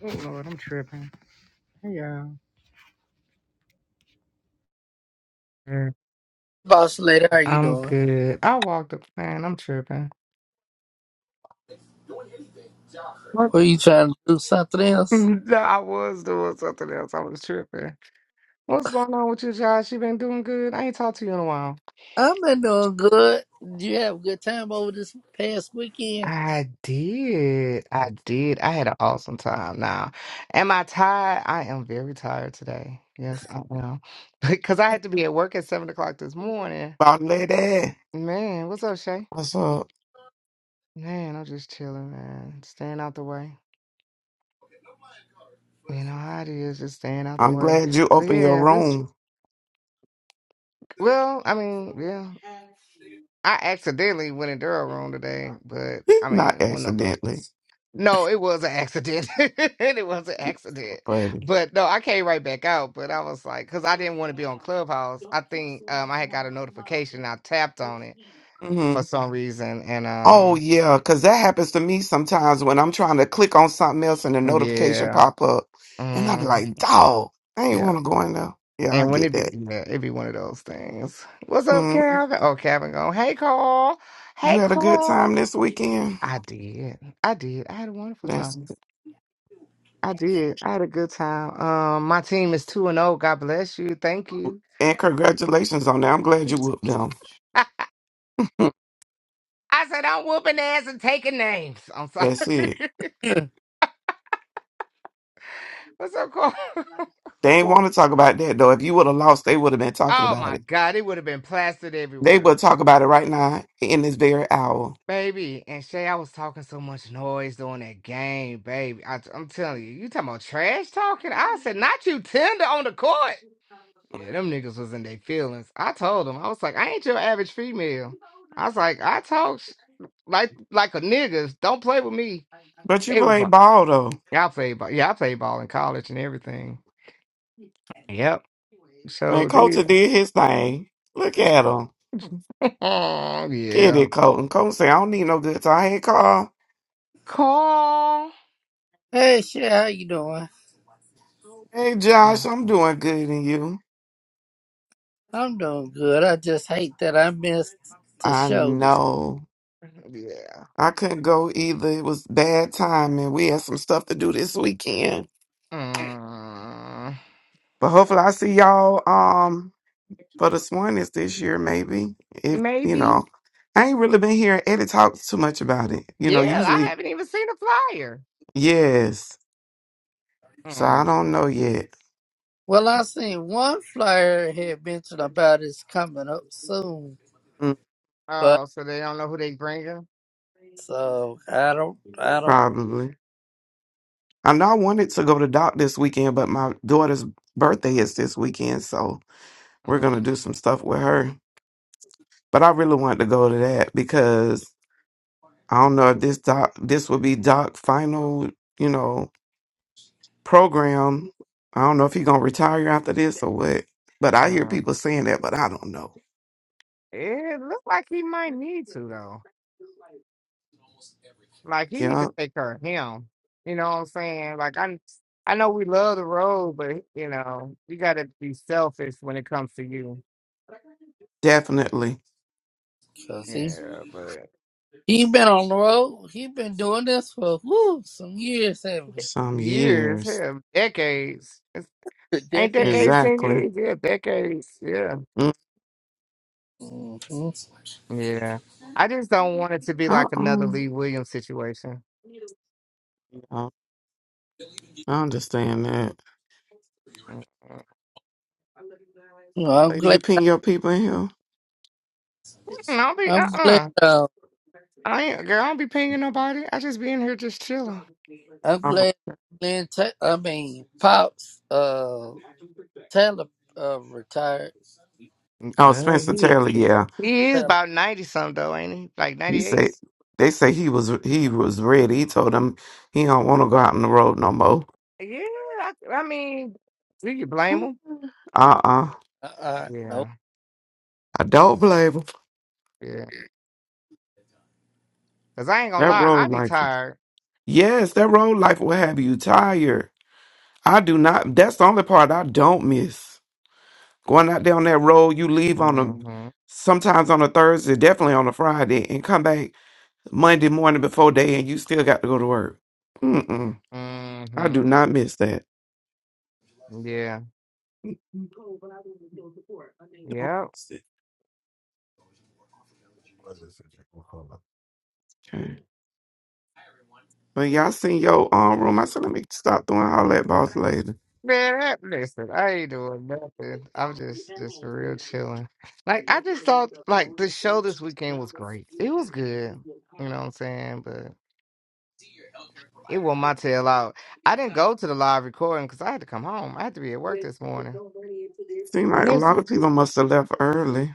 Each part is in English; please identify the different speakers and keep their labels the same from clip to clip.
Speaker 1: Oh Lord, I'm tripping. Hey y'all. Er,
Speaker 2: Boss lady, how you
Speaker 1: I'm
Speaker 2: doing?
Speaker 1: good. I walked up, man. I'm tripping. What?
Speaker 2: What you trying to do? Something else?
Speaker 1: No, I was doing something else. I was tripping. What's going on with you, Josh? You been doing good? I ain't talked to you in a while.
Speaker 2: I've been doing good. Did you have a good time over this past weekend?
Speaker 1: I did. I did. I had an awesome time. Now, am I tired? I am very tired today. Yes, I am. Because I had to be at work at seven o'clock this morning.
Speaker 3: My lady,
Speaker 1: Man, what's up, Shay?
Speaker 3: what's up?
Speaker 1: Man, I'm just chilling, man. Staying out the way. You know how it is, just staying out the
Speaker 3: I'm
Speaker 1: way.
Speaker 3: glad you
Speaker 1: But
Speaker 3: opened your
Speaker 1: yeah, this.
Speaker 3: room,
Speaker 1: Well, I mean, yeah, I accidentally went in their room today, but I
Speaker 3: not
Speaker 1: mean, well, no,
Speaker 3: accidentally.
Speaker 1: no, it was an accident. It was an
Speaker 3: You So
Speaker 1: accident.
Speaker 3: funny.
Speaker 1: But no, I came right back out. But I was like, because I didn't want to be on Clubhouse. I think um, I had got a notification. I tapped on it
Speaker 3: hmm
Speaker 1: for some reason, and
Speaker 3: Oh
Speaker 1: um,
Speaker 3: yeah, cause that happens to me sometimes when I'm trying to click on something else and the notification
Speaker 1: yeah,
Speaker 3: pop up, and I be
Speaker 1: hmm
Speaker 3: like, "Dog, I
Speaker 1: yeah.
Speaker 3: ain't want to go in there." Yeah, I
Speaker 1: And when
Speaker 3: get
Speaker 1: it be,
Speaker 3: that.
Speaker 1: yeah, it be one of those things. What's up,
Speaker 3: Mhm.
Speaker 1: Calvin? Oh, Calvin going, hey, Carl.
Speaker 3: You
Speaker 1: Hey,
Speaker 3: had a good
Speaker 1: Carl.
Speaker 3: time this weekend.
Speaker 1: I did. I did. I had a wonderful
Speaker 3: That's
Speaker 1: time. I did. I had a good time. Um, my team is 2 and 0. God bless you. Thank
Speaker 3: cool.
Speaker 1: you.
Speaker 3: and congratulations on that. I'm glad you whooped them.
Speaker 1: I said, I'm whooping ass and taking names. I'm sorry.
Speaker 3: That's it.
Speaker 1: What's up, Carl?
Speaker 3: They
Speaker 4: You
Speaker 3: ain't
Speaker 4: Going,
Speaker 3: want to talk about that though. If you would have lost, they would have been talking
Speaker 1: Oh,
Speaker 3: about
Speaker 1: my
Speaker 3: it.
Speaker 1: God. It would have been plastered
Speaker 3: They
Speaker 1: everywhere.
Speaker 3: would talk about it right now in this very hour.
Speaker 1: Baby, and Shay, I was talking so much noise during that game, baby. I, am telling you, you talking about trash talking? I said, not you tender on the court. Yeah, them niggas was in their feelings. I told them, I was like, I ain't your average female. I was like, I talk sh- like like a niggas. Don't play with me.
Speaker 3: But you
Speaker 1: They was
Speaker 3: played
Speaker 1: like,
Speaker 3: ball though.
Speaker 1: yeah, I played ball. Yeah, I played ball in college and everything. Yep,
Speaker 3: Man,
Speaker 1: so did.
Speaker 3: Colton did his thing. Look at him.
Speaker 1: Oh
Speaker 3: Get
Speaker 1: yeah,
Speaker 3: it, Colton. Colton say, I don't need no good time. Hey, Carl.
Speaker 1: call.
Speaker 2: Hey, shit, how you doing?
Speaker 3: Hey, Josh.
Speaker 1: Mm,
Speaker 3: I'm
Speaker 1: mm,
Speaker 3: doing good and you.
Speaker 2: I'm doing good. I just hate that I missed the
Speaker 3: I
Speaker 2: show. this-
Speaker 3: know.
Speaker 1: Yeah.
Speaker 3: I couldn't go either. It was bad timing. We had some stuff to do this weekend.
Speaker 1: Mm,
Speaker 3: But hopefully I see y'all um for the Swanies this year, maybe. If you
Speaker 1: maybe.
Speaker 3: know. I ain't really been hearing Eddie talk too much about it. You know,
Speaker 1: Yeah, I
Speaker 3: usually
Speaker 1: haven't even seen a flyer.
Speaker 3: yes. So I
Speaker 1: Mm.
Speaker 3: don't know yet.
Speaker 2: Well, I seen one flyer had mentioned about it's coming up soon,
Speaker 3: Mm,
Speaker 2: but
Speaker 1: Oh, so they don't know who they bringing.
Speaker 2: so I don't, I don't,
Speaker 3: Probably. I know I wanted to go to doc this weekend, but my daughter's birthday is this weekend, so we're
Speaker 1: Mm.
Speaker 3: gonna do some stuff with her. But I really wanted to go to that because I don't know if this doc this will be Doc final, you know, program. I don't know if he gonna retire after this or what. But I hear
Speaker 1: Mm.
Speaker 3: people saying that, but I don't know.
Speaker 1: It looks like he might need to though. Like he need to
Speaker 3: Yeah,
Speaker 1: take care of him. You know what I'm saying? Like I, I know we love the road, but you know you got to be selfish when it comes to you.
Speaker 3: definitely.
Speaker 2: cause he,
Speaker 1: Yeah, but
Speaker 2: he been on the road. He been doing this for whoo some years, haven't
Speaker 3: Some
Speaker 1: years,
Speaker 3: years.
Speaker 1: hell, decades. It's,
Speaker 2: he? A
Speaker 1: ain't
Speaker 2: decade.
Speaker 1: decades ten
Speaker 3: Exactly.
Speaker 1: years? Yeah, decades. Yeah,
Speaker 3: Mm,
Speaker 2: hmm
Speaker 1: yeah. I just don't want it to be like
Speaker 3: How
Speaker 1: another
Speaker 3: um
Speaker 1: Lee Williams situation.
Speaker 3: yeah, I understand that.
Speaker 2: I'm
Speaker 3: Lady,
Speaker 2: glad.
Speaker 3: you pin your people in here.
Speaker 1: Mm, I'll be uh
Speaker 2: I'm glad.
Speaker 1: uh.
Speaker 2: Uh,
Speaker 1: I ain't girl. I don't be pinging nobody. I just be in here just chilling.
Speaker 2: I'm
Speaker 3: Oh,
Speaker 2: glad. Lynn Ta- I mean, pops. Uh, Taylor uh, retired.
Speaker 1: Mm,
Speaker 3: oh
Speaker 1: Well,
Speaker 3: Spencer
Speaker 1: he
Speaker 3: Taylor, yeah.
Speaker 1: he is
Speaker 2: Taylor.
Speaker 1: about ninety something though, ain't he? Like
Speaker 3: He
Speaker 1: ninety eight.
Speaker 3: say they say he was he was ready. He told them he don't want to go out on the road no more.
Speaker 1: Yeah, I, I mean, do you blame him?
Speaker 3: Uh uh
Speaker 2: Uh, uh, no.
Speaker 1: Yeah,
Speaker 3: I don't blame him.
Speaker 1: yeah. Cause I ain't gonna
Speaker 3: That
Speaker 1: lie, I
Speaker 3: road
Speaker 1: be
Speaker 3: life.
Speaker 1: tired.
Speaker 3: Yes, that road life will have you tired. I do not. That's the only part I don't miss. Going out down that road, you leave on a
Speaker 1: Mm-hmm.
Speaker 3: sometimes on a Thursday, definitely on a Friday, and come back Monday morning before day, and you still got to go to work. Mm mm. I
Speaker 1: Mm-hmm.
Speaker 3: do not miss that.
Speaker 1: Yeah.
Speaker 3: Don't
Speaker 1: Yep.
Speaker 3: miss Okay. But y'all seen your um room. I said let me stop doing all that boss Later.
Speaker 1: Man, that, listen, I ain't doing nothing. I'm just, just for real chilling. Like I just thought, like the show this weekend was great. It was good. You know what I'm saying? It wore my tail out. I didn't go to the live recording because I had to come home. I had to be at work this morning.
Speaker 3: Seemed
Speaker 1: And
Speaker 3: like a
Speaker 1: there's
Speaker 3: lot of people must have left early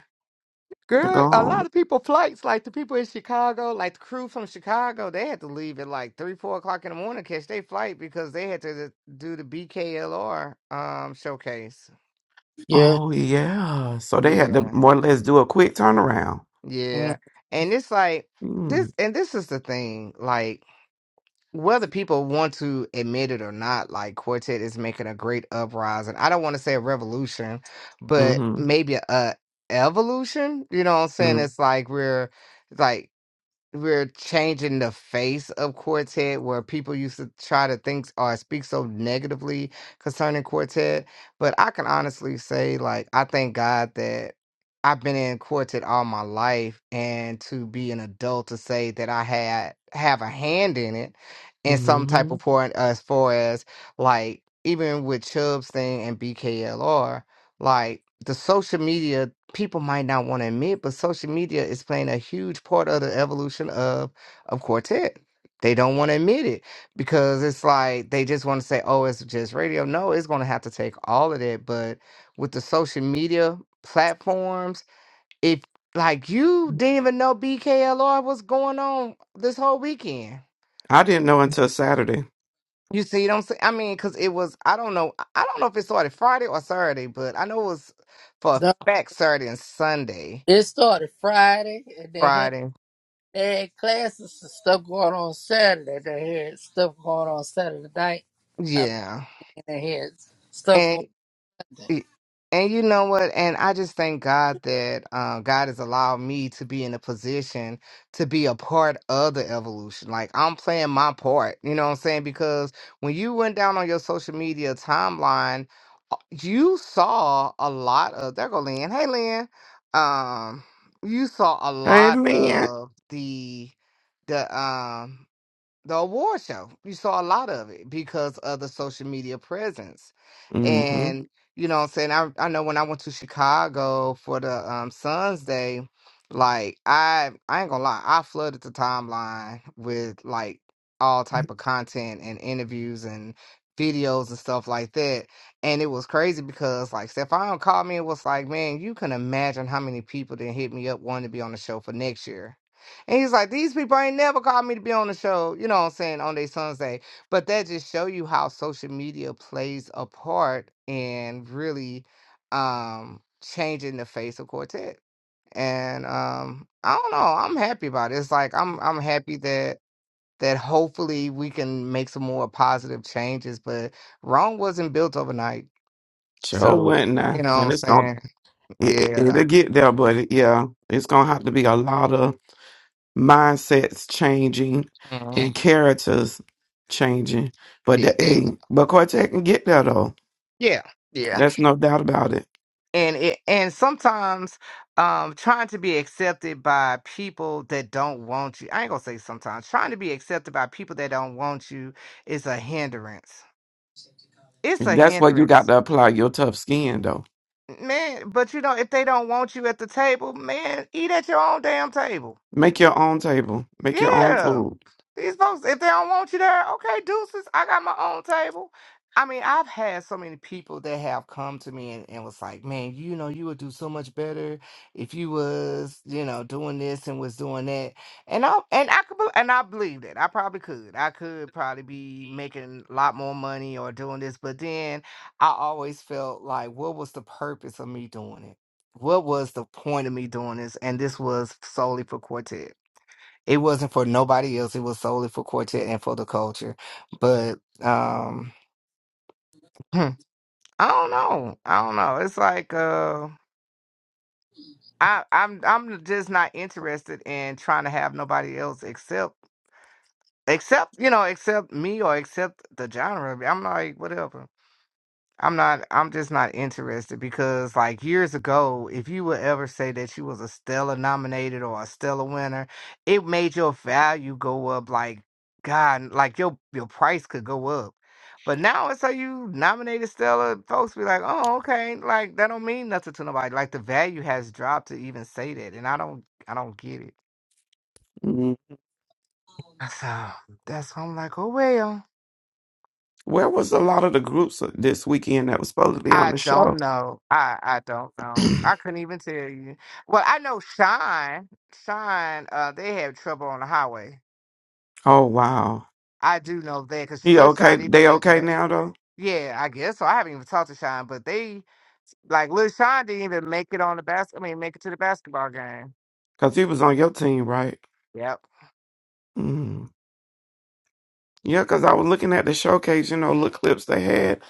Speaker 3: to go
Speaker 1: girl, a lot
Speaker 3: home.
Speaker 1: of people flights, like the people in Chicago, like the crew from Chicago, they had to leave at like three, four o'clock in the morning, catch their flight because they had to do the BKLR um showcase.
Speaker 2: Yeah.
Speaker 3: Oh yeah. So they had to
Speaker 1: Yeah.
Speaker 3: more or less do a quick turnaround.
Speaker 2: Mm.
Speaker 1: Yeah. And it's like this
Speaker 3: Mm.
Speaker 1: and this is the thing, like whether people want to admit it or not, like Quartet is making a great uprising. I don't want to say a revolution, but
Speaker 3: Mm-hmm.
Speaker 1: maybe a evolution. You know what I'm saying? It's like we're like we're changing the face of Quartet, where people used to try to think or speak so negatively concerning Quartet. But I can honestly say, like, I thank God that I've been in Quartet all my life, and to be an adult to say that I had have a hand in it in some type
Speaker 3: Mm-hmm.
Speaker 1: of point, as far as like even with Chubb's thing and BKLR, like the social media people might not want to admit, but social media is playing a huge part of the evolution of of quartet. They don't want to admit it because it's like they just want to say, "Oh, it's just radio." No, it's going to have to take all of that. But with the social media platforms, if like you didn't even know BKLR was going on this whole weekend.
Speaker 3: I didn't know until Saturday.
Speaker 1: You see, what I'm saying? I mean, because it was, I don't know, I I don't know if it started Friday or Saturday, but I know it was for a
Speaker 2: No,
Speaker 1: fact Saturday and Sunday,
Speaker 2: it started Friday, and they had
Speaker 1: Friday.
Speaker 2: they had classes and stuff going on Saturday. They had stuff going on Saturday night. I mean,
Speaker 1: Yeah.
Speaker 2: they had stuff going.
Speaker 1: And and you know what? And I just thank God that um, God has allowed me to be in a position to be a part of the evolution. Like I'm playing my part, you know what I'm saying? Because when you went down on your social media timeline, uh, you saw a lot of there go Lynn. Hey Lynn. Um you saw a
Speaker 3: Hey
Speaker 1: lot
Speaker 3: man.
Speaker 1: of the the um the award show. You saw a lot of it because of the social media presence.
Speaker 3: Mm-hmm.
Speaker 1: And you know what I'm saying? I I know when I went to Chicago for the um Suns Day, like I I ain't gonna lie, I flooded the timeline with like all type of content and interviews and videos and stuff like that. And it was crazy because like Stefan called me and was like, Man, you can imagine how many people didn't hit me up wanting to be on the show for next year and he's like, these people ain't never called me to be on the show, you know what I'm saying, on their son's day. But that just show you how social media plays a part in really um changing the face of quartet. And um, I don't know, I'm happy about it. It's like I'm I'm happy that that hopefully we can make some more positive changes, but Rome wasn't built overnight.
Speaker 3: Sure
Speaker 1: So
Speaker 3: wouldn't I?
Speaker 1: you know what
Speaker 3: And
Speaker 1: I'm
Speaker 3: it's gonna
Speaker 1: saying?
Speaker 3: it, it-
Speaker 1: Yeah.
Speaker 3: it'll get there, but it, yeah, it's gonna have to be a lot of mindsets changing
Speaker 1: Mhm.
Speaker 3: and characters changing. But
Speaker 1: Yeah.
Speaker 3: the hey, but Quartet can get there though.
Speaker 1: Yeah. Yeah.
Speaker 3: That's no doubt about it.
Speaker 1: and it and sometimes um trying to be accepted by people that don't want you i ain't gonna say sometimes trying to be accepted by people that don't want you is a hindrance it's a
Speaker 3: That's where you got
Speaker 1: hindrance
Speaker 3: to apply your tough skin though.
Speaker 1: man but you know if they don't want you at the table man eat at your own damn table
Speaker 3: Make your own table. Make your own
Speaker 1: yeah
Speaker 3: food.
Speaker 1: These folks, if they don't want you there, okay, deuces. I got my own table. I mean, I've had so many people that have come to me and, and was like, man, you know, you would do so much better if you was, you know, doing this and was doing that. And I and I could bel- and I believed it. I probably could. I could probably be making a lot more money or doing this. But then I always felt like, what was the purpose of me doing it? What was the point of me doing this? And this was solely for Cortez. It wasn't for nobody else. It was solely for quartet and for the culture. But um I don't know. I don't know. It's like uh I, I'm I'm just not interested in trying to have nobody else except except you know except me or except the genre. I'm like whatever. I'm not I'm just not interested because like years ago, if you would ever say that you was a Stella nominated or a Stella winner, it made your value go up like God, like your your price could go up. But now it's like you nominated Stella, folks be like, Oh, okay, like that don't mean nothing to nobody. Like the value has dropped to even say that and I don't I don't get it.
Speaker 3: Mhm.
Speaker 1: So that's why I'm like, oh well.
Speaker 3: Where was a lot of the groups this weekend that was supposed to be on
Speaker 1: I
Speaker 3: the show?
Speaker 1: don't know. I I don't know. I couldn't even tell you. Well, I know Shine. Shine. Uh, they have trouble on the highway.
Speaker 3: Oh wow.
Speaker 1: I do know that because
Speaker 3: He
Speaker 1: Lil
Speaker 3: okay?
Speaker 1: Shine even
Speaker 3: They
Speaker 1: make the
Speaker 3: okay
Speaker 1: back.
Speaker 3: now though?
Speaker 1: Yeah, I guess so. I haven't even talked to Shine, but they like Lil Shine didn't even make it on the bas. I mean, make it to the basketball game.
Speaker 3: Cause he was on your team, right?
Speaker 1: Yep.
Speaker 3: Mm. Yeah, cause I was looking at the showcase, you know, little clips they had,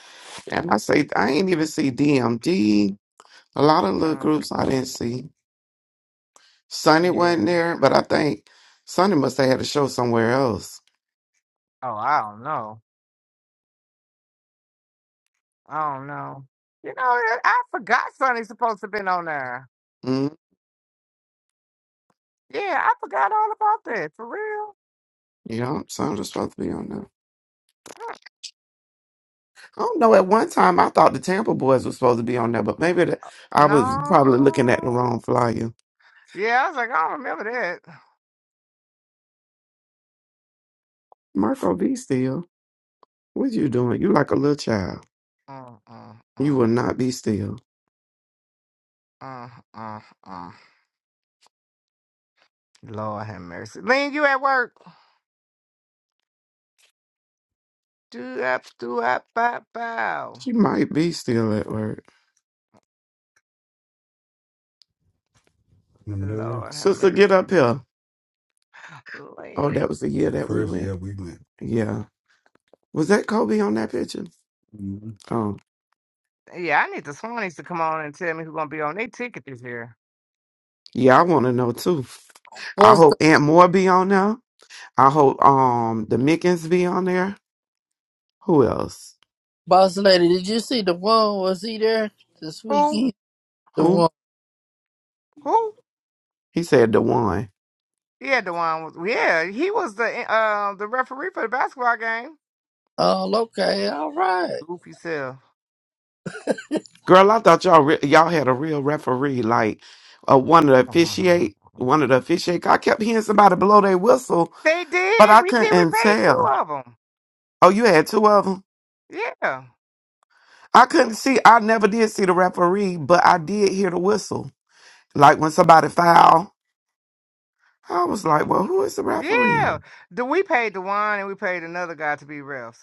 Speaker 3: and I say I ain't even see DMD. A lot of little
Speaker 1: Mm,
Speaker 3: groups I didn't see. Sonny wasn't
Speaker 1: yeah.
Speaker 3: there, but I think Sonny must have had a show somewhere else.
Speaker 1: Oh, I don't know. I don't know. You know, I I forgot Sonny's supposed to been on there.
Speaker 3: Mm.
Speaker 1: Yeah, I forgot all about that. For real.
Speaker 3: Yeah, Sonny was supposed to be on there.
Speaker 1: Mm,
Speaker 3: I don't know. At one time, I thought the Tampa Boys was supposed to be on there, but maybe the, I was probably looking at the
Speaker 1: No.
Speaker 3: wrong flyer.
Speaker 1: Yeah, I was like, I don't remember that.
Speaker 3: Marco B. Still, what you doing? You like a little child.
Speaker 1: Uh, uh,
Speaker 3: You
Speaker 1: uh,
Speaker 3: will not be still.
Speaker 1: uh, uh, uh. Lord have mercy. Lean, you at work? Do up, do up, bow, bow.
Speaker 3: She might be still at work.
Speaker 1: Lord have
Speaker 3: Sister,
Speaker 1: mercy.
Speaker 3: get up here. Oh,
Speaker 1: Lean.
Speaker 3: that was the year that we went. Yeah. Was that Kobe on that picture? hmm Um,
Speaker 1: Yeah, I need the Swannies to come on and tell me who's gonna be on their ticket this year.
Speaker 3: yeah, I want to know too. I
Speaker 2: What's
Speaker 3: hope
Speaker 2: the
Speaker 3: Aunt Moore be on there. I hope um the Mickens be on there. Who else?
Speaker 2: boss lady? Did you see the one? Was he there this
Speaker 1: Who?
Speaker 2: weekend? The
Speaker 3: Who?
Speaker 2: one.
Speaker 1: Who?
Speaker 3: He said the one.
Speaker 1: Yeah, the one. Was, yeah, he was the eh, uh the referee for the basketball game.
Speaker 2: Oh, okay. All right.
Speaker 1: Goofy self.
Speaker 3: Girl, I thought y'all re- y'all had a real referee, like uh, one of the officiate, one of the officiate. I kept hearing somebody blow their whistle,
Speaker 1: they
Speaker 3: but
Speaker 1: did.
Speaker 3: I
Speaker 1: We did. We
Speaker 3: couldn't
Speaker 1: paid two
Speaker 3: tell.
Speaker 1: of them.
Speaker 3: Oh, you had two of 'em?
Speaker 1: Yeah.
Speaker 3: I couldn't see. I never did see the referee, but I did hear the whistle. Like when somebody fouled, I was like, "Well, who is the referee?"
Speaker 1: Yeah, the, we paid Dewan and we paid another guy to be refs.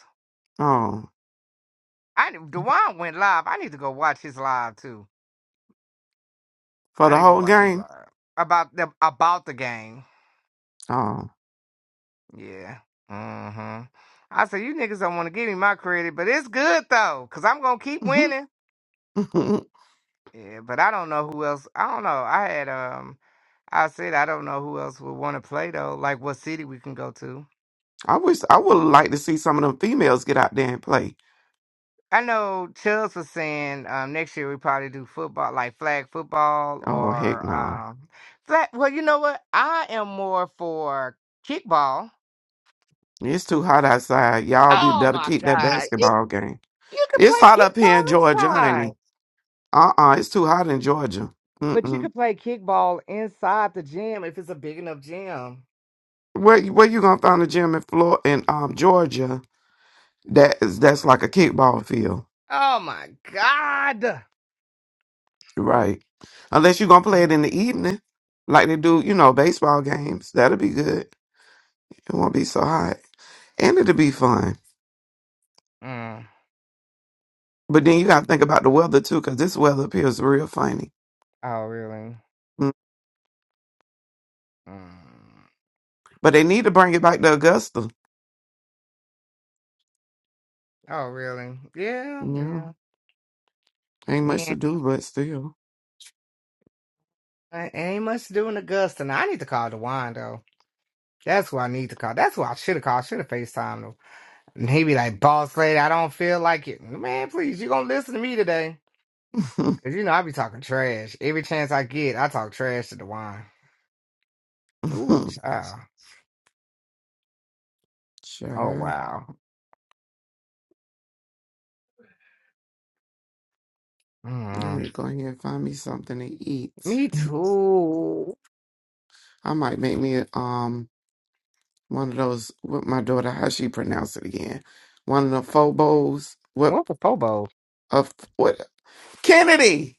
Speaker 3: Oh,
Speaker 1: I need- Dewan went live. I need to go watch his live too.
Speaker 3: for
Speaker 1: I
Speaker 3: the
Speaker 1: need to go
Speaker 3: whole
Speaker 1: watch his
Speaker 3: game.
Speaker 1: live about the about the game.
Speaker 3: Oh,
Speaker 1: Yeah. Mm-hmm. I said you niggas don't want to give me my credit, but it's good though, cause I'm gonna keep winning. Yeah, but I don't know who else. I don't know. I had um, I said I don't know who else would want to play though. Like what city we can go to.
Speaker 3: I wish I would like to see some of them females get out there and play.
Speaker 1: I know Chubbs was saying um, next year we probably do football, like flag football
Speaker 3: Oh heck
Speaker 1: or
Speaker 3: no,
Speaker 1: um, flag. Well, you know what? I am more for kickball.
Speaker 3: it's too hot outside. Y'all be
Speaker 1: Oh
Speaker 3: better
Speaker 1: my
Speaker 3: keep that
Speaker 1: God. You,
Speaker 3: basketball game.
Speaker 1: you could
Speaker 3: It's
Speaker 1: play
Speaker 3: hot up here
Speaker 1: kickball
Speaker 3: in Georgia,
Speaker 1: inside,
Speaker 3: honey. Uh uh it's too hot in Georgia. Mm
Speaker 1: but you
Speaker 3: mm.
Speaker 1: could play kickball inside the gym if it's a big enough gym.
Speaker 3: Where where you gonna find a gym in Florida in um Georgia? That is that's like a kickball field,
Speaker 1: Oh my God.
Speaker 3: right? Unless you're gonna play it in the evening, like they do, you know, baseball games. That'll be good. It won't be so hot, and it'll be fun.
Speaker 1: Mm.
Speaker 3: But then you gotta think about the weather too, because this weather appears real funny.
Speaker 1: Oh, really?
Speaker 3: Mm.
Speaker 1: Mm.
Speaker 3: But they need to bring it back to Augusta.
Speaker 1: Oh, really? Yeah,
Speaker 3: Yeah,
Speaker 1: yeah.
Speaker 3: ain't much
Speaker 1: Yeah.
Speaker 3: to do, but still.
Speaker 1: Ain't much to do in Augusta. Now, I need to call the though. That's who I need to call. That's who I should have called. I Should have FaceTimed him. And he be like, boss lady, I don't feel like it. Man, please, you gonna listen to me today. Cause you know I be talking trash. Every chance I get, I talk trash to the wine. Ooh, child. Oh
Speaker 3: sure,
Speaker 1: wow.
Speaker 3: let
Speaker 1: Mm,
Speaker 3: me go ahead and find me something to eat.
Speaker 1: me too.
Speaker 3: I might make me um One of those with my daughter, how she pronounce it again? One of the phobos. What
Speaker 1: What with Pobo?
Speaker 3: of what Kennedy?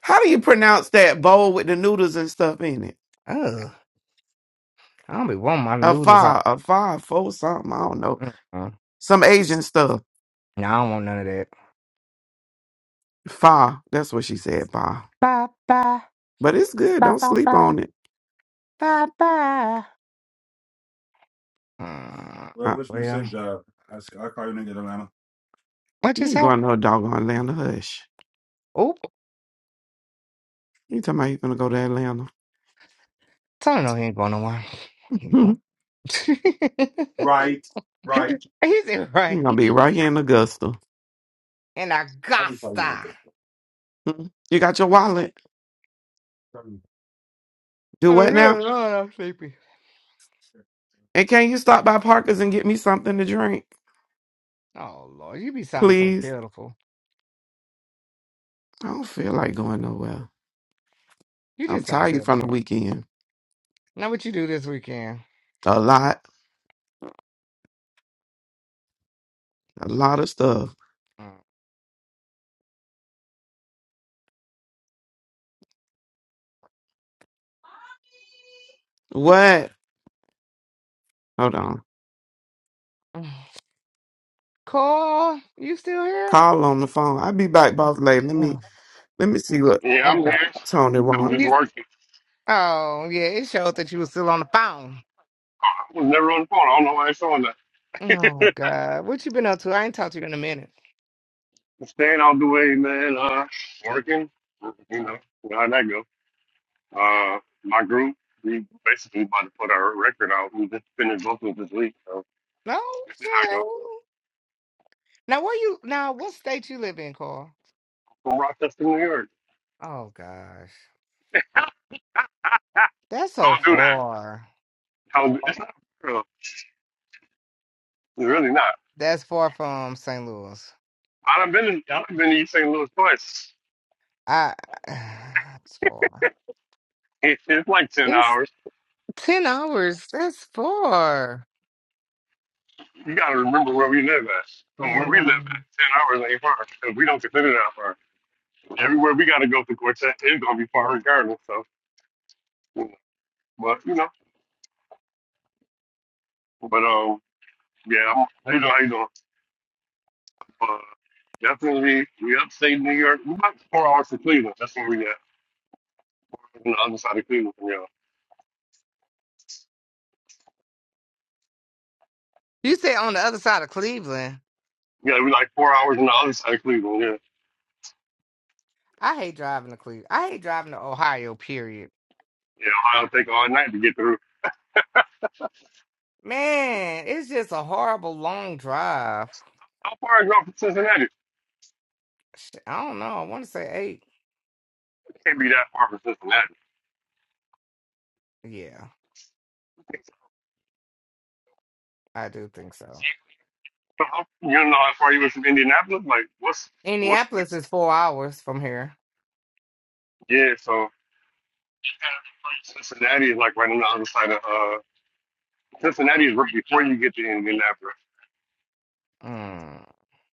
Speaker 3: How do you pronounce that bowl with the noodles and stuff in it?
Speaker 1: Ugh. I don't be wanting my
Speaker 3: A
Speaker 1: noodles out.
Speaker 3: fa, a fa, fo something. I don't know.
Speaker 1: Mm-mm.
Speaker 3: Some Asian stuff.
Speaker 1: No, I don't want none of that.
Speaker 3: Fa. That's what she said, fa.
Speaker 1: Bye bye.
Speaker 3: But it's good.
Speaker 1: Bye
Speaker 3: Don't
Speaker 1: bye
Speaker 3: sleep
Speaker 1: bye.
Speaker 3: on it.
Speaker 1: Bye bye. Mm,
Speaker 3: Uh,
Speaker 1: well, what
Speaker 3: you
Speaker 1: just
Speaker 3: ain't
Speaker 1: happened?
Speaker 3: going to no doggone Atlanta. Hush. You talking about you gonna go to Atlanta?
Speaker 1: Tell him no, he ain't going nowhere. He going.
Speaker 3: you
Speaker 1: He's in right
Speaker 3: gonna be right here in Augusta.
Speaker 1: in Augusta.
Speaker 3: You got your wallet. Do
Speaker 1: Oh
Speaker 3: what now?
Speaker 1: good Lord, I'm sleepy.
Speaker 3: And can you stop by Parker's and get me something to drink,
Speaker 1: Oh Lord, you be sounding so
Speaker 3: please?
Speaker 1: pitiful.
Speaker 3: I don't feel like going nowhere.
Speaker 1: You
Speaker 3: I'm
Speaker 1: just sound
Speaker 3: tired from the
Speaker 1: pitiful.
Speaker 3: weekend.
Speaker 1: Now what you do this weekend?
Speaker 3: A lot, a lot of stuff.
Speaker 1: Mm.
Speaker 3: What? Hold on.
Speaker 1: Cole, you still here?
Speaker 3: Call on the phone. I'll be back, boss lady. Let me
Speaker 1: Mm.
Speaker 3: let me see what
Speaker 4: yeah, I'm here.
Speaker 1: Okay.
Speaker 3: Tony
Speaker 4: I'm
Speaker 3: wants.
Speaker 4: just
Speaker 1: You,
Speaker 4: working.
Speaker 1: oh yeah, it showed that you were still on the phone.
Speaker 4: I was never on the phone. I don't know why it's on that.
Speaker 1: Oh God, what you been up to? I ain't talked to you in a minute.
Speaker 4: I'm staying out the way, man. Uh, working. You know, you know how that go. Uh, my group, we basically about to put our record out. We just finished both of this week, so
Speaker 1: No.
Speaker 4: this is how it
Speaker 1: Yeah.
Speaker 4: goes.
Speaker 1: Now where you? Now what state you live in, Cole?
Speaker 4: From Rochester, New York.
Speaker 1: Oh gosh. That's so
Speaker 4: Don't do that.
Speaker 1: far.
Speaker 4: Don't- It's not real. It's really not.
Speaker 1: That's far from St. Louis.
Speaker 4: I've been in, I've been in East St. Louis twice.
Speaker 1: I it's far.
Speaker 4: It, it's like ten
Speaker 1: It's
Speaker 4: hours.
Speaker 1: ten hours. That's far.
Speaker 4: You got to remember where we live at. So
Speaker 1: I
Speaker 4: where we live
Speaker 1: know.
Speaker 4: at, 10 hours ain't far because we don't consider that far. Everywhere we got to go to Quartet is going to be far regardless. So, you know, but, you know, but, um, yeah, I'm, how you doing? How you doing? Uh, definitely, we upstate New York. we about four hours from Cleveland. That's where we at, four hours on the other side of Cleveland. Yeah.
Speaker 1: You say on the other side of Cleveland.
Speaker 4: Yeah, we like four hours on the other side of Cleveland. Yeah.
Speaker 1: I hate driving to Cleveland. I hate driving to Ohio, period.
Speaker 4: Yeah, I'll take all night to get through.
Speaker 1: Man, it's just a horrible long drive.
Speaker 4: How far is it from Cincinnati? It
Speaker 1: Shit, I don't know. I want to say eight.
Speaker 4: can't be that far from Cincinnati.
Speaker 1: Yeah, I do think so.
Speaker 4: You don't know how far you were from Indianapolis? Like, what's, what's, the,
Speaker 1: Indianapolis is four hours from here.
Speaker 4: yeah, so Cincinnati is like right on the other side of, uh, Cincinnati is right before you get to Indianapolis.
Speaker 1: Mm.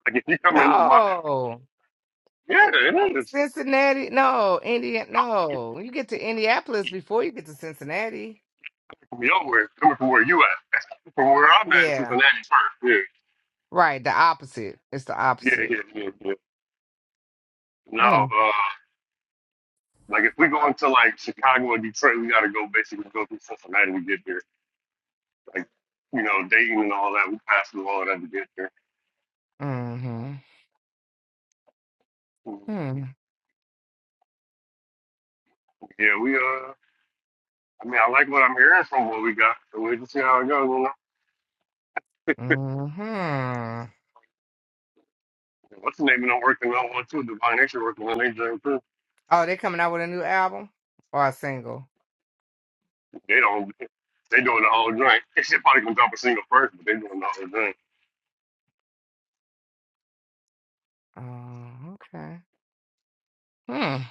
Speaker 4: Like, if you come in, my,
Speaker 1: No.
Speaker 4: yeah, it is.
Speaker 1: Cincinnati, no, Indiana,
Speaker 4: I'm
Speaker 1: no. You get to Indianapolis before you get to Cincinnati.
Speaker 4: coming From nowhere, coming from where you at, from where I'm at,
Speaker 1: Yeah,
Speaker 4: Cincinnati first.
Speaker 1: right. The opposite. It's the
Speaker 4: Yeah, yeah,
Speaker 1: opposite.
Speaker 4: yeah, yeah. yeah. Now,
Speaker 1: Mm,
Speaker 4: uh, like if we go into like Chicago and Detroit, we got to go basically go through Cincinnati to get there. Like, you know, Dayton and all that, we pass through all of that to get there.
Speaker 1: mm-hmm. Mm,
Speaker 4: Yeah, we uh. I mean, I like what I'm hearing from what we got, so we just see how it goes. You know,
Speaker 1: mm-hmm.
Speaker 4: what's the name of them working on one too? Divine Nature working on they drink too.
Speaker 1: Oh, they're coming out with a new album or a single.
Speaker 4: They don't. They doing the whole drink. They should probably gonna drop a single first, but they doing the whole drink.
Speaker 1: Oh, okay. Hmm.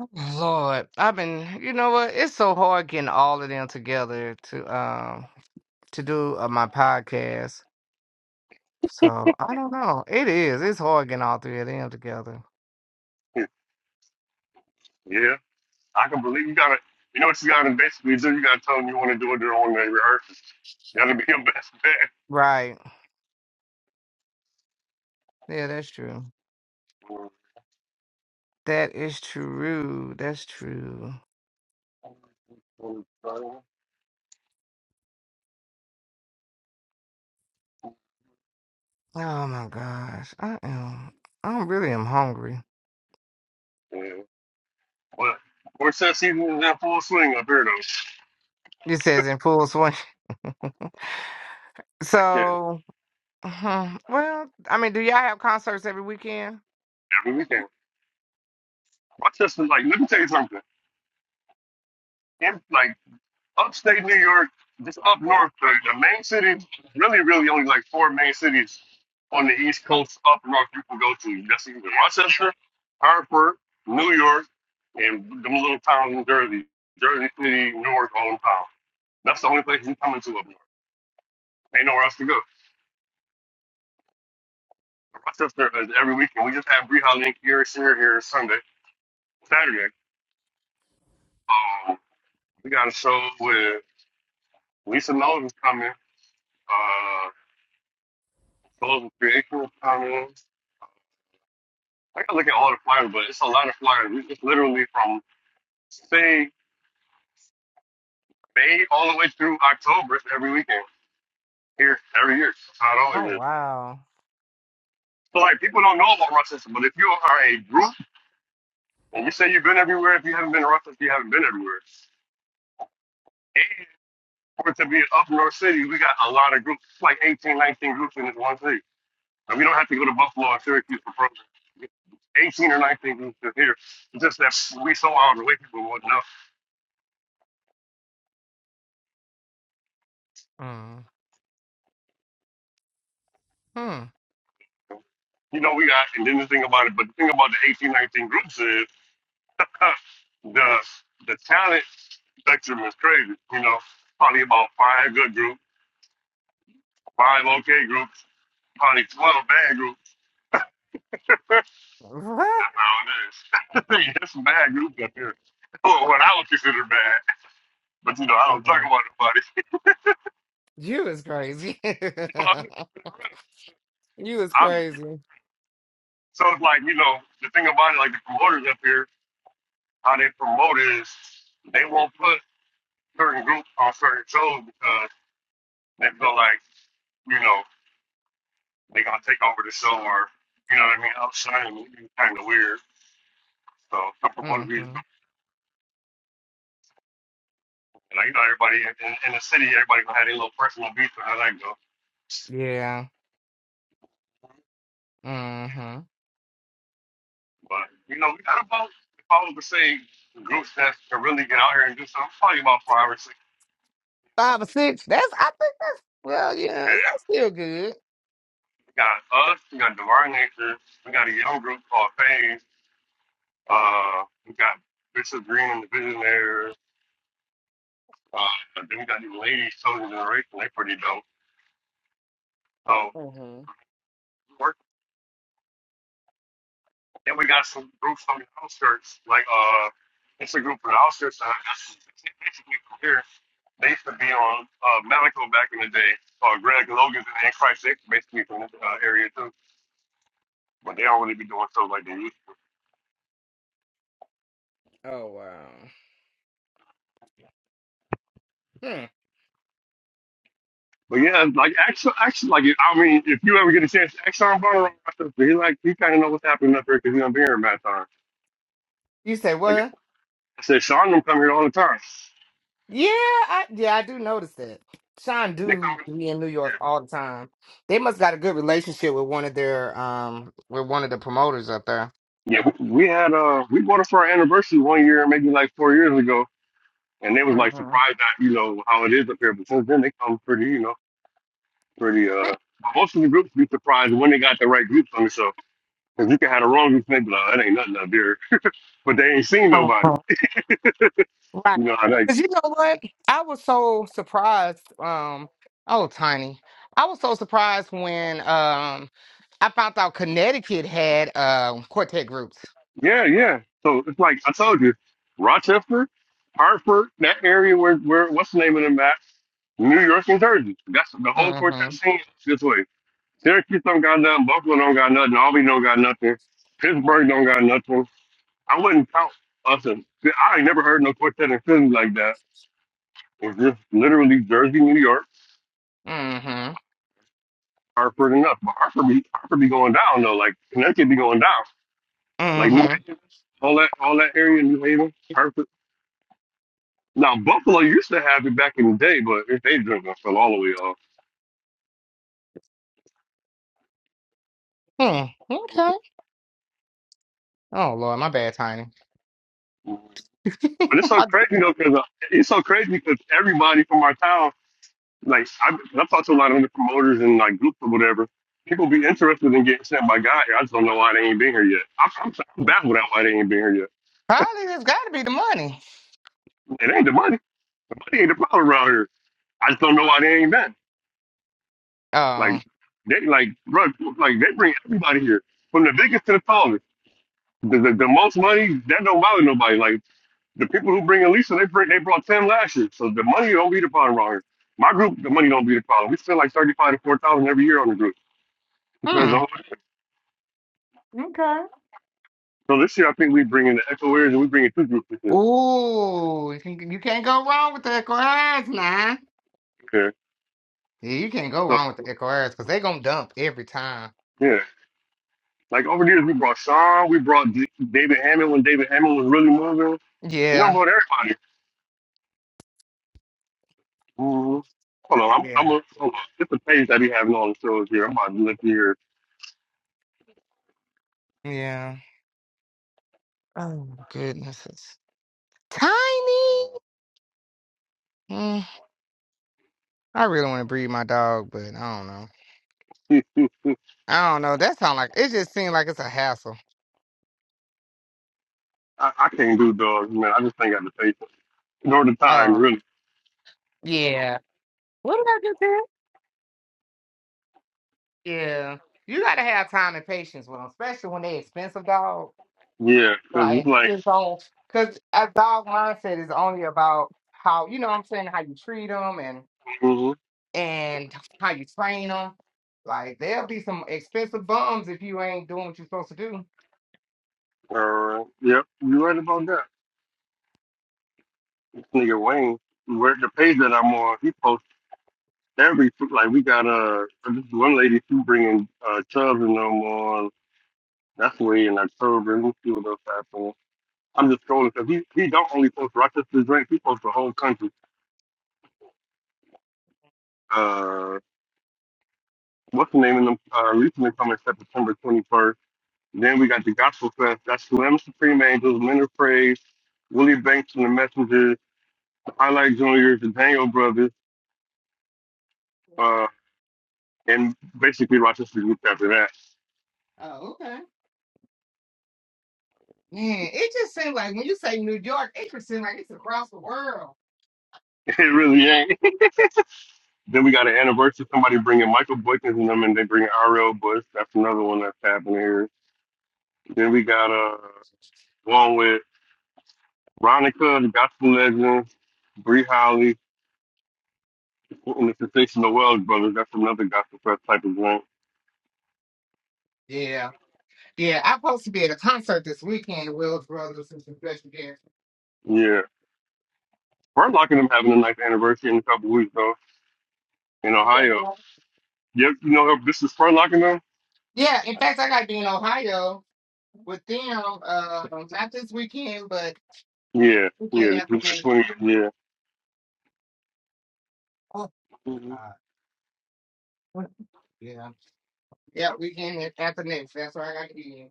Speaker 1: oh, Lord, I've been. You know what? It's so hard getting all of them together to um to do uh, my podcast. So I don't know. It is. It's hard getting all three of them together.
Speaker 4: yeah, I can believe you gotta. You know what you gotta basically do? You gotta tell them you want to do it during the rehearsal. That'll be your best bet.
Speaker 1: Right. Yeah, that's true. That is true. That's true. Oh my gosh. I am I really am hungry.
Speaker 4: Yeah. Well, Quartet season is in full swing up here though.
Speaker 1: It says in full swing.
Speaker 4: Like, yeah,
Speaker 1: So hmm, well, I mean, do y'all have concerts every weekend?
Speaker 4: every weekend. Rochester's like, let me tell you something. It's Like. upstate New York, just up north, the, the main cities, really, really only like four main cities on the East Coast up north you can go to. That's either Rochester, Hartford, New York, and them little towns in Jersey, Jersey City, Newark, hometown. That's the only place you come into up north. Ain't nowhere else to go. Rochester is every weekend. We just had Breha Link here, Sheer here Sunday, Saturday. Um, we got a show with Lisa Knowles is coming. Uh, Souls of Creation is coming. I can look at all the flyers, but it's a lot of flyers. We just literally from say May all the way through October it's every weekend here every year. That's how it
Speaker 1: Oh
Speaker 4: always is.
Speaker 1: wow.
Speaker 4: So like people don't know about Russ System, but if you are a group and you say you've been everywhere, if you haven't been to Russ System, you haven't been everywhere. And for it to be an up north city, we got a lot of groups, like 18, 19 groups in this one city. And we don't have to go to Buffalo or Syracuse for programs. 18 or 19 groups are here. It's just that we so out of the way people would not know.
Speaker 1: Mm. Hmm.
Speaker 4: You know, we got, and then the thing about it, but the thing about the 18 19 groups is the the talent spectrum is crazy. You know, probably about five good groups, five okay groups, probably 12 bad groups. That's
Speaker 1: What?
Speaker 4: how it is. There's some bad groups up here. Well, what I would consider bad, but you know, I don't talk
Speaker 1: Mm.
Speaker 4: about nobody.
Speaker 1: You is crazy. you
Speaker 4: You know, I'm just keeping it real.
Speaker 1: is
Speaker 4: I'm just keeping-
Speaker 1: crazy.
Speaker 4: so it's like, you know, the thing about it, like the promoters up here, how they promote is they won't put certain groups on certain shows because they feel like, you know, they gonna take over the show or you know what I mean, outside of me, it's kinda weird. So I'm supposed to be
Speaker 1: Mm-hmm.
Speaker 4: like you know, everybody in, in, in the city, everybody gonna have their little personal beef and how that go.
Speaker 1: Yeah. Mm-hmm.
Speaker 4: But you know, we got about if I was to say groups that can really get out here and do something, probably about five or six.
Speaker 1: Five or
Speaker 4: We
Speaker 1: six. That's I think that's well, yeah, that's still good.
Speaker 4: got us, we got Divine Nature, we got a young group called Phase, uh, we got Bishop Green and the Visionaires, uh, then we got these ladies, Southern Generation, they pretty dope. So
Speaker 1: Mm-hmm.
Speaker 4: Then we got some groups from the outskirts, like uh, it's a group from the outskirts. Uh, that's basically from here. They used to be on uh, Malico back in the day. Uh, Greg Logan's and Christ X, basically from this uh, area too. But they don't really be doing stuff like they used.
Speaker 1: Oh wow. Hmm.
Speaker 4: But yeah, like actually, actually, like I mean, if you ever get a chance, Exxon Bonner, he like he kind of know what's happening up here because he do been here in that time.
Speaker 1: You say
Speaker 4: Like
Speaker 1: what?
Speaker 4: I said, Sean them come here all the time.
Speaker 1: Yeah, I yeah, I do notice that. Sean
Speaker 4: They come.
Speaker 1: do be in New York
Speaker 4: Yeah,
Speaker 1: all the time. They must got a good relationship with one of their um with one of the promoters up there.
Speaker 4: yeah. We, we had uh, we bought it for our anniversary one year, maybe like four years ago and they was like
Speaker 1: hmm
Speaker 4: surprised at you know how it is up here. But since then, they come pretty, you know, pretty. uh but Most of the groups be surprised when they got the right groups on the show. If you can have the wrong groups, and they be like, "Oh, "That ain't nothing up here," but they ain't seen nobody.
Speaker 1: Uh-huh. Right.
Speaker 4: You know, I like,
Speaker 1: Because you know what? I was so surprised. Um, oh, Tiny. I was so surprised when um I found out Connecticut had um quartet groups.
Speaker 4: yeah, yeah. So it's like I told you, Rochester, Hartford, that area where where what's the name of them at? New York and Jersey. That's the whole quartet
Speaker 1: Mm-hmm.
Speaker 4: scene is this way. Syracuse don't got nothing. Buffalo don't got nothing. Albany don't got nothing. Pittsburgh don't got nothing. I wouldn't count us as I ain't never heard no quartet in Philly like that. It's just literally Jersey, New York,
Speaker 1: Mm-hmm.
Speaker 4: Hartford, and up. But Hartford be Hartford be going down though. Like Connecticut be going down. Like New
Speaker 1: Mm-hmm.
Speaker 4: Haven, all that all that area, New Haven, Hartford. Now Buffalo used to have it back in the day, but if they drink, it fell all the way off.
Speaker 1: Hmm. Okay. Oh Lord, my bad, Tiny.
Speaker 4: But it's so crazy though, because it's so crazy because everybody from our town Like I, I've talked to a lot of the promoters and like groups or whatever. People be interested in getting sent by guy here. I just don't know why they ain't been here yet. I'm, I'm, I'm baffled at why they ain't been here yet.
Speaker 1: Probably it's got to be the money.
Speaker 4: It ain't the money. The money ain't the problem around here. I just don't know why they ain't been.
Speaker 1: Oh,
Speaker 4: Like they like bro, like they bring everybody here from the biggest to the tallest. The, the, the most money that don't bother nobody. Like the people who bring Elisa, they bring they brought ten last year. So the money don't be the problem around here. My group, the money don't be the problem. We spend like thirty five to four thousand every year on the group. Depends
Speaker 1: hmm.
Speaker 4: on who it is.
Speaker 1: Okay.
Speaker 4: So this year, I think we bring in the Echo Airs and we bring in two groups with you.
Speaker 1: Ooh, you can- you can't go wrong with the Ecoraz now.
Speaker 4: Okay.
Speaker 1: Yeah, you can't go
Speaker 4: So
Speaker 1: wrong with the Ecoraz because they gonna dump every time.
Speaker 4: yeah, like over the years, we brought Sean, we brought D- David Hammond when David Hammond was really moving. You know,
Speaker 1: Yeah,
Speaker 4: brought everybody. hmm Hold on, I'm I'm
Speaker 1: yeah,
Speaker 4: a hold on. It's a page that he having on the shows here. I'm about to look here.
Speaker 1: yeah. Oh goodnesses, tiny. Mm, I really want to breed my dog, but I don't know. I don't know. That sound like it just seems like it's a hassle.
Speaker 4: I, I can't do dogs, man. I just ain't got the patience nor the time,
Speaker 1: Oh
Speaker 4: really.
Speaker 1: yeah. What did I just say? Yeah, you gotta have time and patience with them, especially when they expensive dogs.
Speaker 4: Yeah, cause it's
Speaker 1: Like
Speaker 4: like,
Speaker 1: it's all because a dog mindset is only about how you know what I'm saying how you treat them and
Speaker 4: mhm,
Speaker 1: and how you train them. Like there'll be some expensive bums if you ain't doing what you're supposed to do.
Speaker 4: all right, yep, you right about that. This nigga Wayne, where the page that I'm on, he posted. every food, like we got uh this one lady she bringing uh Chubbs and them on that's way in October and we'll see what else happens. I'm just scrolling because he he don't only post Rochester drink, he posts the whole country. Uh what's the name of them uh recently coming September twenty first. Then we got the Gospel Fest, that's Slim Supreme Angels, Men of Praise, Willie Banks and the Messengers, Highlight Juniors, the Daniel Brothers, uh and basically Rochester's group after that.
Speaker 1: Oh, okay. Man, it just seems like when you say New York, it just seems like it's across the world.
Speaker 4: It really ain't. Then we got an anniversary. Somebody bringing Michael Boykins and them, and they bring R.L. Bush. That's another one that's happening here. Then we got uh one with Ronica, the gospel legend, Bree Holly, and the Sensational Wells Brothers. That's another gospel press type of event.
Speaker 1: Yeah, yeah. I'm supposed to be at a concert this weekend, the Wills Brothers and some special guests.
Speaker 4: Yeah, Spurlock and them having a nice anniversary in a couple weeks though in
Speaker 1: You playing
Speaker 4: Ohio.
Speaker 1: that?
Speaker 4: Yep, you know this is Spurlock and them.
Speaker 1: Yeah, in fact, I got to be in Ohio with them, uh, not this weekend, but
Speaker 4: Yeah, yeah,
Speaker 1: weekend
Speaker 4: the
Speaker 1: after next.
Speaker 4: 20th. Yeah,
Speaker 1: Oh,
Speaker 4: hmm
Speaker 1: God. What- Yeah. Yeah, we can at, at the next. That's why I got to be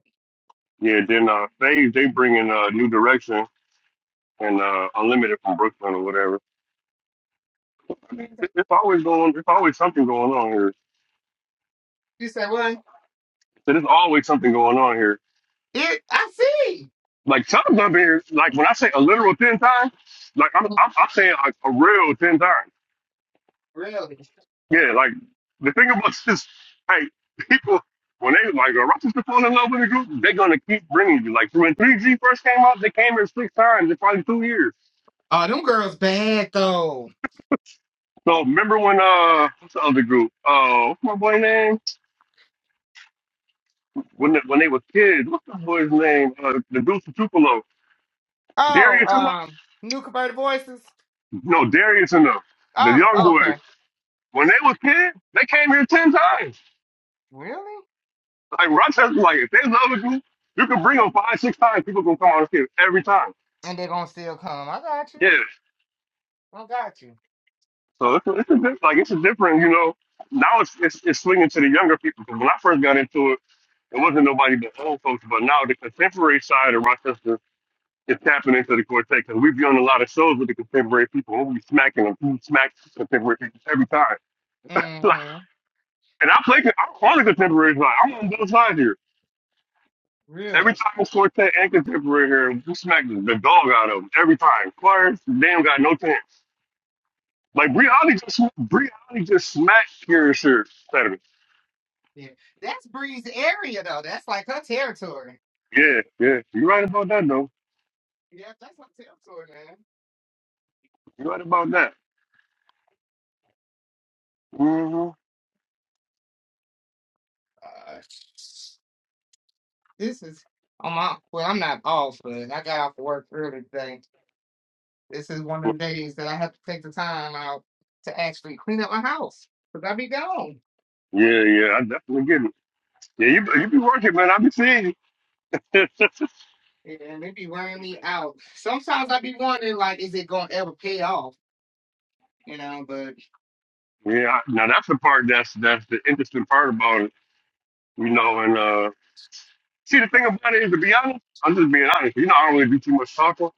Speaker 4: yeah. Then uh, they they bringing uh, New Direction. and uh, Unlimited from Brooklyn or whatever. I mean,
Speaker 1: in.
Speaker 4: th- it's always going. It's always something going on here.
Speaker 1: You said what?
Speaker 4: There's always something going on here.
Speaker 1: It, I see.
Speaker 4: Like times I've been here, like when I say a literal ten times, like I'm I'm, I'm saying like a real ten times.
Speaker 1: Really?
Speaker 4: Yeah, like the thing about this, hey, people when they like a Rochester fall in love with a group, they're gonna keep bringing you. Like when 3G first came out, they came here six times in probably two years.
Speaker 1: Oh, them girls bad though.
Speaker 4: So remember when uh what's the other group? Uh, what's my boy name? when they, when they were kids. What's the boy's name? Uh, the dude from Tupelo,
Speaker 1: Oh,
Speaker 4: Darius and them.
Speaker 1: um, new converted voices.
Speaker 4: No, Darius and them. The
Speaker 1: Oh,
Speaker 4: young boys.
Speaker 1: okay.
Speaker 4: When they were kids, they came here ten times.
Speaker 1: Really?
Speaker 4: Like Rochester, like if they love you, you can bring them five, six times. People gonna come out here every time.
Speaker 1: And they're gonna still come. I got you.
Speaker 4: Yeah.
Speaker 1: I got you.
Speaker 4: So it's a, it's a diff- like it's a different, you know. Now it's, it's it's swinging to the younger people. 'Cause when I first got into it, it wasn't nobody but old folks. But now the contemporary side of Rochester is tapping into the quartet because we be on a lot of shows with the contemporary people. and We be smacking them, we smack contemporary people every time. So,
Speaker 1: Mm-hmm.
Speaker 4: and I play, I'm on the contemporary side. I'm on both sides here. Every
Speaker 1: Really?
Speaker 4: time it's quartet and contemporary here, we smack the the dog out of them every time. Choirs, damn, got no chance. Like Bree Holly just, Bree Holly just smacked here, sure, Saturday.
Speaker 1: Yeah. That's Bree's area though. That's like her territory.
Speaker 4: Yeah, yeah, you're right about that though.
Speaker 1: Yeah, that's her territory, man.
Speaker 4: You're right about that. hmm
Speaker 1: Gosh. This is on my well, I'm not off, but I got off work early today. This is one of the days that I have to take the time out to actually clean up my house because I be gone
Speaker 4: Yeah, yeah, I definitely get it. Yeah, you, you be working, man. I be seeing you.
Speaker 1: and it be wearing me out. Sometimes I be wondering like, is it gonna ever pay off? You know, but
Speaker 4: Yeah, now that's the part that's that's the interesting part about it, you know. And uh, see, the thing about it is, to be honest, I'm just being honest. You know, I don't really do too much talking,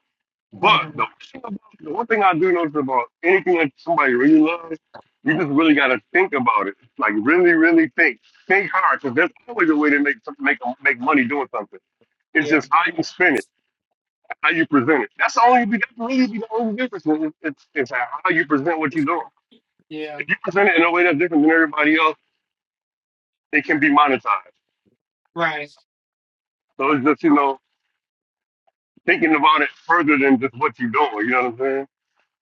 Speaker 4: but the,
Speaker 1: Mhm.
Speaker 4: thing about, the one thing I do notice about anything that somebody really loves, you just really got to think about it, like really, really think, think hard, because there's always a way to make some- make make money doing something. It's
Speaker 1: yeah,
Speaker 4: just how you spin it, how you present it. That's the only that's really the only difference. It's, it's it's how you present what you're doing.
Speaker 1: yeah,
Speaker 4: If you present it in a way that's different than everybody else, it can be monetized.
Speaker 1: right.
Speaker 4: So it's just, you know, thinking about it further than just what you're doing. You know what I'm saying?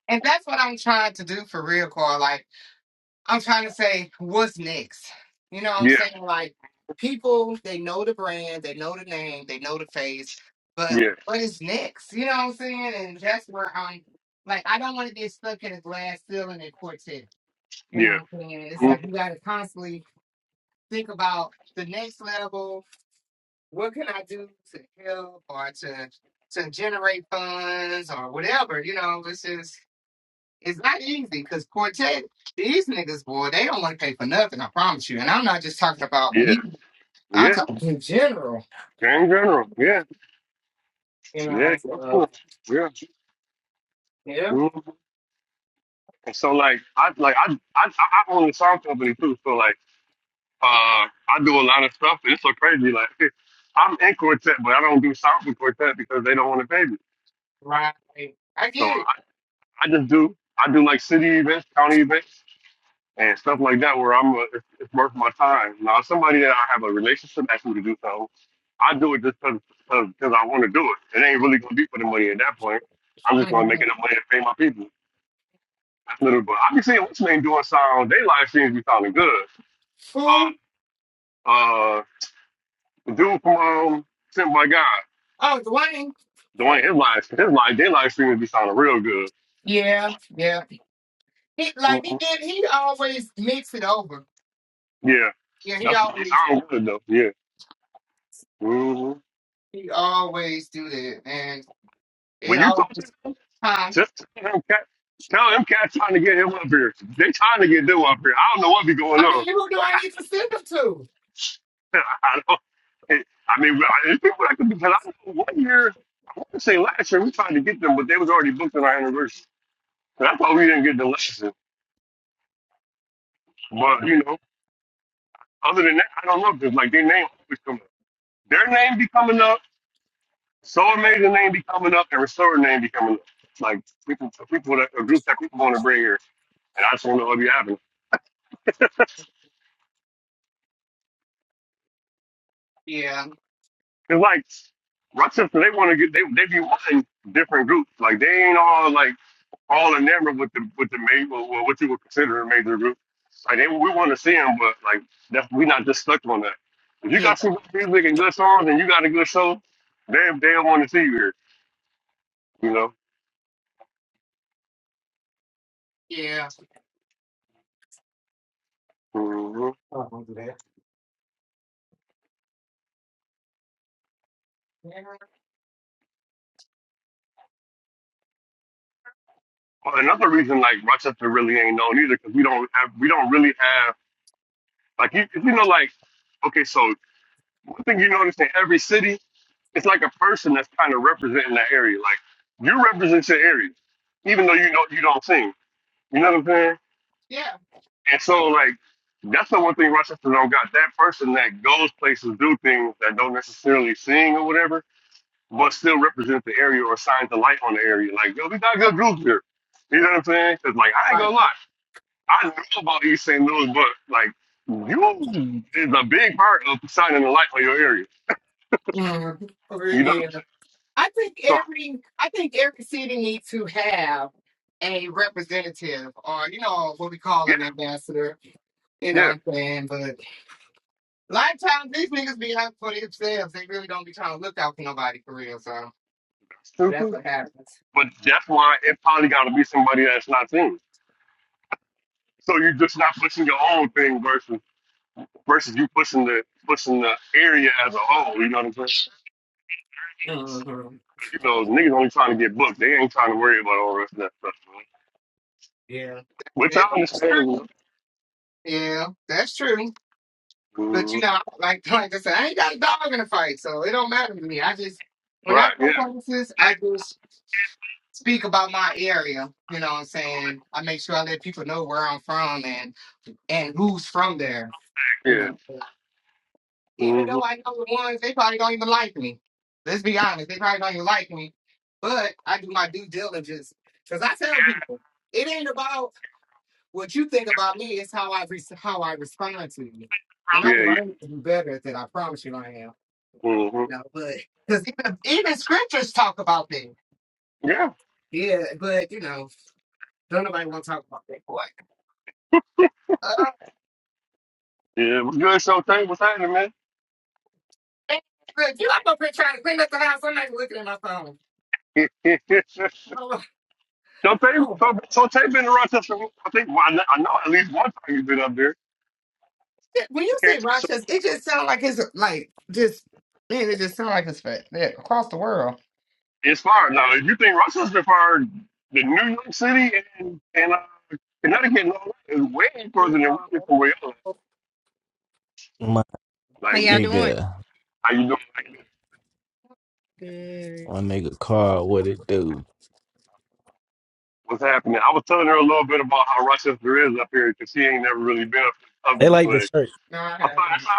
Speaker 1: And that's what I'm trying to do for real, Carl. Like. I'm trying to say, what's next? You know what I'm
Speaker 4: Yeah,
Speaker 1: saying? Like, people, they know the brand, they know the name, they know the face, but
Speaker 4: yeah,
Speaker 1: what is next? You know what I'm saying? And
Speaker 4: yeah,
Speaker 1: that's where I'm like, I don't want to get stuck in a glass ceiling and quartet. You
Speaker 4: yeah,
Speaker 1: know what I'm saying? It's like
Speaker 4: mhm,
Speaker 1: you got to constantly think about the next level. What can I do to help or to to generate funds or whatever? You know, it's just it's not easy because quartet, these niggas, boy, they don't want to pay for nothing, I promise you. And I'm not just talking about
Speaker 4: yeah,
Speaker 1: me, I'm
Speaker 4: yeah.
Speaker 1: talking in general,
Speaker 4: In general, yeah,
Speaker 1: you
Speaker 4: yeah,
Speaker 1: know.
Speaker 4: in
Speaker 1: So,
Speaker 4: general, yeah.
Speaker 1: yeah,
Speaker 4: mhm. And so like, I like I I I own a song company too. So like, uh, I do a lot of stuff, and it's so crazy. Like, I'm in quartet, but I don't do songs with quartet because they don't want to pay me.
Speaker 1: right. I
Speaker 4: So
Speaker 1: get it.
Speaker 4: I I just do I do like city events, county events. and stuff like that where I'm uh, it's, it's worth my time. Now, if somebody that I have a relationship asks me to do something, I do it just because I want to do it. It ain't really gonna be for the money at that point. I'm just gonna make
Speaker 1: Mhm.
Speaker 4: enough money to pay my people. That's literally. But I be seeing what's name doing sound. They live streams be sounding good.
Speaker 1: Who?
Speaker 4: Uh, uh, the dude from um, Sent by God,
Speaker 1: Oh, Dwayne.
Speaker 4: doing his live, his live, their live streams be sounding real good.
Speaker 1: Yeah, yeah. He like he
Speaker 4: Mhm.
Speaker 1: did. He always mix it over.
Speaker 4: Yeah,
Speaker 1: Yeah, he
Speaker 4: that's they
Speaker 1: always
Speaker 4: sound good though. Yeah. hmm
Speaker 1: he always do that, and it
Speaker 4: When you
Speaker 1: always.
Speaker 4: talking.
Speaker 1: Huh?
Speaker 4: Just tell them cat, tell them cat, trying to get him up here. They trying to get them up here. I don't know what be going
Speaker 1: I mean,
Speaker 4: on.
Speaker 1: who do I need to send them to?
Speaker 4: I don't. I mean, well, there's people that could be. Cause I know one year, I want to say last year, we tried to get them, but they was already booked on our anniversary. And I thought we didn't get the lesson. But
Speaker 1: No.
Speaker 4: you know, other than that, I don't know because like their name always come up. Their name be coming up. Soul Amazing name be coming up, and Restore name be coming up. Like people, people that a group that people want to bring here, and I just want to know what be happening.
Speaker 1: Yeah,
Speaker 4: It's like Rochester, they want to get they they be wanting different groups. Like they ain't all like all enamored with the with the major well, well, what you would consider a major group. Like they, we want to see them, but like that's, we not just stuck on that. If you
Speaker 1: yeah,
Speaker 4: got some good music and good songs and you got a good show, they they want to see you here. You know.
Speaker 1: yeah.
Speaker 4: hmm
Speaker 1: Oh, I don't do that. Yeah,
Speaker 4: Well, Another reason like Rochester really ain't known either because we don't have we don't really have like you if you know like okay so one thing you notice in every city it's like a person that's kind of representing that area. Like you represent your area, even though you don't you don't sing. You know what I'm saying?
Speaker 1: yeah.
Speaker 4: And so like that's the one thing Rochester don't got. That person that goes places, do things that don't necessarily sing or whatever, but still represent the area or shines the light on the area. Like yo, we got good groups here. You know what I'm saying? 'Cause like I ain't
Speaker 1: Right.
Speaker 4: gonna lie, I know about East St. Louis, but like you is a big part of shining the light on your area.
Speaker 1: Mm, over
Speaker 4: You know what I'm saying?
Speaker 1: I think
Speaker 4: So
Speaker 1: every I think every city needs to have a representative or you know what we call an ambassador. You know
Speaker 4: yeah,
Speaker 1: what I'm saying? But a lot of times these niggas be out for themselves. They really don't be trying to look out for nobody for real. So
Speaker 4: yeah,
Speaker 1: that's what happens.
Speaker 4: But that's why it probably got to be somebody that's not seen. So you're just not pushing your own thing versus versus you pushing the pushing the area as a whole. You know what I'm saying?
Speaker 1: hmm
Speaker 4: You know, niggas only trying to get booked. They ain't trying to worry about all the rest of that stuff. Man.
Speaker 1: Yeah,
Speaker 4: Which I
Speaker 1: It-
Speaker 4: understand.
Speaker 1: it's
Speaker 4: You
Speaker 1: true. Yeah, that's true.
Speaker 4: know?
Speaker 1: But you
Speaker 4: Mhm.
Speaker 1: know, like like I said, I ain't got a dog in the fight, so it don't matter to me. I just when I
Speaker 4: Right?
Speaker 1: go
Speaker 4: Yeah.
Speaker 1: places, I just speak about my area. You know what I'm saying? I make sure I let people know where I'm from and and who's from there. You
Speaker 4: Yeah.
Speaker 1: know, but even
Speaker 4: hmm
Speaker 1: though I know the ones, they probably don't even like me. Let's be honest, they probably don't even like me. But I do my due diligence because I tell people it ain't about what you think about me. It's how I re- how I respond to you. And I'm
Speaker 4: Yeah. Yeah.
Speaker 1: learning to do better at that. I promise you, I am.
Speaker 4: hmm
Speaker 1: You know, but because even, even scriptures talk about that.
Speaker 4: Yeah.
Speaker 1: Yeah, but you know, don't nobody want to talk about that boy. Uh,
Speaker 4: Yeah. What's good, Showtay? What's happening, man?
Speaker 1: Look, you up up here trying to clean up the house. I'm not looking at my phone.
Speaker 4: Showtay,
Speaker 1: Hold on. Oh.
Speaker 4: Showtay been around us. I think well, I know at least one time you've been up there.
Speaker 1: Yeah, When you
Speaker 4: You can't
Speaker 1: say
Speaker 4: tell me
Speaker 1: Rochester,
Speaker 4: something.
Speaker 1: it just sounds like it's like just man, it just sounds like it's fa- yeah, across the world.
Speaker 4: It's fired. Now, if you think Russell's been fired, the New York City and, and uh, Connecticut and all that is way
Speaker 5: Hey,
Speaker 4: further
Speaker 5: you
Speaker 4: than we
Speaker 5: How
Speaker 4: can for where else.
Speaker 6: My
Speaker 4: Like, you,
Speaker 5: y'all doing?
Speaker 6: nigga,
Speaker 4: how you doing? Like,
Speaker 5: Good.
Speaker 6: my nigga Carl, what it do?
Speaker 4: what's happening? I was telling her a little bit about how Rochester is up here because she ain't never really been up,
Speaker 6: They
Speaker 4: up this
Speaker 6: like the
Speaker 4: way.
Speaker 6: church.
Speaker 1: No, I
Speaker 4: I thought that's
Speaker 1: haven't.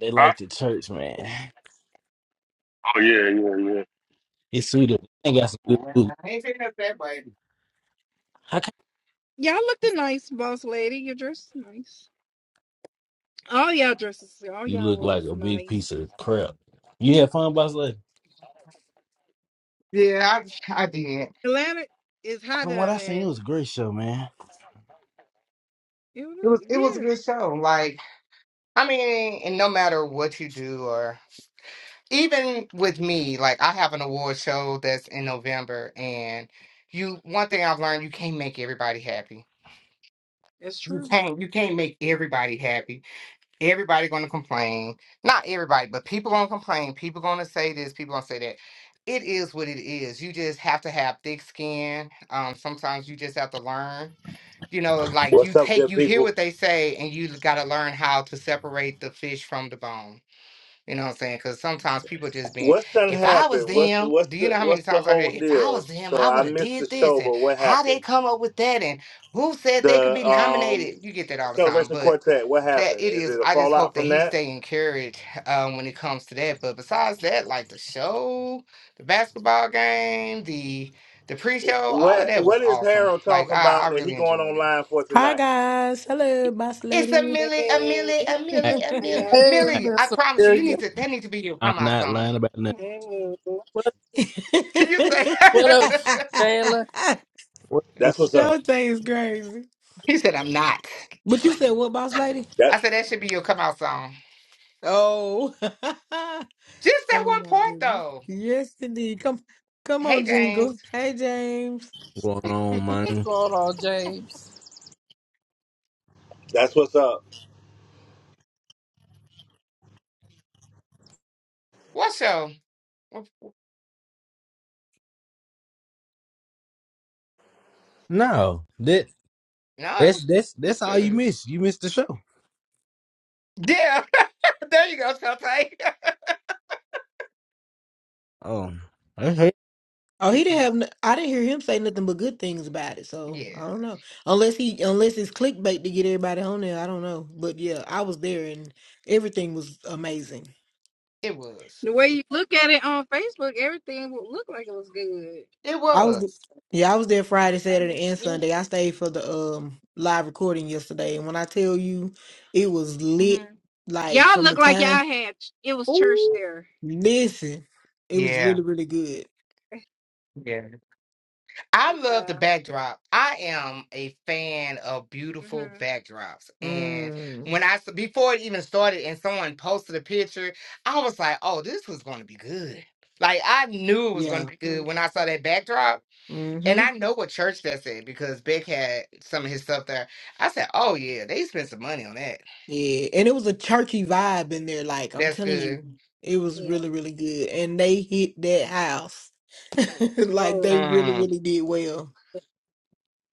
Speaker 6: They
Speaker 4: all right.
Speaker 6: like the church, man.
Speaker 4: Huh? Oh, yeah, yeah, yeah.
Speaker 6: It's sweeter. They got some good
Speaker 4: Mm-hmm.
Speaker 6: food.
Speaker 1: I ain't taking up that way.
Speaker 6: How can
Speaker 5: Y'all looking nice, boss lady. You dress is nice. All y'all dresses, all
Speaker 6: you
Speaker 5: y'all
Speaker 6: look
Speaker 5: was
Speaker 6: like a big
Speaker 5: nice.
Speaker 6: piece of crap? You had fun, boss lady.
Speaker 1: Yeah, I I did.
Speaker 5: Atlanta is hot
Speaker 6: From what
Speaker 5: down
Speaker 6: I
Speaker 5: there.
Speaker 6: seen, it
Speaker 5: ain't
Speaker 6: was a great show, man.
Speaker 5: It It
Speaker 1: It
Speaker 5: was-
Speaker 1: was it was a
Speaker 5: yeah,
Speaker 1: good show. Like I mean, and no matter what you do or even with me, like I have an award show that's in November, and you one thing I've learned you can't make everybody happy.
Speaker 5: that's
Speaker 1: You
Speaker 5: true.
Speaker 1: can't you can't make everybody happy. Everybody gonna complain. Not everybody, but people gonna complain. People gonna say this, people gonna say that. It is what it is. You just have to have thick skin. Um, sometimes you just have to learn. You know, like you
Speaker 7: What's up,
Speaker 1: take
Speaker 7: good
Speaker 1: you hear
Speaker 7: people?
Speaker 1: what they say and you gotta learn how to separate the fish from the bone you know what I'm saying? Because sometimes people just being,
Speaker 7: What's done
Speaker 1: if I was
Speaker 7: happened? What's the
Speaker 1: them,
Speaker 7: what's
Speaker 1: do you know
Speaker 7: the
Speaker 1: how many
Speaker 7: what's the
Speaker 1: times I hear,
Speaker 7: whole
Speaker 1: if I was
Speaker 7: deal?
Speaker 1: them,
Speaker 7: So
Speaker 1: I
Speaker 7: I
Speaker 1: would have
Speaker 7: missed the
Speaker 1: did this,
Speaker 7: show,
Speaker 1: and
Speaker 7: but what
Speaker 1: how they
Speaker 7: happened?
Speaker 1: come up with that, and who said they could be
Speaker 7: The um
Speaker 1: nominated? You get that all the time,
Speaker 7: celebration
Speaker 1: but
Speaker 7: quartet. What
Speaker 1: that
Speaker 7: happened?
Speaker 1: it
Speaker 7: Is
Speaker 1: is.
Speaker 7: it a
Speaker 1: I just
Speaker 7: fallout
Speaker 1: hope that
Speaker 7: from
Speaker 1: he
Speaker 7: that?
Speaker 1: stay encouraged um, when it comes to that. But besides that, like the show, the basketball game, the the pre-show, all of
Speaker 7: What
Speaker 1: that was
Speaker 7: What is
Speaker 1: awesome.
Speaker 7: Harold
Speaker 1: Like
Speaker 7: talking
Speaker 1: I, I
Speaker 7: about that he
Speaker 1: really
Speaker 7: going
Speaker 1: enjoyed it.
Speaker 7: online for
Speaker 8: Hi
Speaker 7: tonight?
Speaker 8: guys. Hello, boss
Speaker 1: It's a
Speaker 8: lady.
Speaker 1: Millie, a
Speaker 5: Hey,
Speaker 1: Millie, a
Speaker 6: I,
Speaker 1: Millie, a
Speaker 5: how
Speaker 1: Millie,
Speaker 5: y'all
Speaker 2: Hey,
Speaker 6: I
Speaker 1: Millie. I
Speaker 2: Miss
Speaker 1: promise you, you
Speaker 2: Amelia.
Speaker 1: need to that need to be your
Speaker 6: I'm
Speaker 1: come out
Speaker 6: not
Speaker 1: song.
Speaker 6: lying about nothing.
Speaker 5: doing?
Speaker 1: You say
Speaker 2: What up, Jayla?
Speaker 6: What-
Speaker 7: That's what's up.
Speaker 8: Showtime is crazy.
Speaker 1: he said I'm not.
Speaker 8: But you said what, boss lady?
Speaker 7: That
Speaker 1: I said that should be your come out song.
Speaker 8: Oh. oh
Speaker 1: Just that one
Speaker 8: my
Speaker 1: part
Speaker 8: goodness.
Speaker 1: though.
Speaker 8: Yes indeed. Come come
Speaker 1: Hey
Speaker 8: on,
Speaker 1: James,
Speaker 8: Jingle. Hey James.
Speaker 6: What's going on,
Speaker 2: What's
Speaker 6: man?
Speaker 2: going on, James?
Speaker 7: that's what's up.
Speaker 1: what show?
Speaker 6: No, that
Speaker 1: No, it was,
Speaker 6: That's that's
Speaker 1: it was
Speaker 6: that's all you
Speaker 1: good.
Speaker 6: miss. You missed the show.
Speaker 1: Yeah, there you go, Shantae.
Speaker 6: Oh, I
Speaker 8: Oh, he didn't have n I didn't hear him say nothing but good things about it, so
Speaker 1: yeah,
Speaker 8: I don't know. Unless he unless it's clickbait to get everybody on there, I don't know. But yeah, I was there and everything was amazing.
Speaker 1: it was.
Speaker 5: The way you look at it on Facebook, everything would look like it was good.
Speaker 1: It
Speaker 8: I was
Speaker 1: was.
Speaker 8: yeah, I was there Friday,
Speaker 5: I
Speaker 8: Saturday,
Speaker 5: was,
Speaker 8: and
Speaker 5: yeah.
Speaker 8: Sunday. I stayed for the um live recording yesterday, and when I tell you it was lit,
Speaker 5: hmm
Speaker 8: like
Speaker 5: Y'all
Speaker 8: from
Speaker 5: look
Speaker 8: the
Speaker 5: like
Speaker 8: time
Speaker 5: y'all had, it was church
Speaker 8: oh
Speaker 5: there.
Speaker 8: listen, it was
Speaker 1: Yeah,
Speaker 8: really really good.
Speaker 1: yeah. I love the
Speaker 5: Yeah.
Speaker 1: backdrop. I am a fan of beautiful backdrops. And
Speaker 8: Mm,
Speaker 1: when I, s- before it even started and someone posted a picture, I was like, oh, this was going to be good. Like, I knew it was
Speaker 8: yeah,
Speaker 1: going to be
Speaker 5: hmm
Speaker 1: good when I saw that backdrop. And
Speaker 8: mm-hmm,
Speaker 1: I know what church that's at because Beck had some of his stuff there. I said, oh, yeah, they spent some money on that.
Speaker 8: yeah, and it was a churchy vibe in there. Like I'm
Speaker 1: That's
Speaker 8: telling
Speaker 1: good.
Speaker 8: you, it was
Speaker 5: Yeah.
Speaker 8: really really good, and they hit that house like
Speaker 5: Oh.
Speaker 8: they really
Speaker 1: Mm,
Speaker 8: really did well.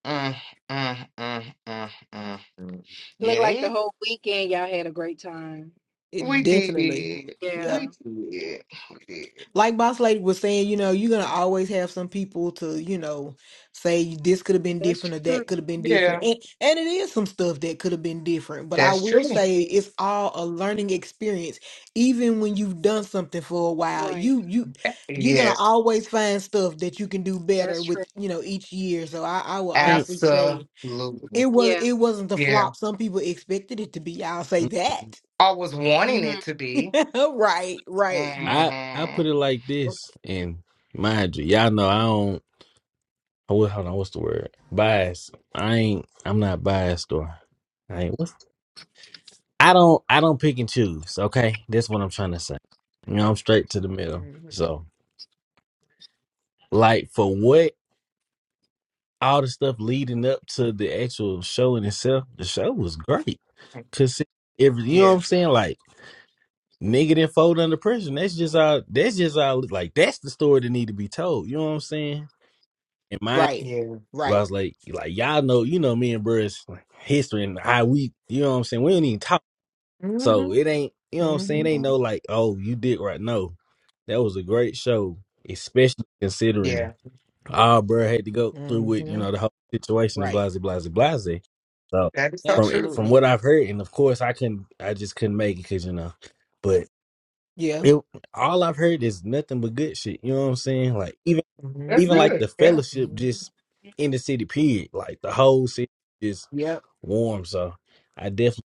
Speaker 1: mm, mm, mm, mm, mm.
Speaker 8: Mhm.
Speaker 1: Yeah,
Speaker 5: Looked like the
Speaker 1: they,
Speaker 5: whole weekend y'all had a great time.
Speaker 8: It
Speaker 1: we did.
Speaker 8: definitely, yep.
Speaker 5: Yeah,
Speaker 1: We did. We did.
Speaker 8: like boss lady was saying you know you're gonna always have some people to you know say this could have been
Speaker 5: that's
Speaker 8: different or
Speaker 5: true.
Speaker 8: that could have been
Speaker 1: Yeah.
Speaker 8: different and and it is some stuff that could have been different but i
Speaker 1: That's
Speaker 8: will
Speaker 5: That's
Speaker 1: true.
Speaker 8: say
Speaker 5: true.
Speaker 8: it's all a learning experience even when you've done something for a while
Speaker 5: Right.
Speaker 8: you you you're gonna
Speaker 1: Yes,
Speaker 8: always find stuff that you can do better
Speaker 5: That's
Speaker 8: with
Speaker 5: true.
Speaker 8: you know each year so i i will
Speaker 6: ain't-
Speaker 8: honestly say it
Speaker 1: absolutely.
Speaker 8: was
Speaker 5: Yeah.
Speaker 8: it wasn't the
Speaker 1: Yeah,
Speaker 8: flop some people expected it to be i'll say that
Speaker 1: I was wanting
Speaker 5: hmm
Speaker 1: it to be.
Speaker 8: right
Speaker 1: hmm
Speaker 8: right
Speaker 5: And
Speaker 6: I I put it like this, and mind you, y'all know I don't. Oh, wait, hold on, what's the word? Bias. I ain't. I'm not biased, or I ain't. What's, I don't. I don't pick and choose. Okay, that's what I'm trying to say. You know,
Speaker 8: right
Speaker 6: I'm straight to the middle. So, like, for what all the stuff leading up to the actual show in itself, the show was great. Cause see, every you know what
Speaker 1: Yeah,
Speaker 6: I'm saying, like. nigga that fold under pressure. and That's just all. That's just all. Like that's the story that need to be told. You know what I'm saying? And my, I
Speaker 8: Right.
Speaker 1: yeah,
Speaker 8: Right.
Speaker 6: was like, like y'all know, you know, me and Bruce like, history and how we, you know what I'm saying. We don't even talk,
Speaker 8: mm
Speaker 6: so
Speaker 8: Mhm.
Speaker 6: it ain't, you know what I'm
Speaker 8: mm
Speaker 6: saying. It
Speaker 8: Mhm.
Speaker 6: ain't no
Speaker 1: mhm.
Speaker 6: like, oh, you did right. No, that was a great show, especially considering
Speaker 1: yeah.
Speaker 6: all Bruh had to go through
Speaker 8: mm
Speaker 6: with, you
Speaker 8: Mhm.
Speaker 6: know, the whole situation and
Speaker 8: Right.
Speaker 6: blase, blase, blase. So
Speaker 1: That is so
Speaker 6: from it,
Speaker 1: true.
Speaker 6: from
Speaker 8: Absolutely.
Speaker 6: what I've heard, and of course I couldn't, I just couldn't make it because you know. but
Speaker 8: Yeah.
Speaker 6: it all I've heard is nothing but good shit. You know what I'm saying? Like even
Speaker 1: That's
Speaker 6: even
Speaker 8: Mhm.
Speaker 6: like
Speaker 1: good.
Speaker 6: the
Speaker 1: Yeah.
Speaker 6: fellowship
Speaker 8: Mhm.
Speaker 6: just in the city period. Like the whole city is
Speaker 8: Yep.
Speaker 6: warm. So I definitely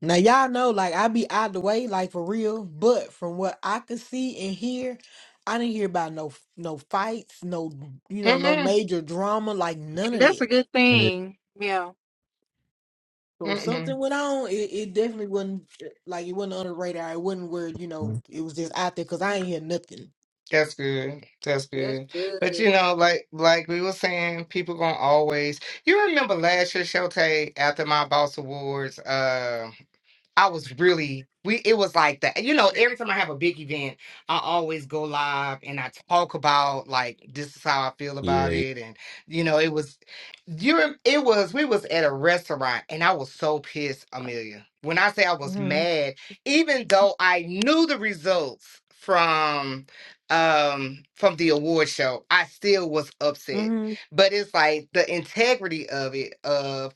Speaker 8: Now y'all know, like I be out the way, like for real. But from what I could see and hear, I didn't hear about no no fights, no you know, no
Speaker 1: Mm
Speaker 8: major drama, like none of
Speaker 5: that's a
Speaker 8: it.
Speaker 5: good
Speaker 6: Yeah.
Speaker 5: thing. Yeah,
Speaker 1: hmm
Speaker 8: So if
Speaker 1: Mm-mm.
Speaker 8: something went on, it, it definitely wasn't uh, like it wasn't on the radar. It wasn't where you know it was just out there because I ain't hear nothing.
Speaker 1: That's good. That's
Speaker 5: that's
Speaker 1: good. But
Speaker 5: good.
Speaker 1: you know, like like we were saying, people gonna always. You remember last year, Shote, after my Boss Awards? uh, I was really we it was like that. You know, every time I have a big event, I always go live and I talk about like this is how I feel about
Speaker 6: yeah.
Speaker 1: it and you know, it was you rem- it was we was at a restaurant and I was so pissed, Amelia. When I say I was
Speaker 8: mm
Speaker 1: mad, even though I knew the results from um from the award show, I still was
Speaker 8: hmm
Speaker 1: upset.
Speaker 8: mm hmm
Speaker 1: But it's like the integrity of it of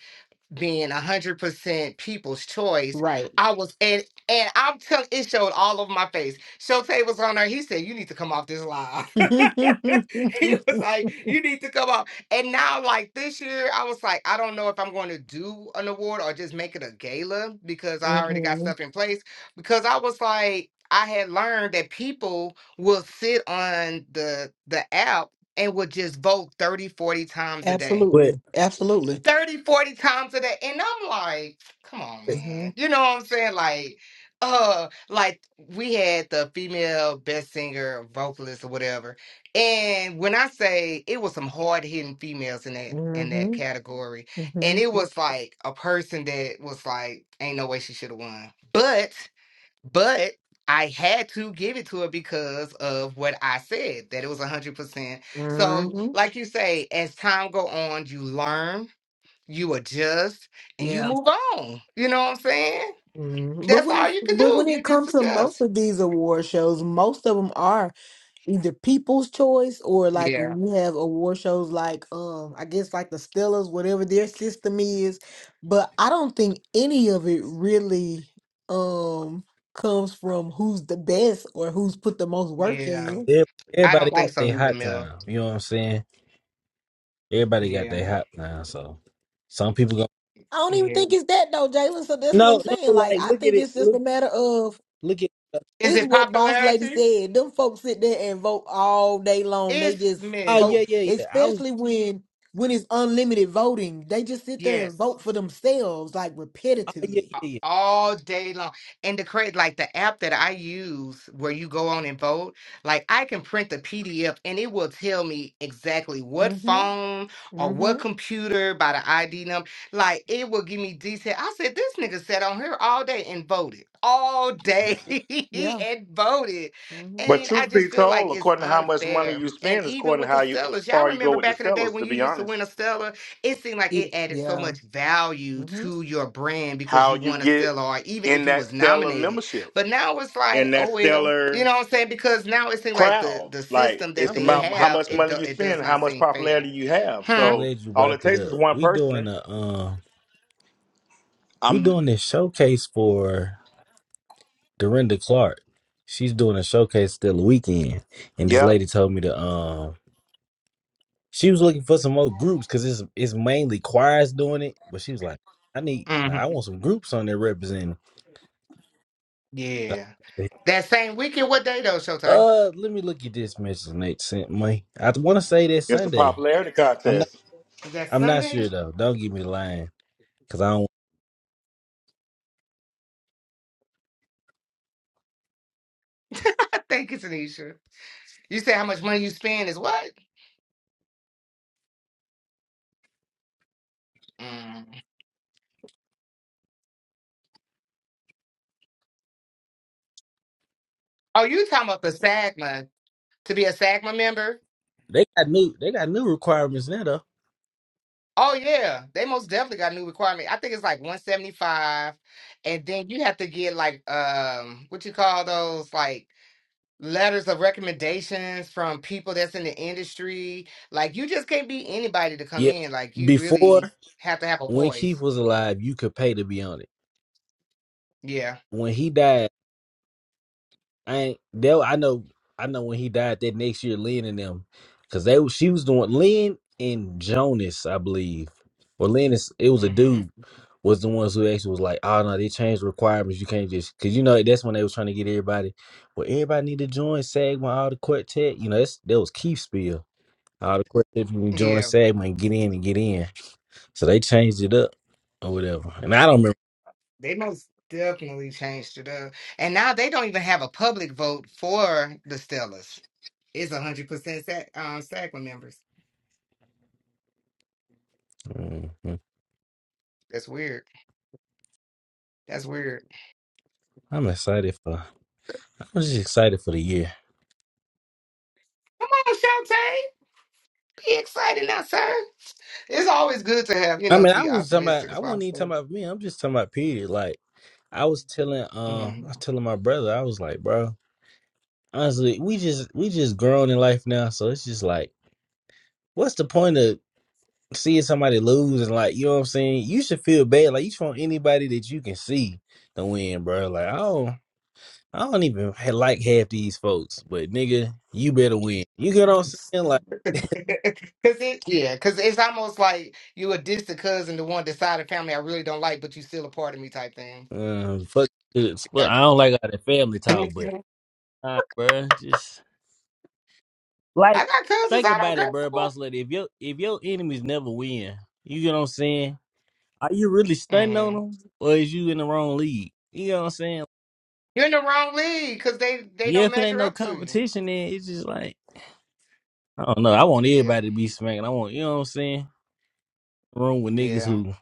Speaker 1: being a hundred percent people's choice.
Speaker 8: Right.
Speaker 1: I was and and I'm telling it showed all over my face. Showtay was on there. He said, You need to come off this live. he was like, You need to come off. And now, like this year, I was like, I don't know if I'm going to do an award or just make it a gala because I already got
Speaker 8: hmm
Speaker 1: stuff in place. Because I was like, I had learned that people will sit on the the app and would just vote 30, 40 times a day
Speaker 6: But
Speaker 8: Absolutely. Absolutely.
Speaker 1: 30, 40 times a day. And I'm like, come on,
Speaker 8: hmm
Speaker 1: man. You know what I'm saying? Like, uh, like we had the female best singer, vocalist, or whatever. And when I say it was some hard hitting females in that in that
Speaker 8: hmm
Speaker 1: category,
Speaker 8: hmm
Speaker 1: and it was like a person that was like, ain't no way she should have won. But but I had to give it to her because of what I said, that it was hundred percent. So
Speaker 8: hmm
Speaker 1: like you say, as time go on, you learn you adjust and you
Speaker 8: Yeah.
Speaker 1: move on. You know what I'm saying?
Speaker 8: hmm But
Speaker 1: That's
Speaker 8: when it,
Speaker 1: all you can
Speaker 8: but
Speaker 1: do.
Speaker 8: when
Speaker 1: You
Speaker 8: it
Speaker 1: just
Speaker 8: comes to most
Speaker 1: adjust.
Speaker 8: of these award shows, most of them are either people's choice or like
Speaker 1: Yeah.
Speaker 8: we have award shows like um I guess like the Stellas, whatever their system is. But I don't think any of it really um comes from who's the best or who's put the most work
Speaker 1: Yeah.
Speaker 8: in.
Speaker 6: ev-
Speaker 1: I
Speaker 6: everybody
Speaker 1: don't
Speaker 6: got
Speaker 1: think
Speaker 8: Like,
Speaker 1: so,
Speaker 6: their
Speaker 1: Nita
Speaker 6: hot
Speaker 1: Mill.
Speaker 6: time. You know what I'm saying? Everybody got
Speaker 1: Yeah.
Speaker 6: their hot time. So some people go
Speaker 8: I don't even
Speaker 1: Yeah.
Speaker 8: think it's that though, Jalen. So that's what I'm
Speaker 6: no no
Speaker 8: saying. Like,
Speaker 6: like
Speaker 8: I
Speaker 6: look at
Speaker 8: think
Speaker 6: it
Speaker 8: it's just a
Speaker 6: look
Speaker 8: matter of
Speaker 6: look at
Speaker 1: Is
Speaker 8: it's
Speaker 1: it
Speaker 8: what Boss Lady
Speaker 1: popularity?
Speaker 8: said. Them folks sit there and vote all day long. They
Speaker 1: It's
Speaker 8: just
Speaker 6: oh
Speaker 1: Mill.
Speaker 8: vote,
Speaker 6: yeah yeah yeah I was
Speaker 8: especially when when it's unlimited voting. They just sit there and
Speaker 1: Yes.
Speaker 8: vote for themselves, like
Speaker 6: oh yeah
Speaker 8: repetitively.
Speaker 6: yeah yeah.
Speaker 1: all day long. And the crazy, like the app that I use where you go on and vote, like I can print the PDF and it will tell me exactly what
Speaker 8: Mm-hmm.
Speaker 1: phone or
Speaker 8: Mm-hmm.
Speaker 1: what computer by the ID number. Like it will give me detail. I said, this nigga sat on here all day and voted. All day
Speaker 6: yeah.
Speaker 8: Yeah.
Speaker 1: and voted.
Speaker 8: Mm-hmm.
Speaker 7: But
Speaker 1: And I
Speaker 7: truth
Speaker 1: just
Speaker 7: be
Speaker 1: feel like
Speaker 7: told,
Speaker 1: it's
Speaker 7: according to how much money
Speaker 1: unfair.
Speaker 7: you
Speaker 1: And
Speaker 7: spend, is
Speaker 1: even
Speaker 7: according to
Speaker 1: with the
Speaker 7: how you
Speaker 1: Stellas, y'all
Speaker 7: far you go
Speaker 1: remember
Speaker 7: with the
Speaker 1: back in the day
Speaker 7: Stellars.
Speaker 1: when
Speaker 7: To
Speaker 1: you
Speaker 7: be
Speaker 1: used to win
Speaker 7: honest,
Speaker 1: a Stella it seemed like
Speaker 8: It,
Speaker 1: it added so
Speaker 8: yeah.
Speaker 1: much value
Speaker 8: Mm-hmm.
Speaker 1: to your brand because
Speaker 7: how
Speaker 1: you
Speaker 7: you
Speaker 1: won a
Speaker 7: get
Speaker 1: stellar or even if
Speaker 7: in
Speaker 1: you
Speaker 7: that
Speaker 1: was
Speaker 7: Stellar
Speaker 1: nominated.
Speaker 7: membership,
Speaker 1: But now it's like,
Speaker 7: in
Speaker 1: oh
Speaker 7: that
Speaker 1: well, you
Speaker 7: Stellar.
Speaker 1: know what I'm saying? Because now it seems like the
Speaker 7: crowd.
Speaker 1: the
Speaker 7: Like
Speaker 1: system that
Speaker 7: it's
Speaker 6: I'm
Speaker 1: they
Speaker 6: glad you
Speaker 7: about
Speaker 6: brought
Speaker 7: how
Speaker 1: have,
Speaker 7: much
Speaker 6: it up.
Speaker 1: it
Speaker 7: money
Speaker 1: do,
Speaker 7: you
Speaker 1: it
Speaker 7: spend,
Speaker 1: does
Speaker 7: and how
Speaker 1: not
Speaker 7: much
Speaker 1: seem fair.
Speaker 7: popularity you have.
Speaker 6: I'm
Speaker 1: Huh?
Speaker 7: So
Speaker 6: glad you
Speaker 7: all it
Speaker 6: brought it
Speaker 7: takes is
Speaker 6: up.
Speaker 7: one
Speaker 6: We
Speaker 7: person.
Speaker 6: doing
Speaker 7: and
Speaker 6: a um We
Speaker 7: I'm
Speaker 6: doing this showcase for Dorinda Clark. She's doing a showcase still the weekend, and this
Speaker 7: yep.
Speaker 6: lady told me to um. She was looking for some more groups because it's it's mainly choirs doing it, but she was like, "I need like I
Speaker 1: Mm-hmm.
Speaker 6: want some groups on there representing."
Speaker 1: Yeah. That same weekend, what day though, Shotay?
Speaker 6: Uh, let me look at this message Nate sent me. I want to say that
Speaker 7: It's a
Speaker 6: Sunday.
Speaker 7: popularity
Speaker 6: I'm not
Speaker 7: contest.
Speaker 1: Is that
Speaker 6: I'm not
Speaker 1: Sunday?
Speaker 6: sure though. Don't give me the line because I don't.
Speaker 1: I think it's Anisha. You said how much money you spend is what? Mm. Oh, you talking about the SAGMA to be a SAGMA member?
Speaker 6: They got new they got new requirements now though.
Speaker 1: Oh yeah, they most definitely got a new requirement. I think it's like 175, and then you have to get like um what you call those like letters of recommendations from people that's in the industry. Like you just can't be anybody to come
Speaker 6: Yeah,
Speaker 1: in. Like you really
Speaker 6: before
Speaker 1: have to have a
Speaker 6: when Keith
Speaker 1: voice.
Speaker 6: was alive, you could pay to be on it.
Speaker 1: Yeah.
Speaker 6: when he died, I ain't that I know I know when he died that next year, Lynn and them, because they was- she was doing Lynn and Jonas, I believe, or Lynn is it was a
Speaker 1: hmm
Speaker 6: dude was the ones who actually was like, oh no, they changed requirements. You can't just because you know that's when they was trying to get everybody. Well, everybody need to join SAGMA, all the quartet. You know that's that was Keith spill. All the quartet you join
Speaker 1: Yeah.
Speaker 6: SAGMA and get in and get in. So they changed it up or whatever. And I don't remember.
Speaker 1: They most definitely changed it up. And now they don't even have a public vote for the Stellas. It's 100% sac um SACMA members.
Speaker 6: Mhm.
Speaker 1: That's weird. That's weird.
Speaker 6: I'm excited for. I'm just excited for the year.
Speaker 1: Come on, Shante. Be excited now, sir. It's always good to have, you
Speaker 6: I
Speaker 1: know,
Speaker 6: mean,
Speaker 1: to
Speaker 6: I
Speaker 1: be
Speaker 6: was talking about.
Speaker 1: optimistic
Speaker 6: I
Speaker 1: as
Speaker 6: wasn't even talking
Speaker 1: possible.
Speaker 6: about me. I'm just talking about period. Like I was telling, um, I
Speaker 1: Mm.
Speaker 6: was telling my brother. I was like, bro, honestly, we just we just grown in life now, so it's just like, what's the point of seeing somebody lose and like, you know what I'm saying? You should feel bad. Like you should want anybody that you can see to win, bro. Like I don't, I don't even ha- like half these folks, but nigga, you better win. You get what I'm saying? Like,
Speaker 1: Cause it, yeah, cause it's almost like you a distant cousin the one decided family I really don't like, but you still a part of me type thing.
Speaker 6: uh, fuck, this. Fuck,
Speaker 1: I,
Speaker 6: I don't like all that family
Speaker 1: I
Speaker 6: talk, but. Nah, bro. Just Like,
Speaker 1: got cousins
Speaker 6: think
Speaker 1: I don't
Speaker 6: about it,
Speaker 1: care
Speaker 6: bro,
Speaker 1: for.
Speaker 6: boss lady. If your if your enemies never win, you get what I'm saying. Are you really stunting
Speaker 1: hmm
Speaker 6: on them, or is you in the wrong league? You know what I'm saying?
Speaker 1: You're in the wrong league, cause they they
Speaker 6: Yeah,
Speaker 1: don't
Speaker 6: if it ain't
Speaker 1: measure
Speaker 6: no
Speaker 1: up to you.
Speaker 6: competition, then it's just like I don't know. I want
Speaker 1: Yeah,
Speaker 6: everybody to be smacking. I want you know what I'm saying. Room with niggas
Speaker 1: yeah.
Speaker 6: who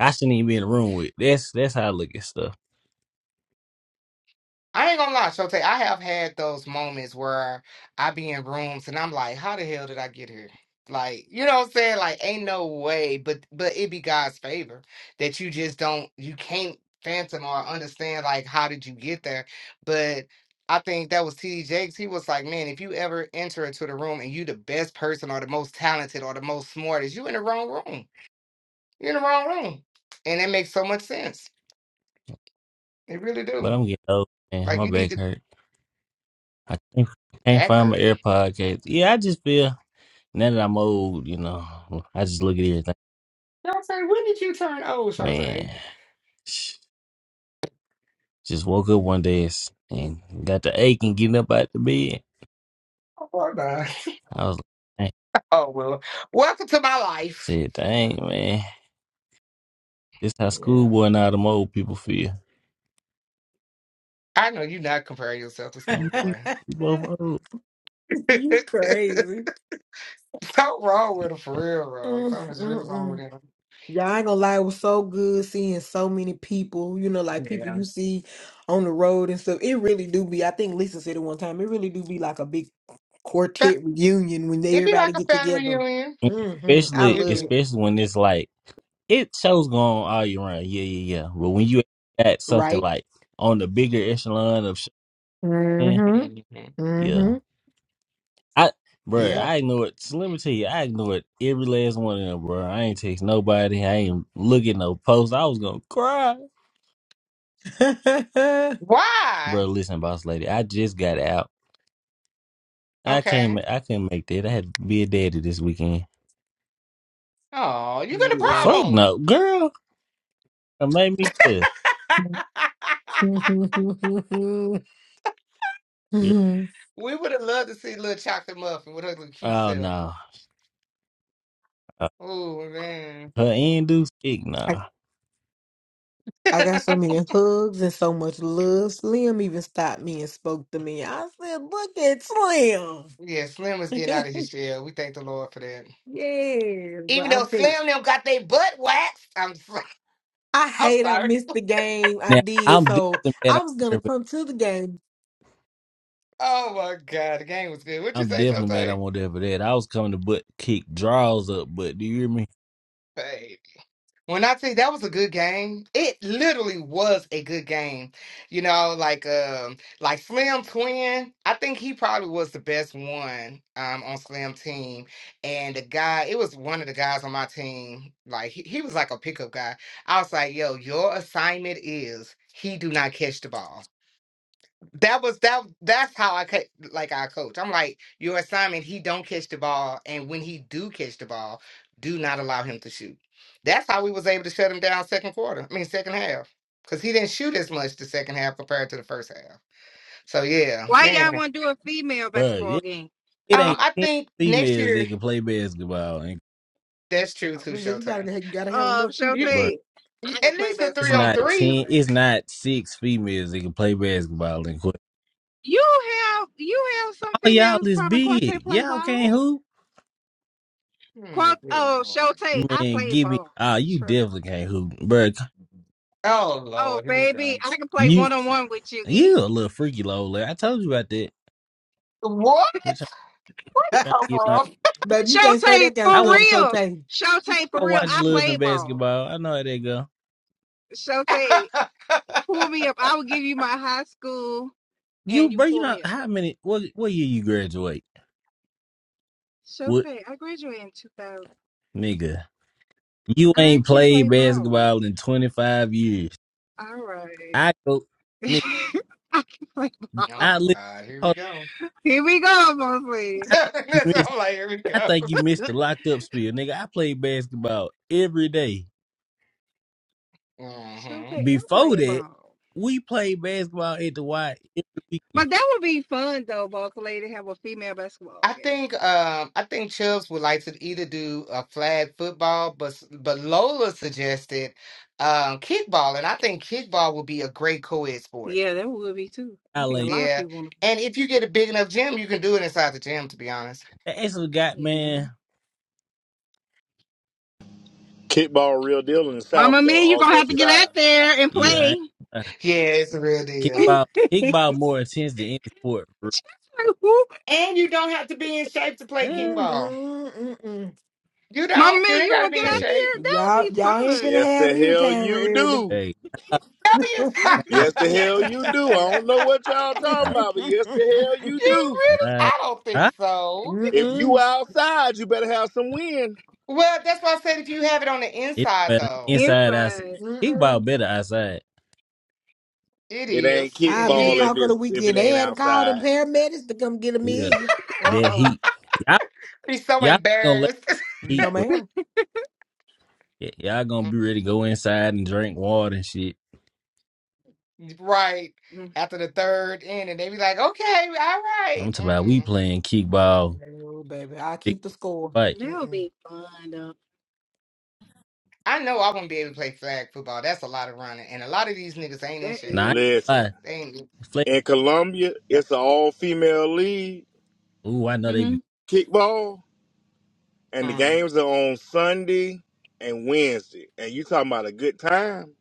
Speaker 6: I shouldn't even be in the room with. That's that's how I look at stuff.
Speaker 1: I ain't gonna lie, Shote. I have had those moments where I be in rooms and I'm like, how the hell did I get here? Like, you know what I'm saying? Like, ain't no way, but but it be God's favor that you just don't you can't phantom or understand like how did you get there. But I think that was T.D. Jakes. He was like, Man, if you ever enter into the room and you the best person or the most talented or the most smartest, you in the wrong room. You're in the wrong room. And that makes so much sense. It really
Speaker 6: But
Speaker 1: do.
Speaker 6: I'm getting old, man.
Speaker 1: Like
Speaker 6: My
Speaker 1: you need
Speaker 6: back
Speaker 1: to
Speaker 6: hurt. I can't, can't
Speaker 1: back
Speaker 6: find
Speaker 1: her.
Speaker 6: my AirPod case. Yeah, I just feel now that I'm old. You know, I just look at everything,
Speaker 1: Dante, when did you turn old, Dante?
Speaker 6: man. Just woke up one day and s- and got the ache and getting up out the bed.
Speaker 1: Oh, my God.
Speaker 6: I was like, dang.
Speaker 1: Oh, well, welcome to my life.
Speaker 6: said, dang, man. This how
Speaker 1: Yeah.
Speaker 6: schoolboy and all them old people feel.
Speaker 1: I know you're not comparing yourself to
Speaker 6: And we
Speaker 1: schoolboy.
Speaker 6: we both old.
Speaker 8: you
Speaker 1: Something
Speaker 8: crazy.
Speaker 1: wrong with him, for real, bro.
Speaker 8: Mm,
Speaker 1: Something's really wrong with
Speaker 8: Mm-mm.
Speaker 1: him.
Speaker 8: Y'all I ain't gonna lie, it was so good seeing so many people, you know, like people
Speaker 1: Yeah.
Speaker 8: you see on the road and stuff. It really do be, I think Lisa said it one time, it really do be like a big
Speaker 1: But
Speaker 8: quartet reunion when they
Speaker 1: it'd be
Speaker 8: everybody
Speaker 1: like a
Speaker 8: get
Speaker 1: family
Speaker 8: together.
Speaker 1: reunion.
Speaker 8: Mm-hmm. I
Speaker 6: Especially,
Speaker 1: It'd
Speaker 8: love
Speaker 1: be.
Speaker 8: it,
Speaker 6: especially when it's like, it shows going on all year round. Yeah, yeah, yeah. But when you at something
Speaker 8: right?
Speaker 6: like on the bigger echelon of shit, man,
Speaker 8: Mm-hmm.
Speaker 1: Mhm.
Speaker 6: yeah.
Speaker 8: Mm-hmm.
Speaker 6: I, bro,
Speaker 1: Yeah.
Speaker 8: Yep.
Speaker 6: I ignore it. So let me tell you, I ignored every last one of them, bro. I ain't text nobody. I ain't look at no post. I was going to cry.
Speaker 1: Why?
Speaker 6: Bro, listen, boss lady, I just got out. I can't.
Speaker 1: Okay.
Speaker 6: ma- I couldn't make that. I had to be a daddy this weekend.
Speaker 1: Oh, you could have
Speaker 6: Fuck
Speaker 1: brought him.
Speaker 6: no, girl. It made me cuss.
Speaker 8: yeah.
Speaker 6: girl.
Speaker 1: we would have loved to see little chocolate muffin with her little cute
Speaker 6: Oh
Speaker 1: self.
Speaker 6: no, Uh,
Speaker 1: Oh, man.
Speaker 6: her end do speak
Speaker 8: I
Speaker 6: no.
Speaker 8: I got so many hugs and so much love. Slim even stopped me and spoke to me. I said, "Look at Slim."
Speaker 1: Yeah, Slim was getting out of his shell. We thank the Lord for that.
Speaker 8: yes, but
Speaker 1: Even
Speaker 8: I
Speaker 1: though
Speaker 8: think
Speaker 1: Slim them got their butt waxed. I'm sorry.
Speaker 8: I
Speaker 1: I'm
Speaker 8: hate I
Speaker 1: sorry.
Speaker 8: missed the game. I
Speaker 6: Now
Speaker 8: did,
Speaker 6: I'm
Speaker 8: so
Speaker 6: definitely mad. I
Speaker 8: I was
Speaker 6: wasn't
Speaker 8: gonna
Speaker 6: there for,
Speaker 8: come to the game.
Speaker 1: Oh my God. The game was good. what you
Speaker 6: I'm
Speaker 1: say,
Speaker 6: definitely mad. I
Speaker 1: Shotay?
Speaker 6: wasn't there for that. I was coming to butt kick draws up, but do you hear me,
Speaker 1: Hey. When I tell you that was a good game, it literally was a good game. You know, like um, like Slim Twin, I think he probably was the best one um on Slim team. And the guy, it was one of the guys on my team. Like he, he was like a pickup guy. I was like, yo, your assignment is he do not catch the ball that was that that's how I could like I coach. I'm like, your assignment, he don't catch the ball, and when he do catch the ball, do not allow him to shoot. That's how we was able to shut him down second quarter. I mean second half. Because he didn't shoot as much the second half compared to the first half. So yeah,
Speaker 5: Why
Speaker 1: man.
Speaker 5: y'all want to do a female
Speaker 6: bro?
Speaker 5: basketball
Speaker 6: It,
Speaker 5: game?
Speaker 6: it
Speaker 1: Um,
Speaker 6: ain't
Speaker 1: I
Speaker 6: ten
Speaker 1: think next
Speaker 6: females that
Speaker 1: year
Speaker 6: can play basketball, and
Speaker 1: that's true
Speaker 8: I
Speaker 1: too,
Speaker 8: said, "You
Speaker 1: Showtime.
Speaker 8: gotta, you gotta have
Speaker 5: Uh,
Speaker 8: enough people to
Speaker 1: You
Speaker 6: bro,
Speaker 5: Shantae,
Speaker 8: do
Speaker 5: I can
Speaker 1: at
Speaker 5: play
Speaker 1: least the
Speaker 6: it's
Speaker 1: three
Speaker 5: basketball.
Speaker 1: on
Speaker 6: not
Speaker 5: Don't you know
Speaker 1: three.
Speaker 6: ten.
Speaker 5: that?
Speaker 6: It's not six females that can play basketball. And quit.
Speaker 5: You have you have some
Speaker 6: Oh y'all
Speaker 5: females
Speaker 6: is
Speaker 5: probably quartet
Speaker 6: big.
Speaker 5: play
Speaker 6: Y'all
Speaker 5: ball.
Speaker 6: can't hoop.
Speaker 1: Hmm,
Speaker 5: Quart-
Speaker 1: good
Speaker 5: oh,
Speaker 1: lord.
Speaker 5: Shantae, I
Speaker 6: Man,
Speaker 5: play
Speaker 6: give me.
Speaker 5: ball.
Speaker 6: Ah, you
Speaker 5: Trust.
Speaker 6: definitely can't hoop, bro.
Speaker 1: Oh
Speaker 5: Oh,
Speaker 1: Lord, here we
Speaker 5: baby,
Speaker 1: go.
Speaker 5: I can play
Speaker 6: You
Speaker 5: one on one with you. E.
Speaker 6: you a little freaky, Lola. I told you about that.
Speaker 1: What?
Speaker 6: You're trying
Speaker 8: it,
Speaker 6: trying to get my.
Speaker 1: Cover
Speaker 8: baby. You can't say
Speaker 5: Showtay,
Speaker 8: that kind of
Speaker 5: for
Speaker 6: I
Speaker 8: stuff to
Speaker 6: watch.
Speaker 5: real.
Speaker 8: Showtime.
Speaker 5: Showtay, for
Speaker 6: I
Speaker 5: real.
Speaker 6: watch
Speaker 5: I
Speaker 6: Love and
Speaker 5: played ball.
Speaker 6: Basketball. I know how they go.
Speaker 5: Showtay,
Speaker 1: up.
Speaker 5: pull me up. I will give you my high school
Speaker 6: You,
Speaker 5: and you
Speaker 6: bro. You
Speaker 5: pull
Speaker 6: know
Speaker 5: me up.
Speaker 6: how many? What what year you graduate? What
Speaker 5: Showtay, I graduated in 2000.
Speaker 6: nigga? You
Speaker 5: I
Speaker 6: ain't
Speaker 5: can play
Speaker 6: played
Speaker 5: ball.
Speaker 6: basketball in twenty five years.
Speaker 5: All right.
Speaker 6: I go, nigga.
Speaker 5: I can play
Speaker 1: Oh
Speaker 5: ball.
Speaker 6: I
Speaker 1: my
Speaker 6: li-
Speaker 1: God, here we
Speaker 6: hold
Speaker 1: go.
Speaker 5: Here we go, boss lady.
Speaker 6: on, I think you
Speaker 1: That's
Speaker 6: missed.
Speaker 1: I'm like, here we
Speaker 6: I
Speaker 1: go.
Speaker 6: think you missed the locked up spiel, nigga. I played basketball every day.
Speaker 1: hmm
Speaker 5: Showtay, I
Speaker 6: Before
Speaker 5: play
Speaker 6: that,
Speaker 5: ball.
Speaker 6: we played basketball at the Y every weekend.
Speaker 5: But that would be fun, though, boss lady, to have a female basketball
Speaker 1: I
Speaker 5: game.
Speaker 1: think um I think Chubbs would like to either do a flag football, but s- but Lola suggested um kickball, and I think kickball would be a great co-ed sport.
Speaker 5: Yeah, that would be too. I
Speaker 6: I
Speaker 5: think a
Speaker 6: like
Speaker 5: lot of
Speaker 1: Yeah,
Speaker 5: people want
Speaker 1: and if you get a big enough gym, you can do it inside the gym. To be honest,
Speaker 6: that actually
Speaker 5: to.
Speaker 6: got
Speaker 5: Yeah.
Speaker 6: man.
Speaker 7: Kickball real deal in the South
Speaker 5: Mama,
Speaker 7: though,
Speaker 5: Mia, you're
Speaker 7: all
Speaker 5: going to have
Speaker 7: jokes
Speaker 5: to
Speaker 6: Yeah,
Speaker 5: get out
Speaker 7: aside.
Speaker 5: there and
Speaker 6: yeah I
Speaker 5: play.
Speaker 6: ain't- uh,
Speaker 1: yeah, it's a real deal.
Speaker 8: Ooh.
Speaker 6: kickball
Speaker 5: She's
Speaker 6: kickball more intense than any sport. Bro.
Speaker 5: like, who?
Speaker 1: And you don't have to be in shape to play
Speaker 8: Mm-mm,
Speaker 6: Eh,
Speaker 1: kickball.
Speaker 8: mm-mm.
Speaker 1: You
Speaker 5: My
Speaker 1: don't. You
Speaker 5: man,
Speaker 1: ain't
Speaker 5: you
Speaker 1: got to
Speaker 5: want to
Speaker 1: be
Speaker 5: get
Speaker 1: in
Speaker 6: Hey,
Speaker 1: shape.
Speaker 8: Y'all, y'all
Speaker 5: out there?
Speaker 8: ain't
Speaker 5: That'll be fun.
Speaker 8: finna
Speaker 7: Yes
Speaker 8: have
Speaker 7: the
Speaker 8: me
Speaker 7: hell
Speaker 8: retiring
Speaker 7: you
Speaker 8: early.
Speaker 7: do.
Speaker 6: hey, uh,
Speaker 1: No, you.
Speaker 6: uh,
Speaker 7: Yes the hell you do. I don't know what y'all talking about, but yes the hell you
Speaker 1: you
Speaker 7: do.
Speaker 6: all
Speaker 1: really?
Speaker 6: right,
Speaker 1: I don't think
Speaker 6: Ah,
Speaker 1: so.
Speaker 7: If you
Speaker 8: Mm-mm.
Speaker 7: outside, you better have some wind.
Speaker 1: Well, that's why I said if you have it on the
Speaker 6: it
Speaker 1: inside,
Speaker 6: better
Speaker 1: though,
Speaker 6: inside outside.
Speaker 5: Inside.
Speaker 6: Kickball
Speaker 8: Mm-mm.
Speaker 6: better outside.
Speaker 1: it
Speaker 7: It ain't
Speaker 1: is. It
Speaker 8: I'll
Speaker 5: It
Speaker 8: be the
Speaker 7: kickball
Speaker 1: is.
Speaker 5: is.
Speaker 7: if
Speaker 8: talk of the
Speaker 7: it's if it
Speaker 8: weekend. They
Speaker 7: ain't
Speaker 8: had to call the
Speaker 7: outside.
Speaker 8: paramedics to come get a
Speaker 6: Yeah,
Speaker 8: meal.
Speaker 6: that
Speaker 8: Uh-uh.
Speaker 6: heat. Y'all,
Speaker 1: Be so
Speaker 6: y'all gonna let
Speaker 1: embarrassed.
Speaker 6: the heat,
Speaker 8: No,
Speaker 6: bro.
Speaker 8: ma'am.
Speaker 6: Y- Y'all gonna be ready to go inside and drink water and shit.
Speaker 1: right.
Speaker 5: Mm,
Speaker 1: After the third inning, they be like, okay, all right.
Speaker 6: I'm talking about we
Speaker 1: Mm-mm.
Speaker 6: playing kickball,
Speaker 8: No, baby. I
Speaker 6: big
Speaker 8: keep the score.
Speaker 6: fight.
Speaker 5: That'll
Speaker 8: Mm-mm.
Speaker 5: be fun, though.
Speaker 1: I know I won't be able to play flag football. That's a lot of running. And a lot of these niggas ain't in
Speaker 5: That
Speaker 1: shape.
Speaker 6: Nah, I ain't
Speaker 5: is.
Speaker 7: Listen.
Speaker 6: gonna
Speaker 1: They ain't.
Speaker 6: lie.
Speaker 7: In Columbia,
Speaker 1: yeah.
Speaker 7: it's an all female league.
Speaker 6: Ooh, I know they
Speaker 5: Mm-hmm.
Speaker 6: be
Speaker 7: kickball, and the
Speaker 1: Mm,
Speaker 7: games are on Sunday and Wednesday. And you talking about a good time?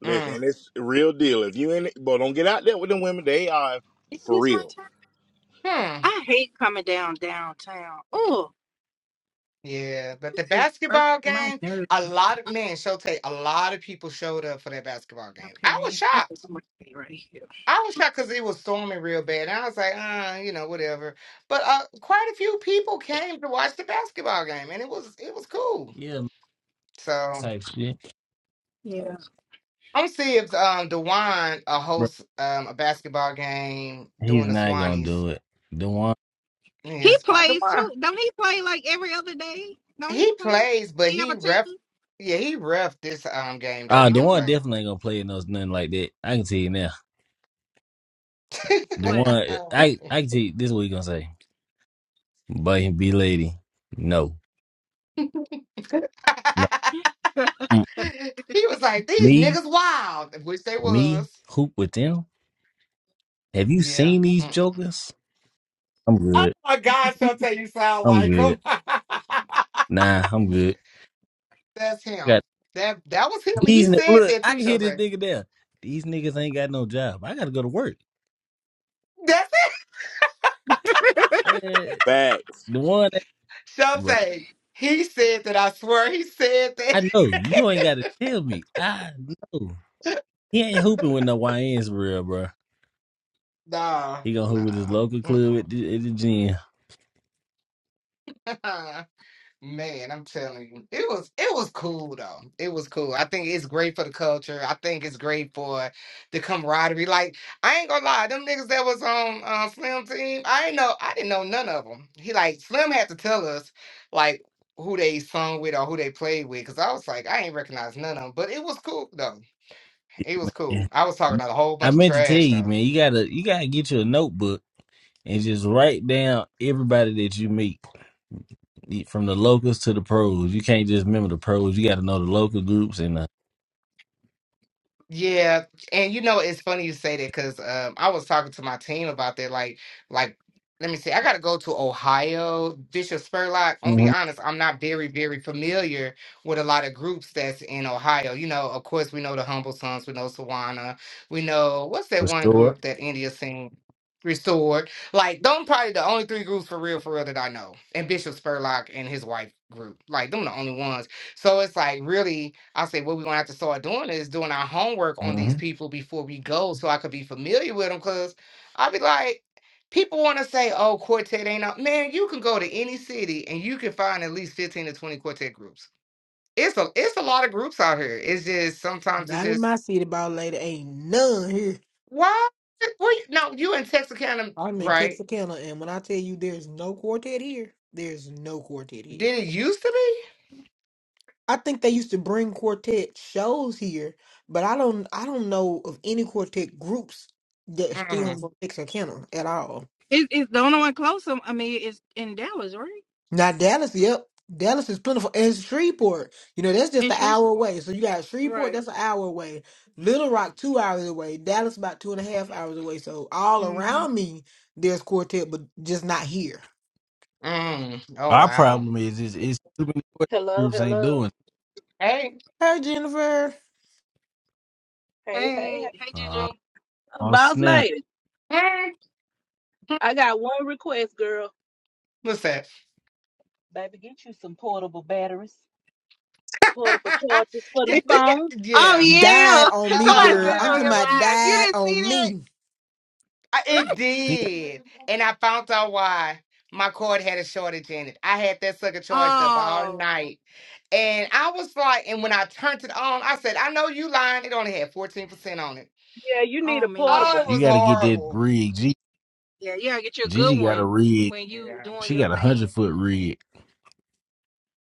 Speaker 7: Listen,
Speaker 1: mm,
Speaker 7: and it's real deal. If you in it, but don't get out there with them women. They are
Speaker 5: Is
Speaker 7: for
Speaker 5: this my
Speaker 7: real.
Speaker 5: time?
Speaker 1: hmm.
Speaker 5: I hate coming down downtown. Oh,
Speaker 1: Yeah, but the
Speaker 5: this is irk
Speaker 1: basketball
Speaker 5: my
Speaker 1: game,
Speaker 5: nerves.
Speaker 1: a lot of men, Shote, a lot of people showed up for that basketball game. I was
Speaker 5: Okay. I
Speaker 1: shocked.
Speaker 5: think I'm going to stay right here.
Speaker 1: I was shocked because it was storming real bad. And I was like, uh, you know, whatever. But uh, quite a few people came to watch the basketball game, and it was it was cool.
Speaker 6: yeah
Speaker 1: So
Speaker 6: type shit,
Speaker 5: Yeah.
Speaker 1: I'm see if um Dewan uh,
Speaker 6: bro.
Speaker 1: hosts um a basketball game
Speaker 6: He's
Speaker 1: doing the
Speaker 6: not gonna
Speaker 1: Swannies.
Speaker 6: do it. The one,
Speaker 5: He
Speaker 1: Yes,
Speaker 5: plays,
Speaker 1: Dewan.
Speaker 5: too. Don't he play like every other day? Don't he
Speaker 1: He
Speaker 5: play?
Speaker 1: plays, but
Speaker 5: He have
Speaker 1: he
Speaker 5: a
Speaker 1: ref.
Speaker 5: team?
Speaker 1: Yeah, he ref this um game though.
Speaker 6: ah,
Speaker 1: He
Speaker 6: the
Speaker 1: didn't
Speaker 6: one
Speaker 1: play.
Speaker 5: Oh.
Speaker 6: definitely ain't gonna play no nothing like that. I can tell you now.
Speaker 1: he
Speaker 6: The
Speaker 5: What?
Speaker 6: one, I I can tell you this is what he gonna say. But he be lady, no, no. Mm.
Speaker 1: was like, "These
Speaker 6: Me,
Speaker 1: niggas wild," which they
Speaker 6: me,
Speaker 1: was.
Speaker 6: hoop with them. Have you
Speaker 1: Yeah.
Speaker 6: seen these jokers? I'm
Speaker 1: Oh
Speaker 6: good.
Speaker 1: my God, Shantae, you sound
Speaker 6: I'm
Speaker 1: like
Speaker 6: good.
Speaker 1: him.
Speaker 6: Nah, I'm good.
Speaker 1: That's him.
Speaker 6: Got
Speaker 1: That that was him. He
Speaker 6: these. ni-
Speaker 1: said
Speaker 6: Look,
Speaker 1: that
Speaker 6: I
Speaker 1: too,
Speaker 6: can hear this
Speaker 1: Shantae.
Speaker 6: nigga there. These niggas ain't got no job. I gotta go to work.
Speaker 1: That's
Speaker 6: Eh, the one,
Speaker 1: it. Shantae. He said that, I swear. He said that.
Speaker 6: I know. You ain't got to tell me. I know. He ain't hooping with no YNs for real, bro.
Speaker 1: nah,
Speaker 6: He gonna hoop with his
Speaker 1: nah.
Speaker 6: local club
Speaker 1: Mm-mm.
Speaker 6: at the, at the gym.
Speaker 1: Man, I'm telling you, it was it was cool though. It was cool. I think it's great for the culture. I think it's great for the camaraderie. Like I ain't gonna lie, them niggas that was on uh, Slim team, I ain't know I didn't know none of them. He like Slim had to tell us like who they sung with or who they played with, cause I was like I ain't recognize none of them. But it was cool though. It was
Speaker 6: Yeah.
Speaker 1: cool. I was talking about a whole
Speaker 6: I
Speaker 1: bunch of
Speaker 6: meant to tell
Speaker 1: trash
Speaker 6: you,
Speaker 1: though.
Speaker 6: man. You gotta you gotta get you a notebook and just write down everybody that you meet, from the locals to the pros. You can't just remember the pros. You got to know the local groups and the
Speaker 1: Yeah, and you know it's funny you say that because um, I was talking to my team about that. Like, like let me see, I got to go to Ohio, Bishop Spurlock. I'm gonna be
Speaker 6: hmm
Speaker 1: honest, I'm not very, very familiar with a lot of groups that's in Ohio. You know, of course we know the Humble Sons, we know Sawana, we know what's that one
Speaker 6: restore.
Speaker 1: group that India sing restored. Like, them probably the only three groups for real, for real that I know, and Bishop Spurlock and his wife group. Like, them the only ones. So it's like really. I said, what we're gonna have to start doing is doing our homework on
Speaker 6: hmm
Speaker 1: these people before we go, so I could be familiar with them. Cause I'd be like, people want to say, oh, quartet ain't up. Man, you can go to any city and you can find at least fifteen to twenty quartet groups. It's a it's a lot of groups out here. It's just sometimes it's
Speaker 8: Not in my
Speaker 1: just
Speaker 8: city, ball lady. Ain't none here.
Speaker 1: why? Well, no, you in Texarkana,
Speaker 8: I'm in
Speaker 1: right?
Speaker 8: Texarkana, and when I tell you there's no quartet here, there's no quartet here.
Speaker 1: Did it used to be?
Speaker 8: I think they used to bring quartet shows here, but I don't. I don't know of any quartet groups that are still
Speaker 1: Mm,
Speaker 8: in Texarkana at all.
Speaker 5: It, it's the only one close. um, I mean, it's in Dallas, right?
Speaker 8: Now Dallas, yep. Dallas is plentiful. And Shreveport, you know, that's just
Speaker 5: In
Speaker 8: an hour
Speaker 5: Shreveport.
Speaker 8: away. So you got Shreveport,
Speaker 5: Right.
Speaker 8: that's an hour away. Little Rock, two hours away. Dallas, about two and a half hours away. So all
Speaker 5: hmm
Speaker 8: around me, there's quartet, but just not here.
Speaker 1: mm, oh
Speaker 6: Our
Speaker 1: wow.
Speaker 6: problem is is it's too many
Speaker 9: Hello,
Speaker 6: groups ain't doing.
Speaker 9: hello.
Speaker 1: Hey,
Speaker 8: Hey, Jennifer.
Speaker 9: Hey, hey,
Speaker 5: Hey,
Speaker 9: hey.
Speaker 5: hey,
Speaker 6: it. Uh,
Speaker 5: Gigi.
Speaker 9: Uh,
Speaker 6: oh
Speaker 9: Boss
Speaker 6: snap!
Speaker 9: lady,
Speaker 1: mm,
Speaker 9: I got one request, girl.
Speaker 1: what's that?
Speaker 9: Baby, get you some portable batteries, portable
Speaker 1: yeah,
Speaker 9: chargers for the
Speaker 1: do
Speaker 9: phone.
Speaker 1: ya-
Speaker 5: Oh
Speaker 1: yeah.
Speaker 8: Died
Speaker 5: yeah,
Speaker 8: on me,
Speaker 5: somebody
Speaker 8: girl.
Speaker 5: said it
Speaker 8: I'm
Speaker 5: on
Speaker 8: talking
Speaker 1: Uh,
Speaker 5: your
Speaker 8: about
Speaker 5: live. You
Speaker 8: died
Speaker 5: didn't see
Speaker 8: on
Speaker 5: that?
Speaker 8: me.
Speaker 1: I- It
Speaker 5: What?
Speaker 1: did. And I found out why my cord had a shortage in it. I had that sucker charged up all
Speaker 5: Oh,
Speaker 1: night. And I was like, and when I turned it on, I said, I know you lying. It only had 14% on it.
Speaker 9: Yeah, you need
Speaker 5: oh
Speaker 9: a
Speaker 1: Oh,
Speaker 9: portable.
Speaker 1: it
Speaker 5: man.
Speaker 6: you
Speaker 1: was
Speaker 6: got to get that
Speaker 1: horrible.
Speaker 6: rig.
Speaker 5: Yeah, you gotta get you a good
Speaker 6: Gigi got a
Speaker 5: one
Speaker 6: rig.
Speaker 5: when you
Speaker 1: Yeah.
Speaker 5: doing
Speaker 6: She
Speaker 5: your
Speaker 6: got a
Speaker 5: thing.
Speaker 6: hundred foot rig.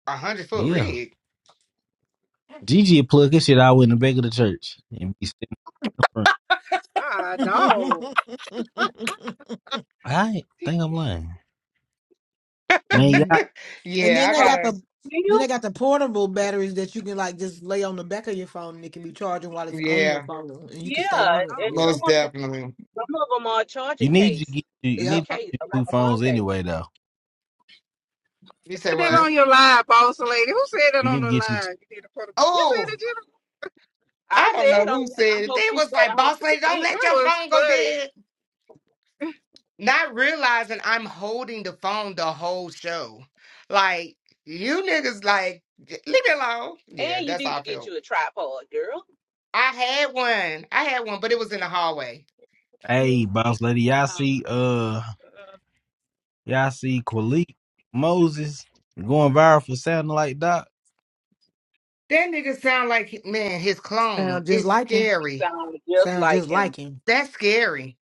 Speaker 1: A hundred foot
Speaker 6: Yeah.
Speaker 1: rig.
Speaker 6: Gigi would plug his shit out in the back of the church and be sitting in front.
Speaker 5: God, dog.
Speaker 8: and
Speaker 5: Oh.
Speaker 6: I think I'm lying. Man, y'all
Speaker 1: Yeah,
Speaker 8: then
Speaker 1: I
Speaker 8: they
Speaker 9: For
Speaker 8: got
Speaker 1: gotta.
Speaker 8: the then they
Speaker 9: real?
Speaker 8: got the portable batteries that you can like just lay on the back of your phone and it can be charging while it's on your
Speaker 1: Yeah,
Speaker 8: phone and you can stay
Speaker 9: Yeah,
Speaker 8: on it.
Speaker 9: and
Speaker 8: Yeah.
Speaker 9: some
Speaker 1: most
Speaker 9: of, them,
Speaker 1: definitely.
Speaker 9: some of them are a
Speaker 6: you
Speaker 9: charging
Speaker 6: need to
Speaker 9: case.
Speaker 6: get you, you
Speaker 9: It's a
Speaker 6: need
Speaker 8: Yep.
Speaker 6: to
Speaker 1: Uh,
Speaker 9: case,
Speaker 6: get
Speaker 9: uh,
Speaker 6: two
Speaker 9: like a phone
Speaker 6: phones
Speaker 9: case.
Speaker 6: anyway though.
Speaker 1: You say
Speaker 5: Said that
Speaker 6: You,
Speaker 1: what?
Speaker 5: on your live, boss lady. Who said that
Speaker 6: you
Speaker 5: on
Speaker 6: need
Speaker 5: the
Speaker 6: to get you two.
Speaker 5: live? You did a photo. You said
Speaker 1: Oh,
Speaker 5: it, Jennifer.
Speaker 9: I
Speaker 1: I don't know
Speaker 9: said
Speaker 1: who
Speaker 9: on there, I
Speaker 1: said it.
Speaker 9: hope
Speaker 1: They
Speaker 9: she
Speaker 1: was
Speaker 9: put a
Speaker 1: like, boss
Speaker 9: hundred
Speaker 1: lady, don't
Speaker 9: percent.
Speaker 1: let
Speaker 5: That
Speaker 1: your
Speaker 5: was
Speaker 1: phone go dead.
Speaker 5: funny.
Speaker 1: not realizing I'm holding the phone the whole show. Like, you niggas, like, leave me alone. Yeah,
Speaker 9: And you
Speaker 1: that's
Speaker 9: need
Speaker 1: how I
Speaker 9: to get
Speaker 1: feel.
Speaker 9: you a tripod, girl.
Speaker 1: I had one. I had one, but it was in the hallway.
Speaker 6: Hey, boss lady, y'all
Speaker 5: Oh,
Speaker 6: see uh
Speaker 9: Uh,
Speaker 6: y'all see Kwalik Moses going viral for sounding like Doc.
Speaker 1: That nigga sound like, man, his clone.
Speaker 8: Sound just
Speaker 1: It's
Speaker 8: like him.
Speaker 9: he
Speaker 1: scary.
Speaker 9: sounds just
Speaker 8: Sound just
Speaker 9: like him.
Speaker 8: like him.
Speaker 1: That's scary.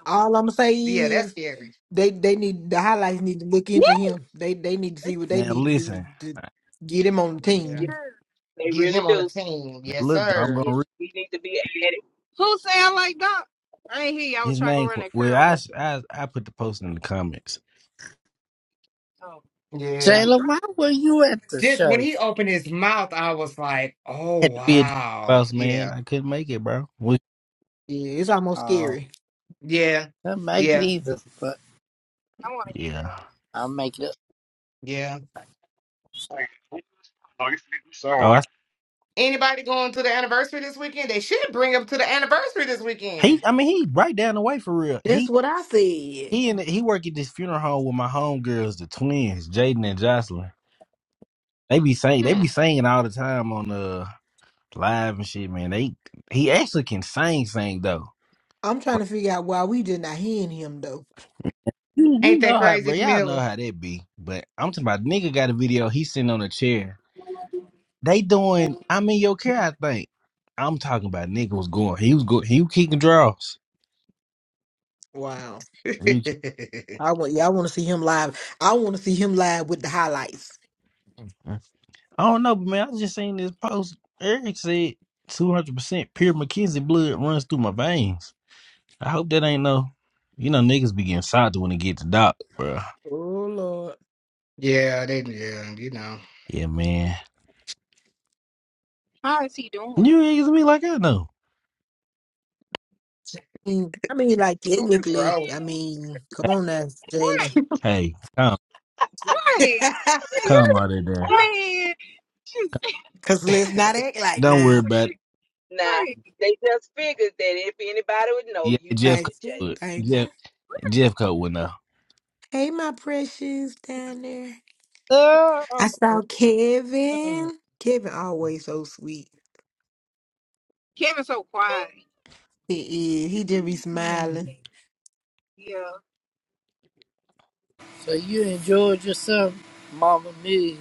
Speaker 5: no, I'm
Speaker 8: All I'm
Speaker 5: going.
Speaker 8: gonna say
Speaker 1: Yeah, that's
Speaker 8: is
Speaker 1: scary.
Speaker 8: they they need the highlights need to look into
Speaker 5: Yeah.
Speaker 8: him. They they need to see what they
Speaker 6: Now
Speaker 8: need to do to,
Speaker 6: listen.
Speaker 8: to
Speaker 6: Now
Speaker 8: get him on the
Speaker 1: Yeah.
Speaker 9: Yeah,
Speaker 8: team.
Speaker 9: they
Speaker 1: Get
Speaker 9: really
Speaker 1: him on a
Speaker 9: do.
Speaker 1: team. Yes,
Speaker 6: look though, I'm
Speaker 1: sir.
Speaker 9: Yeah,
Speaker 6: gonna read
Speaker 9: he needs to be added.
Speaker 5: Who sound like that? I ain't hear you. I was
Speaker 6: his
Speaker 5: trying to go
Speaker 6: name
Speaker 5: around
Speaker 6: qu-
Speaker 5: that
Speaker 6: well
Speaker 5: curl
Speaker 6: I, s-
Speaker 5: almost.
Speaker 6: I I put the post in the comments.
Speaker 5: Oh, man,
Speaker 1: Yeah.
Speaker 5: I'm
Speaker 2: Jayla, why
Speaker 5: dropped.
Speaker 2: were you at the
Speaker 1: Just when
Speaker 2: show?
Speaker 1: he opened his mouth, I was like, oh,
Speaker 6: Had to be a
Speaker 1: wow.
Speaker 6: boss man.
Speaker 1: Yeah.
Speaker 6: I couldn't make it, bro. Well,
Speaker 8: Yeah, it's almost
Speaker 2: Oh,
Speaker 8: scary.
Speaker 1: Yeah.
Speaker 2: didn't make it
Speaker 1: Yeah.
Speaker 2: either, but
Speaker 5: I want to hear
Speaker 6: Yeah.
Speaker 5: him.
Speaker 2: I'll make it up.
Speaker 1: Yeah.
Speaker 4: Like, you know, you sound
Speaker 6: Oh,
Speaker 4: like,
Speaker 6: I,
Speaker 1: Anybody going to the anniversary this weekend? They should bring them to the anniversary this weekend.
Speaker 6: he. I mean, he right down the way for real. He
Speaker 8: That's what I said.
Speaker 6: he and he work at this funeral home with my homegirls, the twins, Jaden and Jocelyn. They be saying they
Speaker 1: Hmm.
Speaker 6: be singing all the time on uh live and shit, man. They he actually can sing, sing though.
Speaker 8: I'm trying
Speaker 6: Like,
Speaker 8: to figure out why we just not hearing him though.
Speaker 6: You, you
Speaker 1: Ain't that
Speaker 6: know how, bro.
Speaker 1: crazy,
Speaker 6: Y'all know
Speaker 1: Miller?
Speaker 6: how that be. But I'm talking about nigga got a video. He sitting on a chair. They doing. I'm in your care. I think. I'm talking about nigga was going. He was good. He was kicking draws.
Speaker 8: Wow.
Speaker 1: yeah,
Speaker 6: He was kicking.
Speaker 8: I want yeah, I want to see him live. I want to see him live with the highlights.
Speaker 6: I don't know, but man, I just seen this post. Eric said 200% pure McKenzie blood runs through my veins. I hope that ain't no. You know, niggas be getting salty when they get to doc, bro.
Speaker 8: Oh Lord.
Speaker 1: they yeah, you know.
Speaker 6: Yeah, man.
Speaker 5: How is he doing?
Speaker 6: You niggas be like, I know.
Speaker 8: mean, I mean, like
Speaker 1: Who is
Speaker 8: technically,
Speaker 5: Man,
Speaker 1: wrong?
Speaker 8: I mean, come on now, Jalen.
Speaker 5: right,
Speaker 6: Hey, come,
Speaker 5: right. Man,
Speaker 6: come out of
Speaker 5: you're-
Speaker 6: there.
Speaker 5: man, she's
Speaker 8: Cause let's not act like
Speaker 6: Don't worry
Speaker 8: now.
Speaker 6: about it.
Speaker 9: Nah,
Speaker 5: right.
Speaker 9: they just figured that if anybody would know,
Speaker 6: Yeah,
Speaker 9: you would,
Speaker 6: Jeff Coat
Speaker 8: Thank you.
Speaker 6: would.
Speaker 9: Jalen.
Speaker 8: Thank
Speaker 6: Jeff,
Speaker 8: you.
Speaker 6: Jeff Coat would know.
Speaker 8: Hey, my precious down there. I saw Kevin. Kevin always so sweet.
Speaker 5: Kevin's so quiet.
Speaker 8: He is. He just be smiling.
Speaker 5: Yeah.
Speaker 2: So you enjoyed yourself, Mama Mia?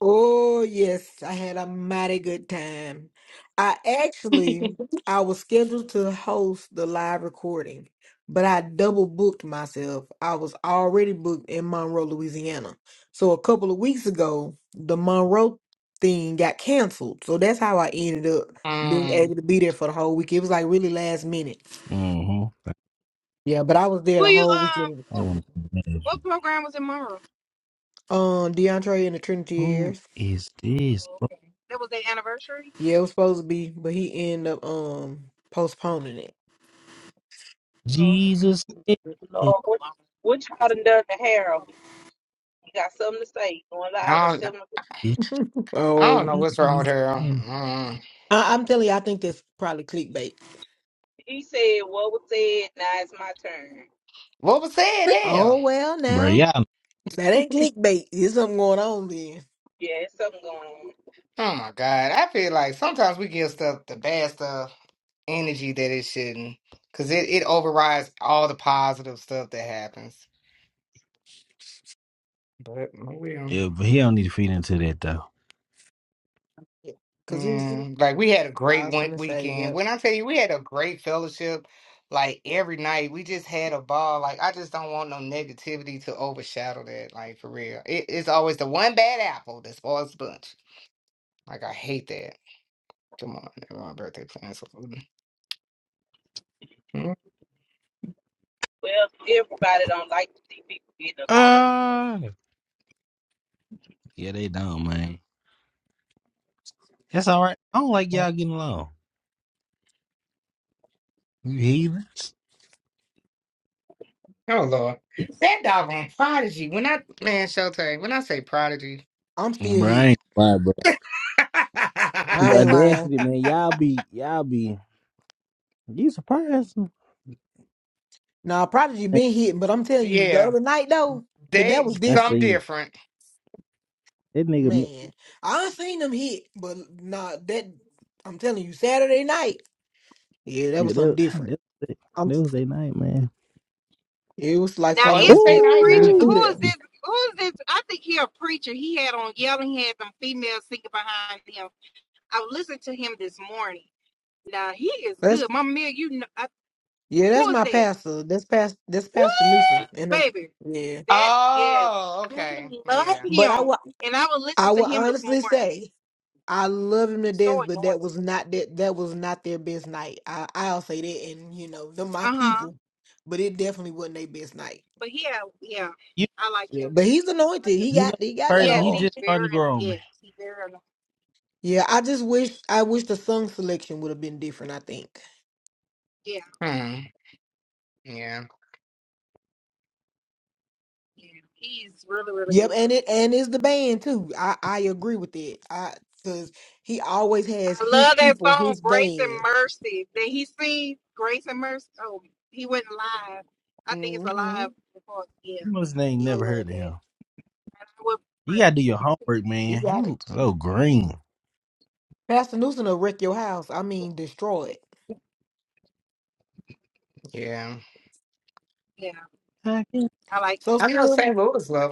Speaker 8: Oh yes, I had a mighty good time. I actually I was scheduled to host the live recording, but I double booked myself. I was already booked in Monroe, Louisiana. So a couple of weeks ago, the Monroe thing got canceled. So that's how I ended up being
Speaker 1: Um,
Speaker 8: able to be there for the whole week. It was like really last minute.
Speaker 6: Mm-hmm.
Speaker 8: Yeah, but I was there
Speaker 5: Who
Speaker 8: the
Speaker 5: you
Speaker 8: whole
Speaker 5: um?
Speaker 8: weekend.
Speaker 6: I
Speaker 5: What,
Speaker 6: want to
Speaker 5: what
Speaker 6: imagine.
Speaker 5: program was in Monroe?
Speaker 8: Um, DeAndre and the Trinity
Speaker 6: Who
Speaker 8: Airs.
Speaker 6: is this?
Speaker 5: Oh, okay. That was their anniversary.
Speaker 8: Yeah, it was supposed to be, but he ended up um postponing it.
Speaker 5: Oh, okay.
Speaker 6: Jesus.
Speaker 9: Lord,
Speaker 5: That's
Speaker 9: what,
Speaker 5: a lot.
Speaker 9: what y'all done done to Harold? He got something to say. He's Going live
Speaker 1: I
Speaker 9: at
Speaker 1: don't know.
Speaker 9: 7 o'clock.
Speaker 1: I don't
Speaker 8: Oh,
Speaker 1: know what's wrong with her. Um,
Speaker 8: I- I'm telling you, I think that's probably clickbait.
Speaker 9: He said what was said, now it's my turn.
Speaker 1: what was said, hell?
Speaker 8: Oh well,
Speaker 6: Bro,
Speaker 8: now
Speaker 6: y'all
Speaker 8: that ain't clickbait. There's something going on then.
Speaker 9: Yeah, it's something going on.
Speaker 1: Oh my God. I feel like sometimes we give stuff the bad stuff energy that it shouldn't. Cause it, it overrides all the positive stuff that happens. But oh well.
Speaker 6: Yeah, but he don't need to feed into that though.
Speaker 8: Yeah, Cause it was.
Speaker 1: Yeah, like we had a
Speaker 8: I
Speaker 1: great
Speaker 8: was
Speaker 1: one
Speaker 8: gonna say,
Speaker 1: weekend.
Speaker 8: yep.
Speaker 1: When I tell you we had a great fellowship, like every night we just had a ball. Like I just don't want no negativity to overshadow that. Like for real, it, it's always the one bad apple that spoils the bunch. Like I hate that. Come on, my birthday plans. Mm.
Speaker 9: Well, everybody don't like to see people getting along. So
Speaker 6: Uh yeah, they don't, man. That's all right. I don't like y'all getting along. You heathens.
Speaker 1: Oh Lord, that dog on prodigy. When I man, Showtime, when I say prodigy,
Speaker 8: I'm still
Speaker 6: Bro, I
Speaker 8: hit.
Speaker 6: ain't lying, bro.
Speaker 8: I
Speaker 6: The
Speaker 8: ain't lying.
Speaker 6: audacity, man. Y'all be, y'all be, you surprised me.
Speaker 8: Nah, Prodigy been hitting, but I'm telling you, the
Speaker 1: yeah,
Speaker 8: other night though, that that
Speaker 1: they
Speaker 8: was
Speaker 6: I
Speaker 1: some
Speaker 8: different.
Speaker 6: seen it.
Speaker 1: different.
Speaker 6: That nigga, mi-
Speaker 8: Man, I done seen them hit, but nah, that I'm telling you, Saturday night, yeah, that
Speaker 6: yeah,
Speaker 8: was something
Speaker 6: that,
Speaker 8: different.
Speaker 6: that, that,
Speaker 8: I'm.
Speaker 6: that was their night, man.
Speaker 8: It was like
Speaker 5: Now
Speaker 1: Oh,
Speaker 8: something
Speaker 1: it was
Speaker 5: is
Speaker 8: just
Speaker 1: that
Speaker 5: this
Speaker 8: blew
Speaker 1: night now.
Speaker 5: preacher?
Speaker 8: blew
Speaker 6: Ooh!
Speaker 5: Who is
Speaker 8: through
Speaker 5: this? Who is this? I think he a preacher. He had on yelling. He had some females singing behind him. I listened to him this morning. Now he is
Speaker 8: there.
Speaker 5: good. Mama Mia. you know, I,
Speaker 8: Yeah,
Speaker 5: who
Speaker 8: that's
Speaker 5: is
Speaker 8: my
Speaker 5: that?
Speaker 8: pastor. That's past that's Pastor Newsom.
Speaker 5: What?
Speaker 8: And um,
Speaker 5: Baby,
Speaker 8: yeah.
Speaker 5: that, yes.
Speaker 1: Oh,
Speaker 5: I
Speaker 1: okay.
Speaker 5: love
Speaker 1: Yeah.
Speaker 8: But I
Speaker 5: him.
Speaker 8: will
Speaker 5: And I was listening
Speaker 8: I
Speaker 5: to
Speaker 8: will
Speaker 5: him this morning.
Speaker 8: honestly say I love him to
Speaker 5: He's so
Speaker 8: death, but that
Speaker 5: anointed.
Speaker 8: was not that that was not their best night. I, I'll say that and you know, they're my
Speaker 5: Uh huh.
Speaker 8: people. But it definitely wasn't their best night.
Speaker 5: But yeah, yeah,
Speaker 6: You
Speaker 5: I like him.
Speaker 8: Yeah. But he's
Speaker 5: I
Speaker 8: anointed.
Speaker 5: do.
Speaker 8: He
Speaker 6: you know
Speaker 8: got he got that
Speaker 6: crazy.
Speaker 5: Yes,
Speaker 6: He
Speaker 8: all.
Speaker 6: just
Speaker 5: he's
Speaker 6: starting
Speaker 5: very,
Speaker 6: to grow on me.
Speaker 5: yes, he's very, anointed.
Speaker 8: Yeah, I just wish I wish the song selection would have been different, I think.
Speaker 5: yeah,
Speaker 1: Hmm. Yeah.
Speaker 5: yeah. He's really, really
Speaker 8: Yep,
Speaker 5: good.
Speaker 8: and it and it's the band too. I, I agree with it. I cause he always has
Speaker 5: I
Speaker 8: his
Speaker 5: love that
Speaker 8: people,
Speaker 5: song,
Speaker 8: his
Speaker 5: Grace and
Speaker 8: band.
Speaker 5: Mercy. Did he sing Grace and Mercy? Oh, he went live. I think it's
Speaker 8: Mm-hmm.
Speaker 5: alive. before. Yeah,
Speaker 6: You must ain't
Speaker 5: I
Speaker 8: Yeah,
Speaker 6: never
Speaker 5: love
Speaker 6: heard of him.
Speaker 5: that. I would
Speaker 6: You gotta do your homework,
Speaker 8: he
Speaker 6: man. You
Speaker 8: got it.
Speaker 6: look so green.
Speaker 8: Pastor Newsom will wreck your house. I mean, destroy it.
Speaker 1: Yeah.
Speaker 5: Yeah,
Speaker 6: I
Speaker 5: I like him.
Speaker 8: So
Speaker 1: I know
Speaker 8: Slim,
Speaker 1: St. Louis love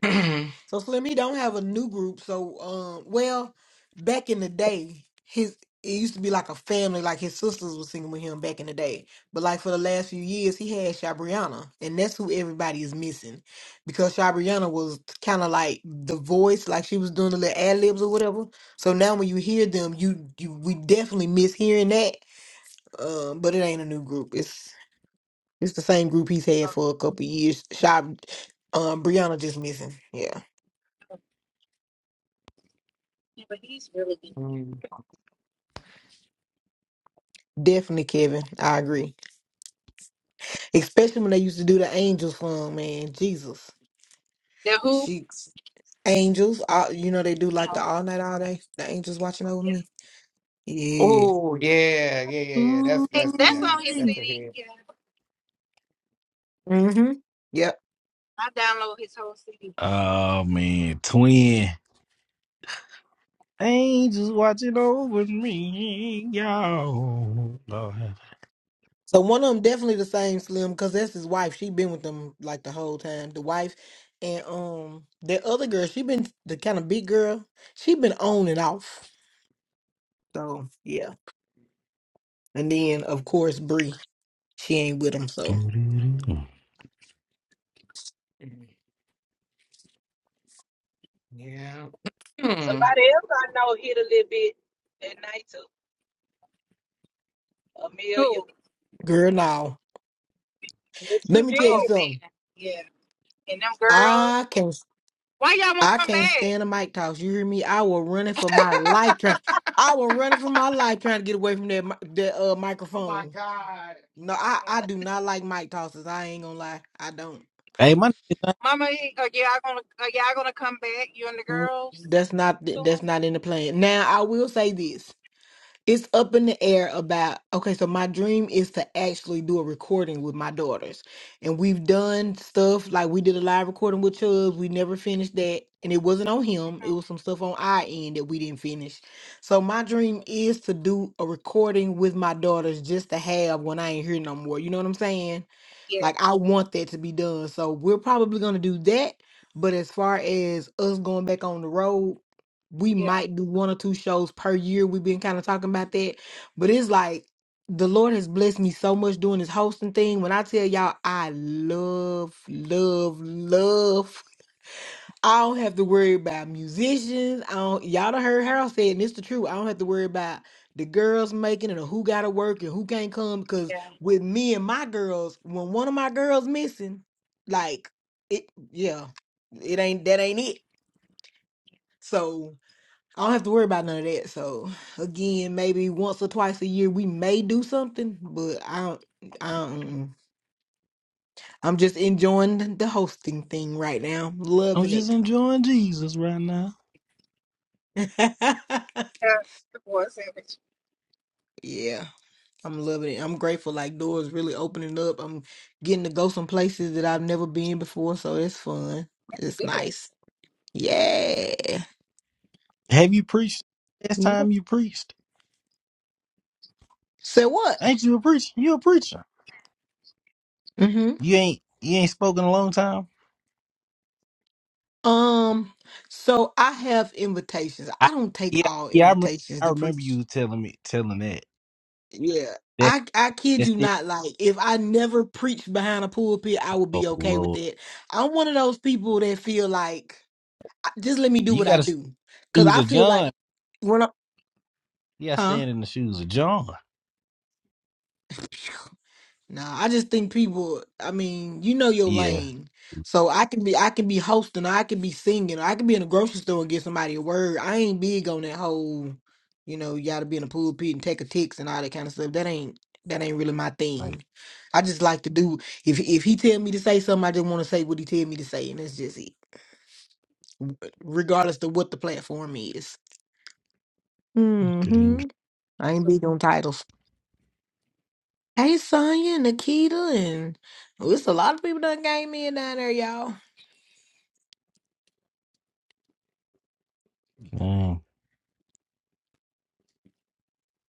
Speaker 1: them.
Speaker 8: so Slim, he don't have a new group. So, um, well, back in the day, his it used to be like a family. Like his sisters were singing with him back in the day. But like for the last few years, he had Shabriana, and that's who everybody is missing, because Shabriana was kind of like the voice, like she was doing the little ad libs or whatever. So now when you hear them, you you we definitely miss hearing that. Um, but it ain't a new group. It's the same group he's had
Speaker 5: Oh,
Speaker 8: for a couple of years. Shop, um, Brianna just missing. Yeah,
Speaker 5: Yeah, but he's really good.
Speaker 8: definitely Kevin. I agree. Especially when they used to do the angels song, man. Jesus,
Speaker 5: The Who?
Speaker 8: she angels. All, you know they do like the
Speaker 5: Oh,
Speaker 8: all night, all day. The angels watching over
Speaker 5: yeah.
Speaker 8: me. Yeah.
Speaker 1: Oh yeah, yeah, yeah, yeah. That's
Speaker 6: can't
Speaker 5: Hey,
Speaker 1: that's
Speaker 5: that's on
Speaker 1: yeah.
Speaker 5: his
Speaker 1: That's a
Speaker 5: CD.
Speaker 1: hit.
Speaker 5: Yeah,
Speaker 8: Mm-hmm. Yep.
Speaker 5: I download his whole CD.
Speaker 6: Oh man, twin angels watching over me, y'all. Lord have-
Speaker 8: So one of them definitely the same Slim because that's his wife. She been with them like the whole time. The wife and um the other girl, she been the kind of big girl. She been on and off. So yeah. And then, of course, Bree. She ain't with him, so
Speaker 6: Doo-doo-doo.
Speaker 1: Mm, Yeah. Mm.
Speaker 9: somebody else I know hit a little bit that night too. Amelia.
Speaker 5: Who?
Speaker 8: girl, now
Speaker 9: Yes,
Speaker 8: let
Speaker 9: you
Speaker 8: me
Speaker 9: did.
Speaker 8: tell you
Speaker 5: Oh
Speaker 8: something.
Speaker 5: man, yeah. And them girls.
Speaker 8: I can't,
Speaker 5: Why y'all won't
Speaker 8: I
Speaker 5: come
Speaker 8: can't
Speaker 5: back?
Speaker 8: stand a mic toss. You hear me? I was running for my life trying. I was running for my life trying to get away from that mi- that uh,
Speaker 1: Oh my
Speaker 8: microphone.
Speaker 1: God.
Speaker 8: No, I
Speaker 5: Um,
Speaker 8: I do not like mic tosses. I ain't gonna lie, I don't.
Speaker 6: Hey, my nigga,
Speaker 5: Mama, are y'all gonna are y'all gonna come back? You and the
Speaker 8: Mm,
Speaker 5: girls
Speaker 8: That's not th- that's
Speaker 5: soon?
Speaker 8: not in the plan. Now I will say this. it's up in the air about okay so my dream is to actually do a recording with my daughters and we've done stuff like we did a live recording with chubbs we never finished that and it wasn't on him it
Speaker 5: Mhm.
Speaker 8: was some stuff on our end that we didn't finish so my dream is to do a recording with my daughters just to have when i ain't here no more you know what i'm saying
Speaker 5: Yeah,
Speaker 8: like I want that to be done. So we're probably gonna do that. But as far as us going back on the road, we
Speaker 5: yeah,
Speaker 8: might do one or two shows per year. We've been kind of talking about that. But it's like the Lord has blessed me so much doing this hosting thing. When I tell y'all I love, love, love I don't have to worry about musicians. I don't, y'all done heard
Speaker 5: Mhm.
Speaker 8: Harold say, it, and it's the truth. I don't have to worry about the girls making it or who got to work and who can't come. Because
Speaker 5: yeah.
Speaker 8: with me and my girls, when one of my girls missing, like it, yeah, it ain't that ain't it. So I don't have to worry about none of that. So again, maybe once or twice a year we may do something, but I don't. I don't. mm-mm. I'm just enjoying the hosting thing right now,
Speaker 6: I'm
Speaker 8: loving
Speaker 6: just
Speaker 8: it.
Speaker 6: enjoying Jesus right now.
Speaker 5: yeah. The voice average.
Speaker 8: yeah. I'm loving it. I'm grateful. Like doors really opening up. I'm getting to go some places that I've never been before, so it's fun.
Speaker 5: That's
Speaker 8: It's
Speaker 5: good.
Speaker 8: nice. Yeah.
Speaker 6: Have you preached? Last
Speaker 8: Yep.
Speaker 6: time you preached,
Speaker 8: So what?
Speaker 6: ain't you a preacher? You a preacher?
Speaker 8: hmm
Speaker 6: You ain't you ain't spoken a long time.
Speaker 8: Um. So I have invitations.
Speaker 6: I,
Speaker 8: I don't take
Speaker 6: yeah,
Speaker 8: all
Speaker 6: yeah. I remember,
Speaker 8: invitations
Speaker 6: I
Speaker 8: to
Speaker 6: remember
Speaker 8: preach.
Speaker 6: you telling me telling that.
Speaker 8: Yeah.
Speaker 6: that
Speaker 8: I I kid
Speaker 6: that's
Speaker 8: you
Speaker 6: it.
Speaker 8: not. Like if I never preached behind a pulpit, I would
Speaker 6: Oh
Speaker 8: be okay with
Speaker 6: Lord,
Speaker 8: that. I'm one of those people that feel like "I- just let me do
Speaker 6: you
Speaker 8: what
Speaker 6: got
Speaker 8: I
Speaker 6: to stay
Speaker 8: do,
Speaker 6: in the
Speaker 8: cause
Speaker 6: shoes
Speaker 8: I
Speaker 6: of
Speaker 8: feel like
Speaker 6: John.
Speaker 8: when I
Speaker 6: You got to
Speaker 8: huh.
Speaker 6: stand in the shoes of John.
Speaker 8: Nah, I just think people. I mean, you know your
Speaker 6: Yeah,
Speaker 8: lane, so I can be I can be hosting, I can be singing, I can be in a grocery store and get somebody a word. I ain't big on that whole, you know, you got to be in a pulpit and take a text and all that kind of stuff. That ain't that ain't really my
Speaker 6: like.
Speaker 8: thing. I just like to do if if he tell me to say something, I just want to say what he tell me to say, and that's just it, regardless of what the platform is. Mm-hmm. I
Speaker 5: This
Speaker 8: ain't
Speaker 5: was-
Speaker 8: big on titles. Hey, Sonya, Nikita, and. Oh, it's a lot of people that came in down there, y'all.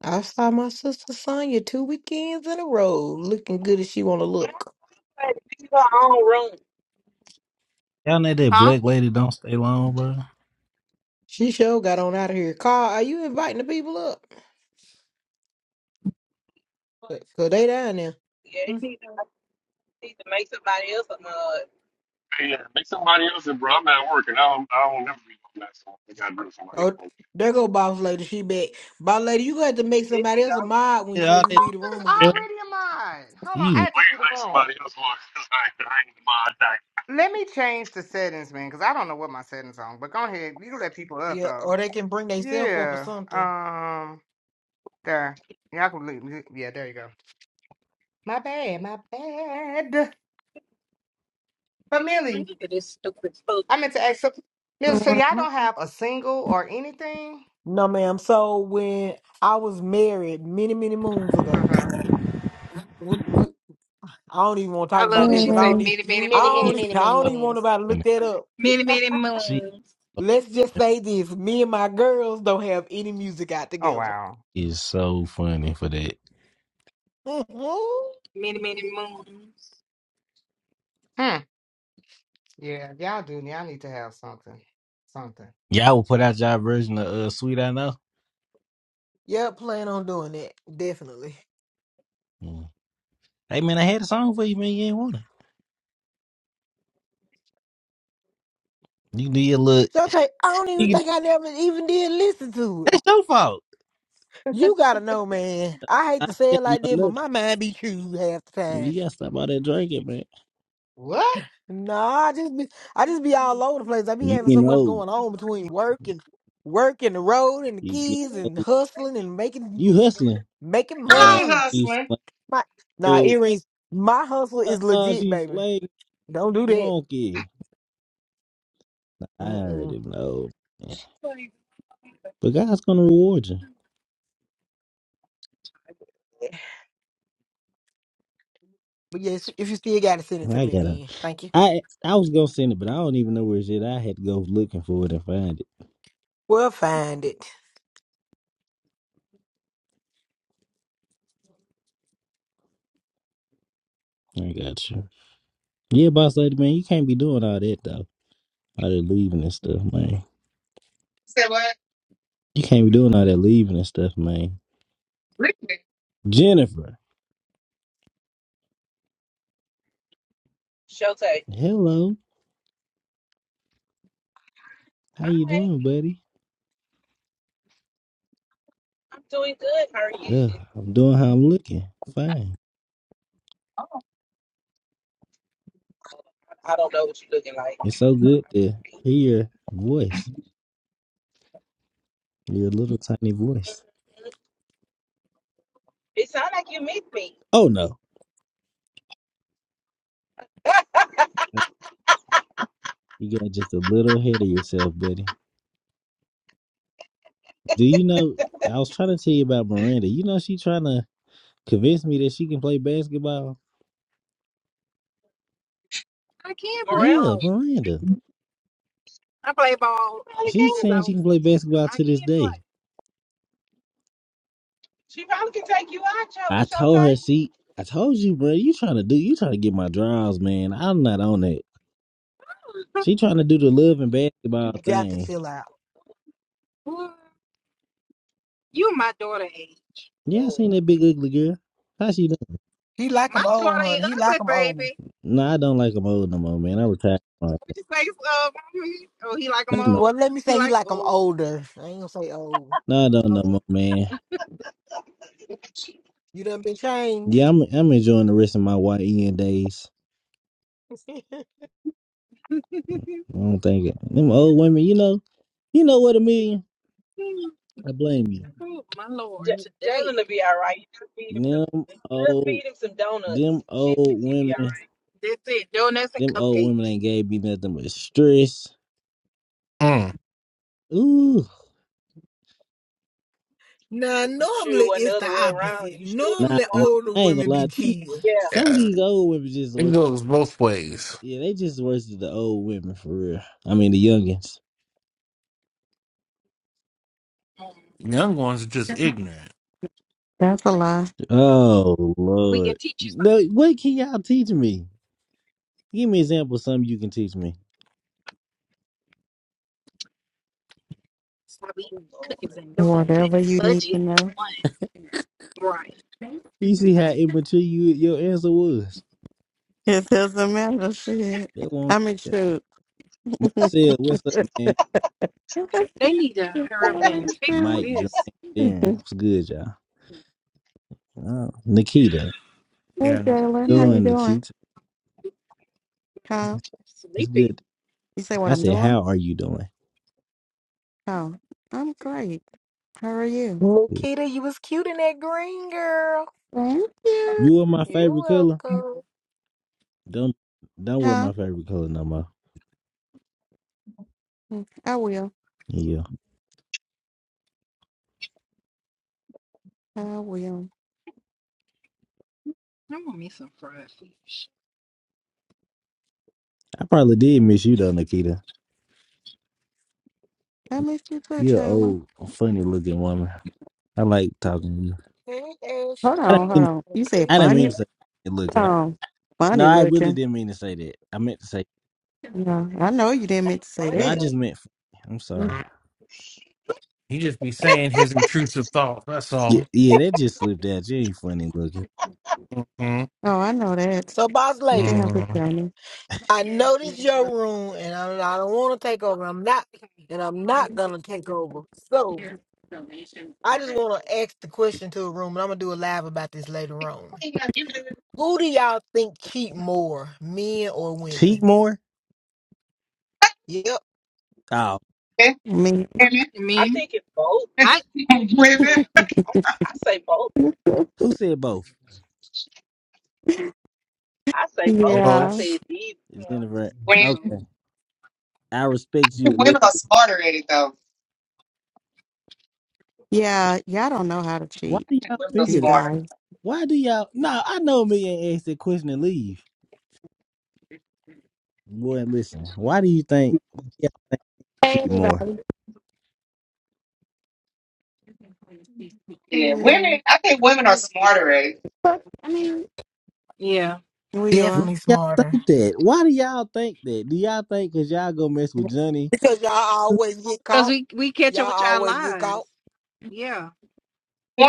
Speaker 8: I saw my sister Sonya two weekends in a row, looking good as she want to
Speaker 9: I
Speaker 8: look.
Speaker 9: had to leave her own room.
Speaker 6: Y'all know that
Speaker 5: Huh?
Speaker 6: black lady don't stay long, bro.
Speaker 8: She sure got on out of here. Carl, are you inviting the people up? Cause 'cause they down there.
Speaker 9: Yeah, you
Speaker 8: Hmm.
Speaker 9: need to, need to make somebody else a mug.
Speaker 4: hey, yeah, make somebody else, in. bro. I'm not working. I don't, I don't never be doing that. So I got to bring somebody else.
Speaker 8: Oh,
Speaker 4: on.
Speaker 8: there go boss lady. She back. Boss lady, you gonna have to make
Speaker 9: There
Speaker 8: somebody
Speaker 9: you
Speaker 8: else a
Speaker 9: go.
Speaker 8: mod when-
Speaker 6: Yeah,
Speaker 8: before
Speaker 6: all
Speaker 8: you
Speaker 6: that
Speaker 8: leave the
Speaker 1: Carla's
Speaker 8: room
Speaker 6: look,
Speaker 8: again.
Speaker 1: already in mine. Hold on, I
Speaker 6: you
Speaker 1: have to
Speaker 4: Please
Speaker 1: leave the
Speaker 4: make
Speaker 1: room.
Speaker 4: somebody else work 'cause I, I ain't the mind.
Speaker 1: Let me change the settings, man, because I don't know what my settings on. But go ahead, you can let people up
Speaker 8: Yeah,
Speaker 1: though.
Speaker 8: or they can bring themselves up or
Speaker 1: Yeah.
Speaker 8: something.
Speaker 1: Um. There. Y'all can leave. Yeah. There you go. My bad. My bad. Family.
Speaker 5: I Look at this stupid fool.
Speaker 1: I meant to ask. So, Millie, so y'all
Speaker 8: Mhm.
Speaker 1: don't have a single or anything?
Speaker 8: No, ma'am. So when I was married many, many moons
Speaker 1: Uh
Speaker 8: ago,
Speaker 1: huh.
Speaker 8: we, we, I don't even want to
Speaker 5: I
Speaker 8: talk
Speaker 5: love
Speaker 8: about that
Speaker 5: what she
Speaker 8: because I
Speaker 5: said.
Speaker 8: don't
Speaker 10: Hey,
Speaker 8: even,
Speaker 5: Many, many
Speaker 8: I
Speaker 1: Many, many,
Speaker 8: don't,
Speaker 5: moons.
Speaker 1: many,
Speaker 8: I
Speaker 1: many
Speaker 8: don't even want
Speaker 1: moons.
Speaker 8: nobody to look
Speaker 6: fucking-
Speaker 8: that up.
Speaker 5: Many, many
Speaker 6: she
Speaker 5: moons.
Speaker 8: Let's just
Speaker 6: fucking
Speaker 8: say this. Me and my girls don't have any music out
Speaker 1: Oh
Speaker 8: together.
Speaker 1: wow.
Speaker 6: is so funny for that.
Speaker 8: Mhm.
Speaker 5: Many, many moons.
Speaker 1: Hmm. Yeah, y'all do. Y'all need to have something. Something.
Speaker 6: Y'all will put out y'all version of uh, "Sweet I Know."
Speaker 8: Yep, plan on doing that. Definitely.
Speaker 6: Mm. Hey man, I had a song for you, man. You ain't want it. You can do your look.
Speaker 8: So I don't even
Speaker 6: You can,
Speaker 8: think I never even did listen to it.
Speaker 6: that's your fault.
Speaker 8: You gotta know, man. I hate
Speaker 6: I
Speaker 8: to say
Speaker 6: ain't
Speaker 8: it like
Speaker 6: got
Speaker 8: this,
Speaker 6: no
Speaker 8: but
Speaker 6: nothing.
Speaker 8: my mind be true half the time.
Speaker 6: You gotta stop all that drinking, man.
Speaker 1: What?
Speaker 8: Nah, I just be I just be all over the place. I be
Speaker 6: You
Speaker 8: having so
Speaker 6: getting
Speaker 8: much
Speaker 6: old.
Speaker 8: going on between work and work and the road and the
Speaker 6: You get
Speaker 8: kids and
Speaker 6: old.
Speaker 8: hustling and
Speaker 6: You
Speaker 8: making
Speaker 6: hustling.
Speaker 8: making
Speaker 6: Uh,
Speaker 8: money
Speaker 1: Come on,
Speaker 8: and
Speaker 6: she's
Speaker 1: hustling.
Speaker 6: like,
Speaker 8: my nah
Speaker 6: oh,
Speaker 8: earrings. My hustle is
Speaker 6: uh,
Speaker 8: legit,
Speaker 6: she's
Speaker 8: baby.
Speaker 6: like
Speaker 8: Don't do that.
Speaker 6: monkey. I
Speaker 8: Mm-mm.
Speaker 6: already know. Yeah.
Speaker 5: Like,
Speaker 6: But God's gonna reward you.
Speaker 8: But yes, if you still got to send it
Speaker 6: Well,
Speaker 8: to
Speaker 6: I
Speaker 8: me
Speaker 6: got to
Speaker 8: again, thank you.
Speaker 6: I I was gonna send it, but I don't even know where it's at. I had to go looking for it and find it.
Speaker 8: We'll find it.
Speaker 6: I got you. Yeah, boss lady, man, you can't be doing all that though. All that leaving and stuff, man.
Speaker 1: Say what?
Speaker 6: You can't be doing all that leaving and stuff, man.
Speaker 1: Listen.
Speaker 6: Jennifer,
Speaker 9: Showtime.
Speaker 6: hello, how you
Speaker 9: I
Speaker 6: doing, buddy?
Speaker 9: I'm doing good. How are you?
Speaker 6: Uh, I'm doing how I'm looking. Fine.
Speaker 9: I don't know what you're looking like.
Speaker 6: It's so good to hear your voice, your little tiny voice.
Speaker 9: It sounds like you missed me.
Speaker 6: Oh no, you got just a little ahead of yourself, buddy. Do you know? I was trying to tell you about Miranda. You know, she tryna. convinced me that she can play basketball.
Speaker 5: I can play
Speaker 9: Miranda,
Speaker 6: Yeah,
Speaker 5: ball.
Speaker 6: Miranda.
Speaker 5: I play
Speaker 9: you
Speaker 5: ball
Speaker 9: probably
Speaker 6: She's
Speaker 5: since
Speaker 9: can.
Speaker 5: I
Speaker 6: saying she
Speaker 5: was.
Speaker 6: can play basketball
Speaker 5: I
Speaker 6: to this
Speaker 5: can
Speaker 6: day.
Speaker 5: play.
Speaker 9: She probably can take you out, Cho-
Speaker 6: I told
Speaker 9: Shotay.
Speaker 6: her, see, I told you, bro, you trying to do, you trying to get my draws, man. I'm not on that. She trying to do the love and basketball
Speaker 8: Got to
Speaker 6: thing.
Speaker 8: chill out.
Speaker 5: Boy, You my daughter age.
Speaker 6: Yeah, I
Speaker 9: Oh,
Speaker 6: seen that big ugly girl. How she doing?
Speaker 8: He like
Speaker 5: My
Speaker 8: 'em
Speaker 5: daughter
Speaker 8: old,
Speaker 5: ain't
Speaker 8: honey. He like
Speaker 5: ugly,
Speaker 8: 'em old.
Speaker 5: baby.
Speaker 6: No, I don't like them old no more, man. I retired. from all
Speaker 5: What
Speaker 6: that.
Speaker 5: you say? Uh, mhm. oh, he like
Speaker 6: No,
Speaker 5: 'em
Speaker 8: He
Speaker 6: no,
Speaker 5: old.
Speaker 8: well, let me
Speaker 5: He
Speaker 8: say he
Speaker 5: like
Speaker 8: like 'em
Speaker 5: old.
Speaker 8: older. I ain't gonna say old.
Speaker 6: no, I don't no
Speaker 5: Oh,
Speaker 6: more, man.
Speaker 8: You done been
Speaker 6: Yeah,
Speaker 8: changed.
Speaker 6: I'm, I'm enjoying the rest of my YN days. I don't think it. Them old women, you know, you know what a million. I blame you.
Speaker 5: oh my lord!
Speaker 9: J-
Speaker 5: Today,
Speaker 9: Jalen will be all right. You just feed him some,
Speaker 6: Them
Speaker 9: just
Speaker 6: old
Speaker 9: feed him some
Speaker 6: Them
Speaker 9: donuts. She,
Speaker 6: old
Speaker 9: she be all
Speaker 5: Mhm.
Speaker 6: women,
Speaker 9: right.
Speaker 5: that's it. Donuts and
Speaker 6: them old women
Speaker 5: cupcakes.
Speaker 6: ain't gave me nothing but stress.
Speaker 11: Mm.
Speaker 6: Ooh,
Speaker 8: Now,
Speaker 9: You sure
Speaker 8: normally
Speaker 9: wasn't the
Speaker 8: it's the
Speaker 9: other way around?
Speaker 8: opposite.
Speaker 9: You sure took
Speaker 6: nah,
Speaker 9: him
Speaker 8: Normally,
Speaker 6: man,
Speaker 9: out?
Speaker 8: older
Speaker 6: I ain't gonna
Speaker 8: women
Speaker 6: lie.
Speaker 8: be
Speaker 6: These-
Speaker 8: cheating.
Speaker 9: Yeah,
Speaker 6: Some of
Speaker 11: Yeah.
Speaker 6: these old women just
Speaker 11: It
Speaker 6: worse.
Speaker 11: goes both ways.
Speaker 6: Yeah, they just worse than the old women for real. I mean, the youngins.
Speaker 5: Mhm.
Speaker 11: Young ones are just ignorant.
Speaker 10: that's a lie.
Speaker 6: Oh
Speaker 5: We can
Speaker 6: Lord,
Speaker 5: teach you something.
Speaker 6: no, what can y'all teach me? Give me an example. of Something you can teach me.
Speaker 5: Stop eating cookies and donuts.
Speaker 10: Whatever you need to
Speaker 5: Budget
Speaker 10: know,
Speaker 5: one, right?
Speaker 6: You see how immature you your answer was.
Speaker 10: it doesn't matter. Shit,
Speaker 6: That one,
Speaker 10: I mean, shoot. hey,
Speaker 6: Marcel, what's up, man?
Speaker 5: They need to hurry up and fix
Speaker 6: Mike, Jermaine,
Speaker 5: this.
Speaker 6: Darren, what's good, y'all? Oh, Nikita,
Speaker 11: Yeah.
Speaker 10: Jalen, how you
Speaker 6: doing
Speaker 10: doing?
Speaker 6: Nikita.
Speaker 10: Kyle,
Speaker 6: It's
Speaker 5: Sleepy.
Speaker 6: good
Speaker 10: you say what
Speaker 6: I
Speaker 10: I'm
Speaker 6: said,
Speaker 10: doing?
Speaker 6: "How are you doing?
Speaker 10: Kyle, I'm great. How are you?
Speaker 8: Nikita, you was cute in that green, girl.
Speaker 10: Thank you.
Speaker 6: You were my
Speaker 8: You're
Speaker 6: favorite color.
Speaker 8: welcome.
Speaker 6: Don't don't wear
Speaker 10: Huh?
Speaker 6: my favorite color no more."
Speaker 10: I will.
Speaker 6: Yeah,
Speaker 10: I will.
Speaker 5: I want me some fried fish.
Speaker 6: I probably did miss you though, Nikita.
Speaker 10: I miss you too,
Speaker 6: You're an
Speaker 10: Jalen.
Speaker 6: old, funny looking woman. I like talking to you.
Speaker 8: Hey,
Speaker 10: Hold
Speaker 6: I didn't
Speaker 8: Ashley,
Speaker 10: on, hold
Speaker 6: mean
Speaker 10: on. You said
Speaker 6: I didn't
Speaker 8: appreciate
Speaker 6: mean
Speaker 10: funny.
Speaker 6: to
Speaker 8: it.
Speaker 6: say good looking.
Speaker 10: Oh,
Speaker 6: No,
Speaker 10: funny
Speaker 6: I really
Speaker 10: looking.
Speaker 6: didn't mean to say that. I meant to say
Speaker 10: No, I know you didn't mean to say
Speaker 9: son,
Speaker 6: no.
Speaker 9: it
Speaker 6: I
Speaker 10: that.
Speaker 9: look-
Speaker 6: just meant. Funny. I'm sorry.
Speaker 11: He just be saying his intrusive thoughts. That's
Speaker 6: Yeah,
Speaker 11: all.
Speaker 6: yeah, that just slipped out. You ain't funny looking.
Speaker 11: hmm
Speaker 10: Oh, I know that.
Speaker 8: So, boss
Speaker 10: You
Speaker 8: lady.
Speaker 10: didn't have to
Speaker 11: mm
Speaker 10: tell me.
Speaker 8: I know this your room, and I, I don't want to take over. I'm not, and I'm not gonna take over. So I just want to ask the question to the room, and I'm gonna do a live about this later on.
Speaker 1: Women,
Speaker 8: Who do y'all think cheat more, men or
Speaker 6: Cheat
Speaker 8: women?
Speaker 6: more?
Speaker 8: Yep,
Speaker 6: Oh,
Speaker 10: I mean,
Speaker 5: And
Speaker 9: I
Speaker 5: me,
Speaker 9: think it's both.
Speaker 5: I
Speaker 1: women,
Speaker 5: yeah,
Speaker 9: I say both.
Speaker 6: who said both?
Speaker 9: I say both. I
Speaker 10: yeah,
Speaker 9: say
Speaker 11: Both.
Speaker 9: it's even.
Speaker 5: yeah,
Speaker 6: Jennifer.
Speaker 5: both.
Speaker 6: Okay,
Speaker 1: women,
Speaker 6: I respect you a
Speaker 1: women
Speaker 6: little.
Speaker 1: are smarter at it though.
Speaker 10: yeah, y'all don't know how to
Speaker 6: Why
Speaker 10: cheat,
Speaker 6: do y'all
Speaker 1: Women are
Speaker 10: you
Speaker 6: figure that?
Speaker 1: smarter.
Speaker 10: guys.
Speaker 6: Why do y'all? No, I know me ain't asked that question and leave. Boy, listen. Why do you think? Why do y'all think
Speaker 12: Hey,
Speaker 6: he more?
Speaker 12: everybody.
Speaker 1: Yeah,
Speaker 10: Hello,
Speaker 1: women. I think women are smarter at it.
Speaker 12: Fuck, I mean,
Speaker 5: yeah.
Speaker 10: we
Speaker 6: Why do
Speaker 10: are.
Speaker 8: definitely
Speaker 6: y'all
Speaker 8: smarter
Speaker 6: think that? Why do y'all think that? Do y'all think cause y'all go mess with Johnny?
Speaker 8: because y'all always get
Speaker 5: Cause
Speaker 8: caught.
Speaker 5: we we catch
Speaker 8: Y'all
Speaker 5: up with y'all
Speaker 8: always get
Speaker 5: lives.
Speaker 8: caught.
Speaker 5: Yeah.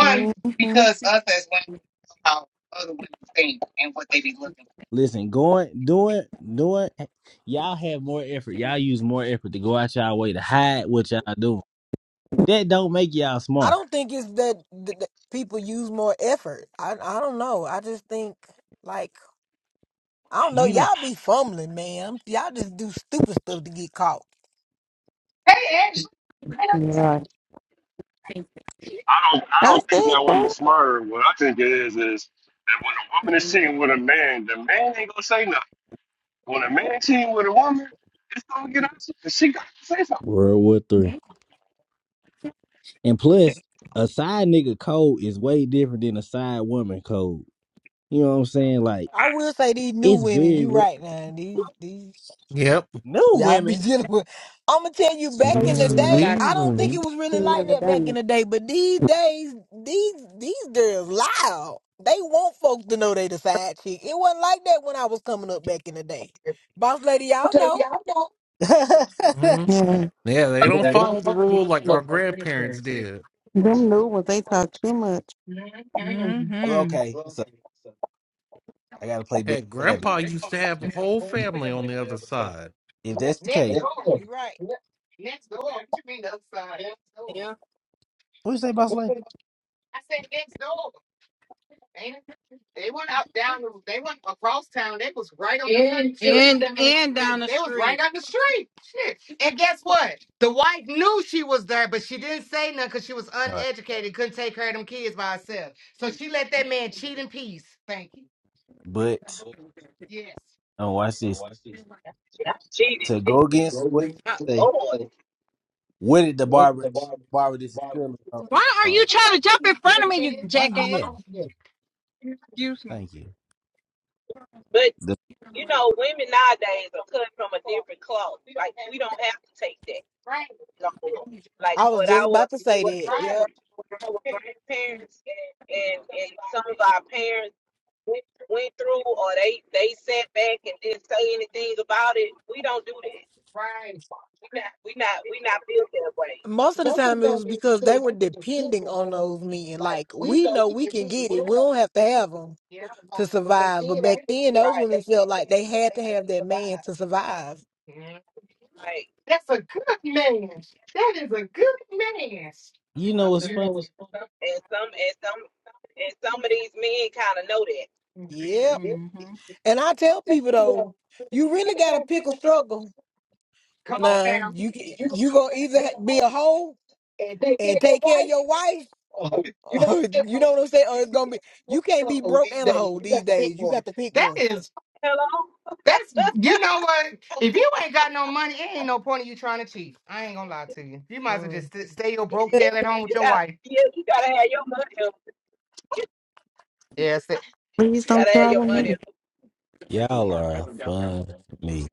Speaker 10: hmm
Speaker 1: because us as women know how other women think and what they be looking
Speaker 6: Listen, going, doing, doing. Y'all have more effort. Y'all use more effort to go out y'all way to hide what y'all doing. That don't make y'all
Speaker 8: I
Speaker 6: smarter.
Speaker 8: don't think it's that, that, that people use more effort. I I don't know. I just think like I don't know.
Speaker 6: You know.
Speaker 8: Y'all be fumbling, man. Y'all just do stupid stuff to get caught.
Speaker 1: for. Hey, Ashley,
Speaker 10: Yeah,
Speaker 4: I don't I
Speaker 10: I
Speaker 4: don't think
Speaker 10: said
Speaker 4: that woman's
Speaker 10: that.
Speaker 4: smarter. What I think it is is that when a woman is cheating with a man, the man ain't gonna say nothing. When a man cheating with a woman, it's gonna get out and she got to say something.
Speaker 6: World War Three. And plus, a side nigga code is way different than a side woman code. You know what I'm saying? Like
Speaker 8: I will say these new
Speaker 6: it's
Speaker 8: women,
Speaker 6: very
Speaker 8: you
Speaker 6: rare.
Speaker 8: right now, these these
Speaker 11: Yep.
Speaker 6: No
Speaker 8: y'all be
Speaker 6: women.
Speaker 8: dealing with. I'ma tell you back
Speaker 12: they
Speaker 8: in
Speaker 11: These
Speaker 8: the
Speaker 11: is-
Speaker 12: never
Speaker 8: day,
Speaker 12: got,
Speaker 11: these-
Speaker 8: I don't
Speaker 12: he
Speaker 8: think
Speaker 11: mhm.
Speaker 8: it was really like
Speaker 12: never
Speaker 8: that back
Speaker 12: done
Speaker 8: in
Speaker 12: it.
Speaker 8: the day, but these days, these these girls loud. They want folks to know they the side chick. It wasn't like that when I was coming up back in the day. Boss lady, y'all know.
Speaker 10: Yeah,
Speaker 11: Yeah, they don't follow the rule like our grandparents did.
Speaker 10: them new ones they talk too much.
Speaker 5: Mm-hmm.
Speaker 6: okay, so I gotta play devil's
Speaker 11: Heck,
Speaker 6: advocate.
Speaker 11: grandpa used to have a whole family on the other side.
Speaker 6: If
Speaker 8: Yep,
Speaker 6: that's the
Speaker 1: next
Speaker 6: case,
Speaker 1: door.
Speaker 8: you right.
Speaker 1: Next door. What you mean outside? Next door.
Speaker 5: Yeah.
Speaker 6: what you say about slavery?
Speaker 1: I said next door. Ain't it? They went up down. the- They went across town. They was right on the front street.
Speaker 5: And
Speaker 1: down the
Speaker 5: and down
Speaker 1: street.
Speaker 5: the
Speaker 1: They was
Speaker 5: street.
Speaker 1: right on the street. Shit. And guess what? The wife knew she was there, but she didn't say nothing because she was
Speaker 6: All right,
Speaker 1: uneducated, couldn't take care of them kids by herself. So she let that man cheat in peace. Thank you.
Speaker 6: but
Speaker 1: Yes.
Speaker 6: oh, watch this.
Speaker 9: Not cheating.
Speaker 6: To go against what
Speaker 9: My
Speaker 6: you say,
Speaker 9: Lord.
Speaker 6: what did the barber barber this is still from?
Speaker 5: Why are you trying to jump in front of me, you
Speaker 6: Why are you
Speaker 5: jackass?
Speaker 1: Oh,
Speaker 6: yelling?
Speaker 5: Excuse me.
Speaker 6: Thank you. The-
Speaker 9: You know, women nowadays are cut from a
Speaker 1: no.
Speaker 9: different cloth.
Speaker 1: We don't
Speaker 9: Like
Speaker 1: have
Speaker 9: we don't have to take that
Speaker 1: right.
Speaker 9: no more. Like
Speaker 8: I was
Speaker 9: what
Speaker 8: just
Speaker 9: our
Speaker 8: about to say
Speaker 9: what
Speaker 8: that.
Speaker 9: our,
Speaker 1: Right,
Speaker 8: Yep.
Speaker 9: gran- what our grandparents and and some of our parents went through, or they they sat back and didn't say anything about it. We don't do that.
Speaker 1: right.
Speaker 9: We not we not built that way,
Speaker 8: Most of the time it was because they were depending on those men. Like we know we can get it. We don't have to have 'em. to survive. But back then, those
Speaker 9: right?
Speaker 8: women felt like they had to have that man to survive.
Speaker 1: Mhm.
Speaker 9: Right.
Speaker 1: That's a good man. That is a good man.
Speaker 6: you know what's fun?
Speaker 9: And some and some and some of these men kind of know that.
Speaker 8: Yep.
Speaker 5: Mm-hmm.
Speaker 8: And I tell people though, you really gotta pick a struggle.
Speaker 1: Come on
Speaker 8: Now
Speaker 1: now.
Speaker 8: you can- you gonna either ha- be a hoe and take care of your wife, or you know what I'm saying, or it's gonna be you can't be broke and a hoe these days. You got to pick
Speaker 1: That
Speaker 8: one.
Speaker 1: is
Speaker 9: Hello?
Speaker 1: that's you know what? If you ain't got no money, it ain't no point in you trying to cheat. I ain't gonna lie to you. You might as well
Speaker 8: Mm.
Speaker 1: just st- stay your broke tail at home with
Speaker 9: you
Speaker 1: your
Speaker 9: got
Speaker 1: wife.
Speaker 9: yeah, you gotta have your money.
Speaker 1: Yeah, stay,
Speaker 10: Please
Speaker 9: You
Speaker 10: don't
Speaker 9: gotta have your
Speaker 10: trouble
Speaker 9: money.
Speaker 10: me.
Speaker 6: Y'all are fun to me.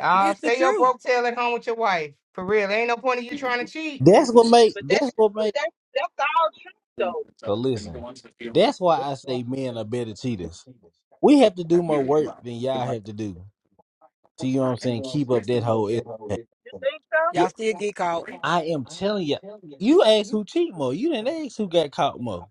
Speaker 1: uh,
Speaker 8: It's the
Speaker 1: stay your
Speaker 8: truth.
Speaker 1: broke tail at home with your wife. For real. Ain't no point in you trying to cheat.
Speaker 6: That's what make.
Speaker 9: But
Speaker 6: That's
Speaker 9: that's
Speaker 6: what
Speaker 9: but
Speaker 6: make.
Speaker 9: that's, that's all true though.
Speaker 6: So listen. That's why I say men are better cheaters. We have to do more work than y'all have to do. So you know what I'm saying? Keep up that whole. effort.
Speaker 9: You think so?
Speaker 6: Yeah,
Speaker 8: Y'all still get caught.
Speaker 6: I am telling you, you asked who cheat more. You didn't ask who got caught more.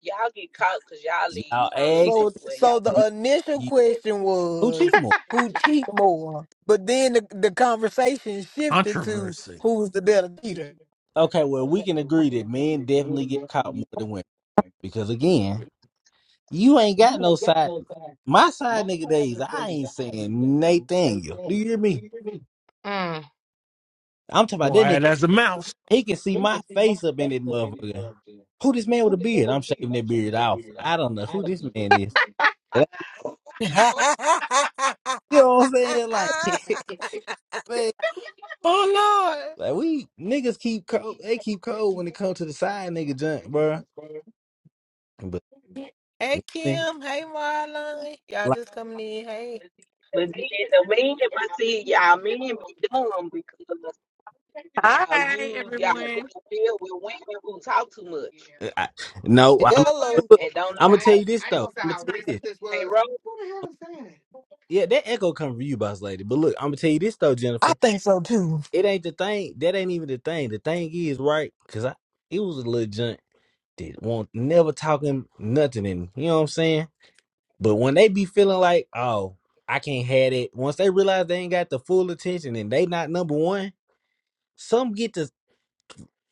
Speaker 9: Y'all get caught because y'all leave
Speaker 6: Y'all
Speaker 9: crumbs
Speaker 6: asked
Speaker 8: So,
Speaker 9: everywhere
Speaker 8: so
Speaker 9: y'all
Speaker 8: the
Speaker 6: you,
Speaker 9: go.
Speaker 8: initial
Speaker 6: you
Speaker 8: question
Speaker 6: who cheat
Speaker 8: was
Speaker 6: more.
Speaker 8: who cheat more, but then the, the conversation shifted to
Speaker 11: Controversy.
Speaker 8: who was the better cheater.
Speaker 6: Okay, well we can agree that men definitely get caught more than women because again, you ain't got no side. My side nigga days, I ain't saying Nathaniel. Do you hear me?
Speaker 1: Mm.
Speaker 6: I'm talking about that
Speaker 11: Why,
Speaker 6: nigga.
Speaker 11: that's a mouse.
Speaker 6: He can see my face up in that motherfucker. Who this man with a beard? I'm shaving that beard off. I don't know who this man is. You know what I'm saying? Like, man.
Speaker 8: Oh Lord.
Speaker 6: Like we niggas keep cold. They keep cold when it comes to the side nigga junk, bro. But
Speaker 8: Hey
Speaker 6: man,
Speaker 8: Kim. Hey Marlon. Y'all
Speaker 6: like,
Speaker 8: just coming in. Hey.
Speaker 9: But then the men, but see, y'all men be dumb because y'all
Speaker 13: Hi,
Speaker 9: use y'all,
Speaker 13: everyone.
Speaker 9: y'all deal with women who talk too much
Speaker 6: I, no,
Speaker 1: You
Speaker 6: I'm.
Speaker 1: know what?
Speaker 6: But
Speaker 8: Hello,
Speaker 6: look,
Speaker 9: and don't
Speaker 6: I'm gonna
Speaker 1: I
Speaker 9: know.
Speaker 6: tell
Speaker 1: ain't,
Speaker 6: you this
Speaker 1: I ain't
Speaker 6: though.
Speaker 1: gonna say
Speaker 6: I'm gonna
Speaker 1: how
Speaker 6: tell you this.
Speaker 1: recent this
Speaker 9: They
Speaker 1: was.
Speaker 9: wrote,
Speaker 1: Who the hell is
Speaker 6: Yeah, that echo come from you, boss lady. But look, I'm gonna tell you this though,
Speaker 8: I
Speaker 6: Jennifer.
Speaker 8: think so too.
Speaker 6: It ain't the thing. That ain't even the thing. The thing is right because I it was a little junk that won't never talking nothing. And you know what I'm saying. But when they be feeling like, oh, I can't have it. Once they realize they ain't got the full attention and they not number one, some get to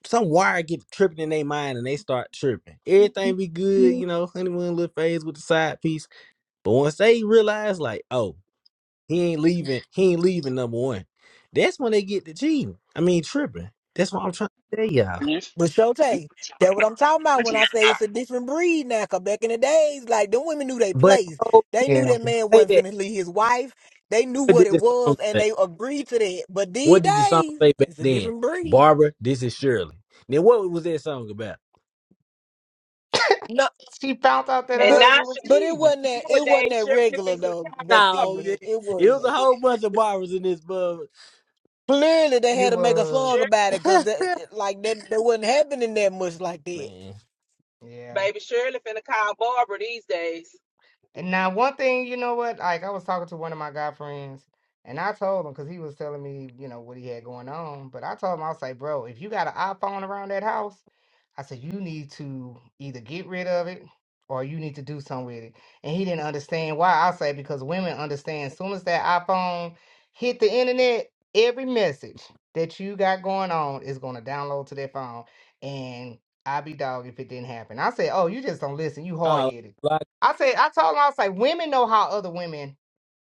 Speaker 6: some wire get tripping in their mind and they start tripping. Everything be good, you know, honeymoon little phase with the side piece. But once they realize, like, oh, he ain't leaving, he ain't leaving number one. That's when they get to cheating. I mean, tripping. That's what I'm trying to tell y'all.
Speaker 4: You
Speaker 8: But
Speaker 4: preaching
Speaker 8: Shotay,
Speaker 4: right
Speaker 8: that what
Speaker 4: now.
Speaker 8: I'm talking
Speaker 4: You
Speaker 8: about when
Speaker 4: preaching
Speaker 8: I
Speaker 4: right
Speaker 8: say
Speaker 4: now.
Speaker 8: it's a different breed now. Cause back in the days, like them women knew they
Speaker 6: But
Speaker 8: place.
Speaker 6: oh,
Speaker 8: They knew
Speaker 1: that?
Speaker 8: that man
Speaker 6: say
Speaker 8: wasn't
Speaker 6: that.
Speaker 8: finna leave his wife. They knew
Speaker 6: What
Speaker 8: what
Speaker 6: did
Speaker 8: it
Speaker 6: the song
Speaker 8: was and
Speaker 6: say?
Speaker 8: they agreed to that. But
Speaker 6: What
Speaker 8: these
Speaker 6: did the song
Speaker 8: days,
Speaker 6: say back
Speaker 8: it's a
Speaker 6: then?
Speaker 8: different breed.
Speaker 6: Barbara, this is Shirley. Then what was that song about?
Speaker 8: No,
Speaker 1: She found out that her
Speaker 9: and
Speaker 8: but
Speaker 9: now
Speaker 1: husband was
Speaker 8: but
Speaker 9: Shirley,
Speaker 8: it
Speaker 1: cheating.
Speaker 8: wasn't that it wasn't
Speaker 9: nowadays
Speaker 8: that
Speaker 9: Shirley
Speaker 8: regular
Speaker 9: fixing to
Speaker 8: though
Speaker 9: call
Speaker 8: back
Speaker 6: No,
Speaker 9: Barbara.
Speaker 8: then.
Speaker 6: it
Speaker 8: It
Speaker 6: it
Speaker 8: was
Speaker 6: was a whole bunch of Barbaras in this bub.
Speaker 8: clearly they
Speaker 1: He
Speaker 8: had to make a song
Speaker 1: was,
Speaker 9: Shirley,
Speaker 8: about it because like that that wasn't happening that much like that.
Speaker 6: Man,
Speaker 1: yeah.
Speaker 9: baby Shirley finna call Barbara these days.
Speaker 1: And now, one thing, you know what? Like, I was talking to one of my guy friends, and I told him because he was telling me, you know, what he had going on. But I told him, I was like, bro, if you got an iPhone around that house, I said, you need to either get rid of it or you need to do something with it. And he didn't understand why. I say, because women understand as soon as that iPhone hit the internet, every message that you got going on is going to download to their phone. And I'd be dog if it didn't happen. I said, oh, you just don't listen. You hard
Speaker 6: oh,
Speaker 1: headed. I said, I told him, I was like, women know how other women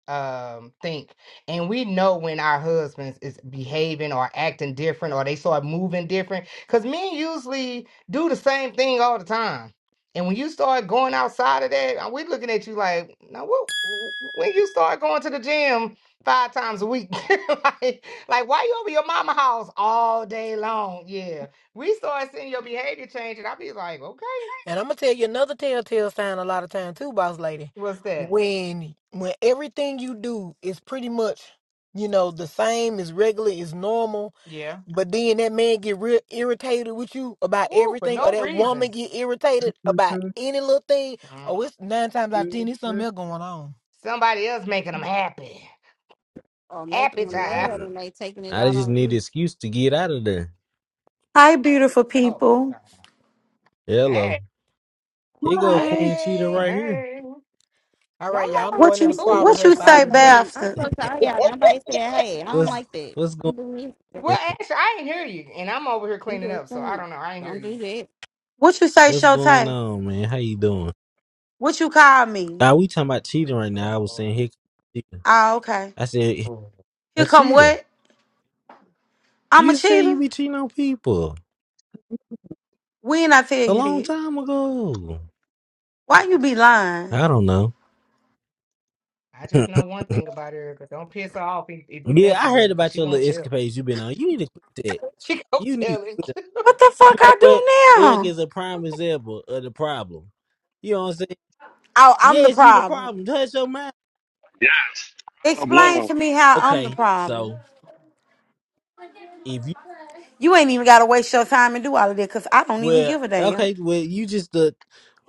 Speaker 1: um think, and we know when our husbands is behaving or acting different or they start moving different, because men usually do the same thing all the time. And when you start going outside of that, uh, we looking at you like, now what? When you start going to the gym five times a week, like, like why you over your mama house all day long? Yeah, we start seeing your behavior change, and I be like, okay,
Speaker 8: And I'm gonna tell you another telltale sign a lot of time too, boss lady.
Speaker 1: what's that?
Speaker 8: When when everything you do is pretty much, you know, the same is regular, is normal,
Speaker 1: Yeah.
Speaker 8: but then that man get real irritated with you about
Speaker 1: Ooh, for
Speaker 8: everything, or
Speaker 1: no
Speaker 8: that woman
Speaker 1: reason.
Speaker 8: get irritated about
Speaker 9: Mhm,
Speaker 8: any little thing,
Speaker 1: Mm.
Speaker 8: oh it's nine times out of ten, there's something else going on.
Speaker 1: Somebody else making them
Speaker 9: mhm.
Speaker 1: happy.
Speaker 12: Or making
Speaker 1: Happy
Speaker 12: them
Speaker 1: time.
Speaker 6: like.
Speaker 12: mad and they taking it
Speaker 6: I
Speaker 12: out
Speaker 6: just
Speaker 12: on
Speaker 6: need an
Speaker 12: you.
Speaker 6: excuse to get out of there.
Speaker 14: Hi, beautiful
Speaker 1: Oh,
Speaker 14: people.
Speaker 1: sorry.
Speaker 6: Hello.
Speaker 1: hey,
Speaker 6: Here go Queen Cheetah
Speaker 8: Hey.
Speaker 6: right here.
Speaker 1: hey.
Speaker 8: All
Speaker 12: Why
Speaker 8: right, y'all. I'm
Speaker 12: y'all ain't
Speaker 14: What
Speaker 8: going in
Speaker 14: you
Speaker 8: the
Speaker 12: speak to
Speaker 1: Who?
Speaker 12: me
Speaker 8: choir
Speaker 12: when
Speaker 14: what you
Speaker 8: rehearsal.
Speaker 12: I got
Speaker 8: I'll
Speaker 14: say,
Speaker 12: in
Speaker 8: be
Speaker 12: the
Speaker 8: back.
Speaker 12: room? I
Speaker 14: Bafta?
Speaker 12: spoke to all y'all. Nobody said, hey, I don't
Speaker 6: What's
Speaker 12: like that.
Speaker 6: what's going
Speaker 12: Don't do this.
Speaker 6: on?
Speaker 1: Well, actually, I ain't hear you, and I'm over here
Speaker 12: I'm
Speaker 1: cleaning
Speaker 12: just
Speaker 1: up, so I
Speaker 12: saying.
Speaker 1: don't know. I ain't hear
Speaker 12: Don't
Speaker 1: you.
Speaker 12: do that.
Speaker 14: What you say,
Speaker 6: what's going
Speaker 14: Shotay?
Speaker 6: on, man? How you doing?
Speaker 14: What you call me?
Speaker 6: Now we talking about cheating right now.
Speaker 1: Oh,
Speaker 6: I was
Speaker 1: Lord.
Speaker 6: saying here comes cheetah.
Speaker 14: Ah, okay.
Speaker 6: I said
Speaker 1: Oh.
Speaker 14: Here
Speaker 6: a
Speaker 14: come
Speaker 6: cheater.
Speaker 14: what? I'm a
Speaker 6: You said you
Speaker 14: cheater.
Speaker 6: be cheating on people
Speaker 14: When I tell
Speaker 6: a
Speaker 14: you
Speaker 6: long
Speaker 14: that,
Speaker 6: time ago.
Speaker 14: why you be lying?
Speaker 6: I don't know.
Speaker 1: I just know one thing about Erica. Don't piss her off if, if you
Speaker 6: yeah, I
Speaker 1: messing with her,
Speaker 6: heard
Speaker 1: because
Speaker 6: about
Speaker 1: she
Speaker 6: your
Speaker 1: gonna
Speaker 6: little
Speaker 1: tell.
Speaker 6: escapades you been on. You need to quit that.
Speaker 1: She gonna
Speaker 6: You need to
Speaker 1: tell it.
Speaker 6: quit it.
Speaker 14: What the fuck
Speaker 6: You know
Speaker 14: I do
Speaker 6: what? Eric
Speaker 14: now?
Speaker 6: is a prime example of the problem. You know what I'm saying?
Speaker 14: Oh, I'm the
Speaker 6: Yes, you the
Speaker 14: problem.
Speaker 6: problem. Touch your mind.
Speaker 4: Yes. I love
Speaker 14: Explain
Speaker 4: 'em.
Speaker 14: to me how I'm the
Speaker 6: Okay,
Speaker 14: problem.
Speaker 6: so if you
Speaker 14: You ain't even gotta waste your time and do all of that, cause I don't even
Speaker 6: well,
Speaker 14: give a damn.
Speaker 6: okay, well, you just the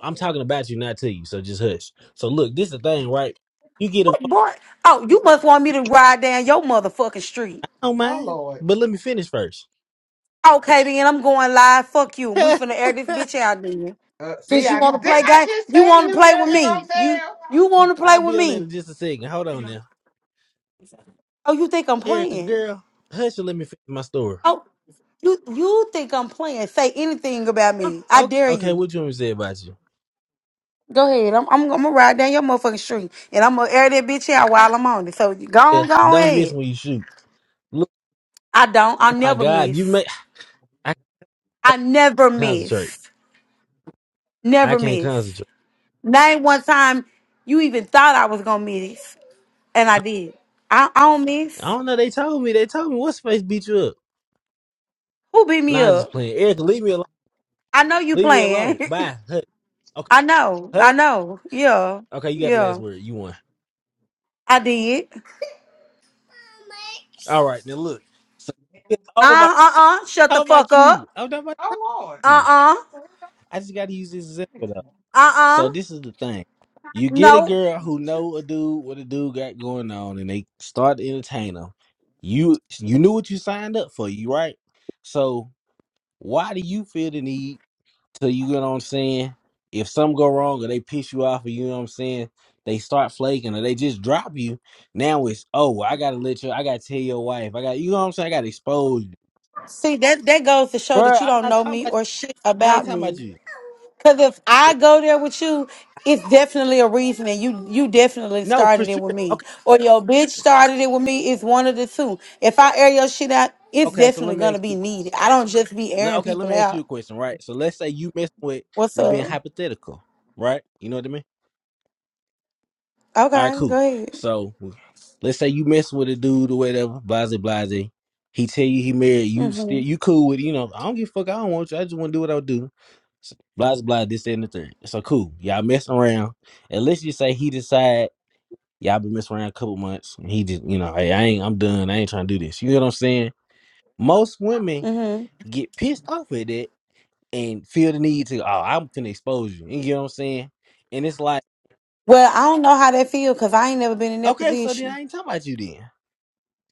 Speaker 6: I'm talking about you, not to you. So just hush. So look, this the thing, right? You get a
Speaker 14: What boy? Oh, you must want me to ride down your motherfucking street.
Speaker 6: I don't
Speaker 1: oh,
Speaker 6: mind,
Speaker 1: Lord.
Speaker 6: but let me finish first.
Speaker 14: Okay, then I'm going live. Fuck you. We finna air this bitch out then.
Speaker 1: Uh, see,
Speaker 14: Since you
Speaker 1: I
Speaker 14: wanna
Speaker 1: didn't
Speaker 14: play
Speaker 1: I
Speaker 14: game,
Speaker 1: just
Speaker 14: you
Speaker 1: tell
Speaker 14: wanna
Speaker 1: you
Speaker 14: play with
Speaker 1: Erica
Speaker 14: me.
Speaker 1: gonna
Speaker 14: You
Speaker 1: tell?
Speaker 14: you wanna play
Speaker 6: I'll
Speaker 14: with
Speaker 6: be on that in
Speaker 14: me.
Speaker 6: just a second. Hold on now,
Speaker 14: Oh, you think I'm
Speaker 6: Erica,
Speaker 14: playing?
Speaker 6: girl, hush and let me finish my story.
Speaker 14: Oh, you you think I'm playing. Say anything about
Speaker 6: Um,
Speaker 14: me. I
Speaker 6: Oh,
Speaker 14: dare
Speaker 6: okay,
Speaker 14: you.
Speaker 6: what you want me to say about you?
Speaker 14: Go ahead. I'm I'm, I'm gonna ride down your motherfucking street and I'm gonna air that bitch out while
Speaker 6: Ah,
Speaker 14: I'm on it. So go
Speaker 6: yeah,
Speaker 14: on, go
Speaker 6: don't miss
Speaker 14: ahead.
Speaker 6: when you shoot. Look,
Speaker 14: I don't. I
Speaker 6: oh my
Speaker 14: never
Speaker 6: God, you
Speaker 14: miss.
Speaker 6: make I can't
Speaker 14: I never
Speaker 6: concentrate.
Speaker 14: miss.
Speaker 6: I
Speaker 14: Never
Speaker 6: can't
Speaker 14: miss.
Speaker 6: concentrate.
Speaker 14: Name one time you even thought I was gonna miss. And I did. I, I don't
Speaker 6: I
Speaker 14: miss.
Speaker 6: don't know. They told me. They told me what space beat you up.
Speaker 14: Who beat me
Speaker 6: Nah, I just
Speaker 14: up?
Speaker 6: playing. Erica, leave me alone.
Speaker 14: I know you
Speaker 6: Leave me
Speaker 14: playing.
Speaker 6: alone. Bye. Hut. Okay.
Speaker 14: I know. I
Speaker 6: Hut.
Speaker 14: know. Yeah.
Speaker 6: Okay, you got the last
Speaker 14: Yeah.
Speaker 6: word. You won.
Speaker 14: I did. Uh
Speaker 6: All right, now look. So, oh my,
Speaker 14: uh uh. Shut the
Speaker 6: how about
Speaker 14: fuck
Speaker 6: you?
Speaker 14: up.
Speaker 6: I'm not about
Speaker 1: Oh Lord.
Speaker 14: Uh
Speaker 6: you.
Speaker 14: uh.
Speaker 6: I just got to use this example though.
Speaker 14: Uh
Speaker 6: So
Speaker 14: uh.
Speaker 6: this is the thing. You get a
Speaker 14: No.
Speaker 6: girl who know a dude what a dude got going on, and they start to entertain them. You you knew what you signed up for, you right? So why do you feel the need? So you get what I'm saying? If something go wrong or they piss you off or you know what I'm saying, they start flaking or they just drop you. Now it's oh, I gotta let you I gotta tell your wife. I got you know what I'm saying, I gotta expose you.
Speaker 14: See that that goes to show
Speaker 6: bro.
Speaker 14: that you
Speaker 6: I'm
Speaker 14: don't
Speaker 6: not
Speaker 14: know
Speaker 6: talking
Speaker 14: me
Speaker 6: about
Speaker 14: or
Speaker 6: you.
Speaker 14: shit
Speaker 6: I ain't
Speaker 14: about
Speaker 6: talking
Speaker 14: me.
Speaker 6: about you.
Speaker 14: Because if I go there with you, it's definitely a reason, and you you definitely
Speaker 6: No, for
Speaker 14: started it
Speaker 6: sure.
Speaker 14: with me,
Speaker 6: Okay,
Speaker 14: or your bitch started it with me. It's one of the two. If I air your shit out, it's
Speaker 6: okay, so let
Speaker 14: definitely
Speaker 6: me
Speaker 14: gonna
Speaker 6: ask
Speaker 14: be
Speaker 6: you a
Speaker 14: needed.
Speaker 6: question.
Speaker 14: I don't just be
Speaker 6: Le-
Speaker 14: airing
Speaker 6: okay, let
Speaker 14: people
Speaker 6: me ask you a
Speaker 14: out.
Speaker 6: question, right? So let's say you messing with
Speaker 14: What's
Speaker 6: we being
Speaker 14: up?
Speaker 6: hypothetical, right? You know what I mean? All right,
Speaker 14: Okay, go
Speaker 6: cool.
Speaker 14: ahead.
Speaker 6: So let's say you mess with a dude or whatever, blase blase. He tell you he married you, still
Speaker 14: Mhm.
Speaker 6: you cool with you know. I don't give a fuck. I don't want you. I just want to do what I do. So, blase blase. This that, and the third. So cool. Y'all messing around, and let's just say he decide y'all been messing around a couple months, and he just you know, hey, I ain't, I'm done. I ain't trying to do this. You know what I'm saying? Most women
Speaker 14: Mhm.
Speaker 6: get pissed off at that and feel the need to, oh, I'm finna expose you. You know what I'm saying? And it's like,
Speaker 14: Well, I don't know how that feel because I ain't never been in that
Speaker 6: okay, so then
Speaker 14: position.
Speaker 6: I ain't talking about you then.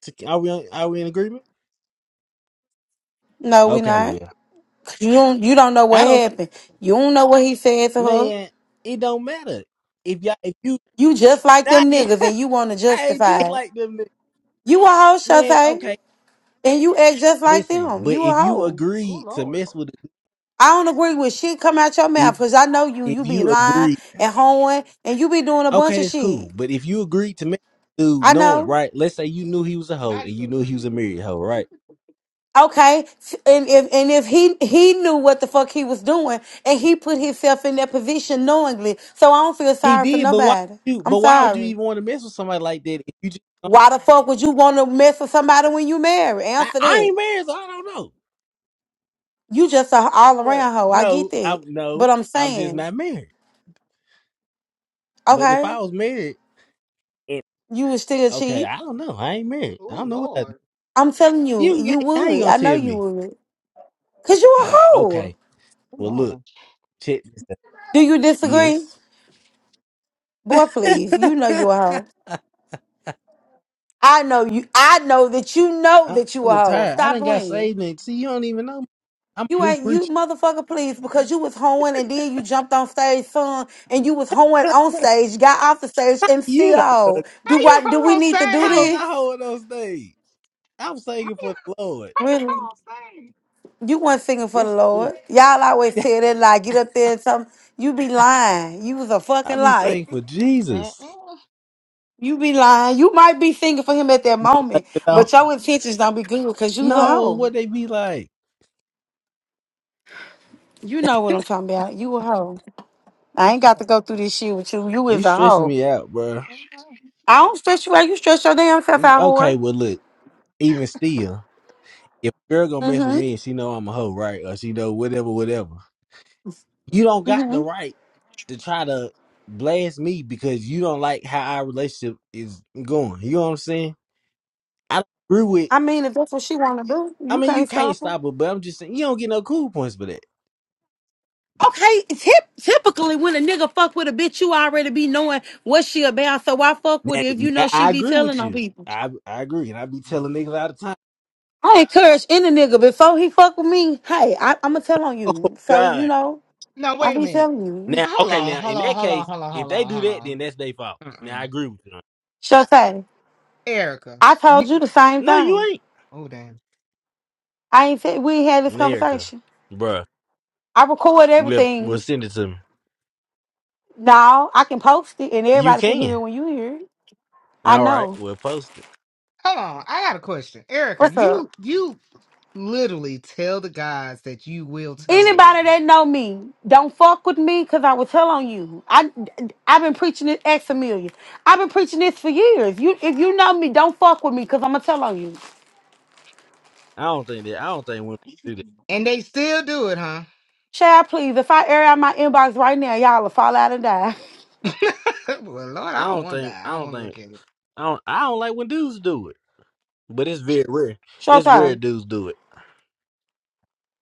Speaker 6: To- Are we on, are we in agreement?
Speaker 14: No, we
Speaker 6: Okay,
Speaker 14: not.
Speaker 6: well,
Speaker 14: 'Cause you don't you don't know
Speaker 6: I
Speaker 14: what
Speaker 6: don't know,
Speaker 14: happened. You don't know what he said to her.
Speaker 6: man. It don't matter if y'all if you
Speaker 14: You just like
Speaker 6: I
Speaker 14: them
Speaker 6: ain't,
Speaker 14: niggas, and you want to
Speaker 6: I ain't
Speaker 14: justify
Speaker 6: just
Speaker 14: it.
Speaker 6: like them niggas.
Speaker 14: You a whole
Speaker 6: man.
Speaker 14: Shantae.
Speaker 6: Okay,
Speaker 14: And you act just like
Speaker 6: listen,
Speaker 14: them.
Speaker 6: but
Speaker 14: You a
Speaker 6: if you
Speaker 14: hoe.
Speaker 1: Oh
Speaker 6: agreed to
Speaker 1: Lord.
Speaker 6: mess with the-
Speaker 14: I don't agree with shit come out your mouth
Speaker 6: if
Speaker 14: because I know you. You
Speaker 6: if
Speaker 14: be
Speaker 6: you
Speaker 14: lying
Speaker 6: agreed,
Speaker 14: and hoeing and you be doing a bunch
Speaker 6: okay,
Speaker 14: of
Speaker 6: that's
Speaker 14: shit.
Speaker 6: cool. But if you agreed to mess with the dude
Speaker 14: I
Speaker 6: knowing
Speaker 14: know.
Speaker 6: right, let's say you knew he was a hoe and you knew he was a married hoe, right?
Speaker 14: Okay. F- And if and if he he knew what the fuck he was doing and he put himself in that position knowingly. So I don't feel
Speaker 6: He
Speaker 14: sorry for
Speaker 6: did, but why
Speaker 14: nobody.
Speaker 6: you?
Speaker 14: I'm
Speaker 6: But why would you
Speaker 14: sorry.
Speaker 6: even want to mess with somebody like that? If you just
Speaker 14: Why the fuck would you want to mess with somebody when you married?
Speaker 6: I,
Speaker 14: Answer
Speaker 6: I
Speaker 14: that.
Speaker 6: ain't married, so I don't know,
Speaker 14: You just a all
Speaker 6: Bruh,
Speaker 14: around hoe. I get
Speaker 6: No,
Speaker 14: that.
Speaker 6: I'm
Speaker 14: But
Speaker 6: no,
Speaker 14: I'm
Speaker 6: I'm just
Speaker 14: saying,
Speaker 6: not married. But if
Speaker 14: okay,
Speaker 6: I was married, If
Speaker 14: you would still
Speaker 6: okay,
Speaker 14: cheat.
Speaker 6: I don't know. I ain't married. I
Speaker 1: Oh
Speaker 6: don't know what I do.
Speaker 1: Lord.
Speaker 14: I'm telling you,
Speaker 6: You yeah,
Speaker 14: you
Speaker 6: how you
Speaker 14: would.
Speaker 6: gonna
Speaker 14: I know
Speaker 6: tell
Speaker 14: you
Speaker 6: me?
Speaker 14: would. Cause you a
Speaker 6: Oh,
Speaker 14: hoe.
Speaker 6: okay.
Speaker 1: Oh
Speaker 6: Well,
Speaker 1: Lord!
Speaker 6: look, check this out.
Speaker 14: Do you disagree?
Speaker 6: Yes,
Speaker 14: Boy, please. You know
Speaker 6: I,
Speaker 14: you a hoe. I know you I know that you know
Speaker 6: I'm
Speaker 14: that you a hoe.
Speaker 6: retired. I
Speaker 14: Stop
Speaker 6: didn't got
Speaker 14: playing.
Speaker 6: saved. And see, you don't even know. me. I'm a
Speaker 14: You
Speaker 6: new
Speaker 14: ain't you
Speaker 6: preacher.
Speaker 14: motherfucker please because you was hoeing and then you jumped on stage son and you was hoeing on stage, got off the stage and
Speaker 6: You
Speaker 14: still
Speaker 6: don't know.
Speaker 14: hoe. Do
Speaker 1: How you
Speaker 14: what do
Speaker 1: her
Speaker 14: we
Speaker 1: on
Speaker 14: need to do
Speaker 6: How was
Speaker 1: stage?
Speaker 6: I
Speaker 14: this?
Speaker 6: holding those things? I'm
Speaker 1: How
Speaker 6: singing for
Speaker 1: you
Speaker 6: the Lord.
Speaker 1: how you her
Speaker 14: Really?
Speaker 1: on stage?
Speaker 14: You weren't singing for the
Speaker 6: Yes, look,
Speaker 14: Lord. Y'all always tell that lie, get up there and something. You be lying. You was a
Speaker 6: I
Speaker 14: fucking
Speaker 6: be
Speaker 14: lie.
Speaker 6: singing for Jesus.
Speaker 1: Mm-mm.
Speaker 14: You be lying. You might be thinking for him at that moment,
Speaker 6: You know?
Speaker 14: but your intentions don't be good because you the
Speaker 6: No, what
Speaker 14: hoe.
Speaker 6: they be like?
Speaker 14: You know what I'm talking about. You a hoe. I ain't got to go through this shit with you. You
Speaker 6: You
Speaker 14: is a
Speaker 6: stressing
Speaker 14: hoe.
Speaker 6: me out, bro.
Speaker 14: I don't stress you out. You stress your damn self
Speaker 6: You-
Speaker 14: out,
Speaker 6: Okay,
Speaker 14: whore.
Speaker 6: well look, even still. if a girl gonna mess with me and
Speaker 14: Mm-hmm.
Speaker 6: she know I'm a hoe, right? Or she know whatever, whatever. You don't got the
Speaker 14: Mm-hmm.
Speaker 6: right to try to blast me because you don't like how our relationship is going. You know what I'm saying? I don't agree with.
Speaker 14: I mean, if that's what she want to do,
Speaker 6: I
Speaker 14: you
Speaker 6: mean, you
Speaker 14: can't
Speaker 6: can't
Speaker 14: stop her.
Speaker 6: stop it, but I'm just saying you don't get no cool points for that.
Speaker 14: Okay, tip, typically when a nigga fuck with a bitch, you already be knowing what she about, so why fuck with
Speaker 6: Now,
Speaker 14: her if you know
Speaker 6: now
Speaker 14: she
Speaker 6: I
Speaker 14: be
Speaker 6: agree
Speaker 14: telling
Speaker 6: with
Speaker 14: on
Speaker 6: you.
Speaker 14: people?
Speaker 6: I I agree, and I be telling niggas all the time.
Speaker 14: I encourage any nigga before he fuck with me. Hey, I, I'ma tell on
Speaker 6: Oh
Speaker 14: you. So you
Speaker 6: God.
Speaker 14: know.
Speaker 1: No,
Speaker 14: I
Speaker 1: wait a
Speaker 14: be
Speaker 1: minute.
Speaker 14: telling you.
Speaker 6: Now,
Speaker 1: Hold
Speaker 6: okay,
Speaker 1: on,
Speaker 6: now
Speaker 1: hold
Speaker 6: in
Speaker 1: on,
Speaker 6: that
Speaker 1: hold on,
Speaker 6: case,
Speaker 1: hold on,
Speaker 6: if
Speaker 1: hold
Speaker 6: they
Speaker 1: on,
Speaker 6: do
Speaker 1: hold
Speaker 6: that, then
Speaker 1: on.
Speaker 6: that's their fault. Now I
Speaker 1: Mm-mm.
Speaker 6: agree with you.
Speaker 14: Shotay,
Speaker 1: Erica,
Speaker 14: I told
Speaker 1: you.
Speaker 14: you the same
Speaker 6: No,
Speaker 14: thing.
Speaker 6: you ain't,
Speaker 1: Oh damn.
Speaker 14: I ain't said we ain't had this
Speaker 6: America,
Speaker 14: conversation.
Speaker 6: bruh.
Speaker 14: I record
Speaker 6: Well, well,
Speaker 14: everything
Speaker 6: send it to me.
Speaker 14: now. I can post it and
Speaker 6: You
Speaker 14: everybody can hear
Speaker 6: can.
Speaker 14: it when you hear it. I
Speaker 6: All right,
Speaker 14: know.
Speaker 6: we'll post it.
Speaker 1: Hold on, I got a question. Erica,
Speaker 14: What's up?
Speaker 1: you you Literally tell the guys that you will tell on them.
Speaker 14: Anybody that know me, don't fuck with me because I will tell on you. I, I've been preaching it ex Amelia. I've been preaching this for years. You, if you know me, don't fuck with me because I'm going to tell on you.
Speaker 6: I don't think that. I don't think women do that.
Speaker 1: And they still do it, huh?
Speaker 14: Chad, please, if I air out my inbox right now, y'all will fall out and die.
Speaker 1: well, Lord,
Speaker 6: I
Speaker 1: I don't
Speaker 6: don't
Speaker 1: want
Speaker 6: think.
Speaker 1: that.
Speaker 6: I
Speaker 1: I don't
Speaker 6: don't
Speaker 1: want to
Speaker 6: think.
Speaker 1: look at it.
Speaker 6: I don't. I don't like when dudes do it, but it's very rare. It's rare
Speaker 14: Showtime.
Speaker 6: dudes do it.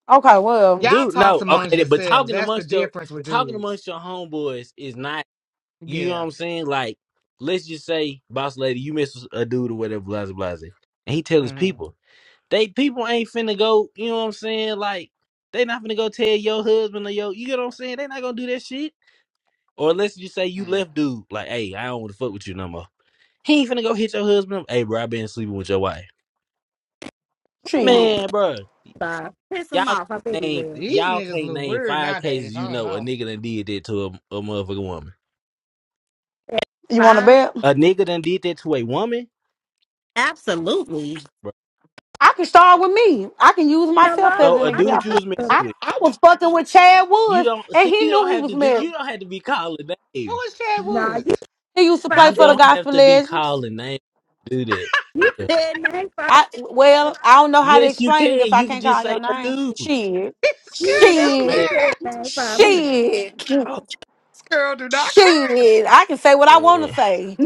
Speaker 14: Okay, well,
Speaker 1: Y'all
Speaker 6: Dude,
Speaker 1: talks
Speaker 6: no.
Speaker 1: amongst
Speaker 6: Okay, but
Speaker 1: yourselves.
Speaker 6: talking
Speaker 1: That's the
Speaker 6: amongst your
Speaker 1: difference with
Speaker 6: talking
Speaker 1: dudes.
Speaker 6: amongst your homeboys is not. You know what
Speaker 1: Yeah.
Speaker 6: I'm saying? Like, let's just say, boss lady, you miss a dude or whatever, blase blase, and he tells
Speaker 1: hmm
Speaker 6: people they people ain't finna go. You know what I'm saying? Like, they not finna go tell your husband or your. You get what I'm saying? They not gonna do that shit. Or unless you say you
Speaker 1: Mm.
Speaker 6: left dude, like, hey, I don't want to fuck with you no more. He ain't finna go hit your husband. up. Hey, bro, I been sleeping with your wife.
Speaker 12: Come on.
Speaker 14: shit.
Speaker 6: Man, bro,
Speaker 12: Five. Piss them
Speaker 6: y'all
Speaker 12: off. I bet
Speaker 6: can't
Speaker 12: you
Speaker 6: name
Speaker 12: will.
Speaker 1: These
Speaker 6: y'all
Speaker 1: niggas
Speaker 6: can't
Speaker 1: look
Speaker 6: name
Speaker 1: weird
Speaker 6: five cases
Speaker 1: nowadays.
Speaker 6: you
Speaker 1: I don't
Speaker 6: know a
Speaker 1: know.
Speaker 6: nigga done did that to a, a motherfucking woman.
Speaker 14: You want to
Speaker 12: Five.
Speaker 14: bet?
Speaker 6: A nigga done did that to a woman.
Speaker 12: Absolutely.
Speaker 6: Bro.
Speaker 14: I can start with me. I can use myself as
Speaker 6: So
Speaker 12: Hello?
Speaker 14: an
Speaker 6: a
Speaker 12: I
Speaker 6: dude
Speaker 12: just
Speaker 6: you
Speaker 14: example.
Speaker 6: was messing
Speaker 12: thought,
Speaker 14: I,
Speaker 6: with,
Speaker 14: I was fucking with Chad
Speaker 6: you
Speaker 14: Woods,
Speaker 6: don't
Speaker 14: and
Speaker 6: see.
Speaker 14: he
Speaker 6: You
Speaker 14: knew
Speaker 6: don't
Speaker 14: he
Speaker 6: have
Speaker 14: was
Speaker 6: to do.
Speaker 14: married.
Speaker 6: You don't have to be calling
Speaker 1: Who
Speaker 6: names.
Speaker 1: is Chad
Speaker 12: nah, you
Speaker 1: Woods?
Speaker 14: He used to play
Speaker 12: five
Speaker 6: You
Speaker 14: for the
Speaker 12: people.
Speaker 6: don't have
Speaker 14: Gospel
Speaker 6: to be
Speaker 14: Legends.
Speaker 6: calling names. to Do
Speaker 12: You
Speaker 6: that.
Speaker 12: said name five.
Speaker 14: I well, I don't know how to
Speaker 6: Yes, you
Speaker 14: explain it
Speaker 6: can.
Speaker 14: if I
Speaker 6: You can
Speaker 14: can't
Speaker 6: just
Speaker 14: call your
Speaker 6: say a
Speaker 14: name.
Speaker 6: dude,
Speaker 14: Shit,
Speaker 1: This girl
Speaker 12: You
Speaker 1: don't
Speaker 12: literally
Speaker 14: shit,
Speaker 6: man.
Speaker 12: said
Speaker 1: care.
Speaker 12: name five
Speaker 6: That's
Speaker 14: shit,
Speaker 6: oh
Speaker 1: This girl do not
Speaker 14: shit. I can say what I want to
Speaker 6: man.
Speaker 14: say.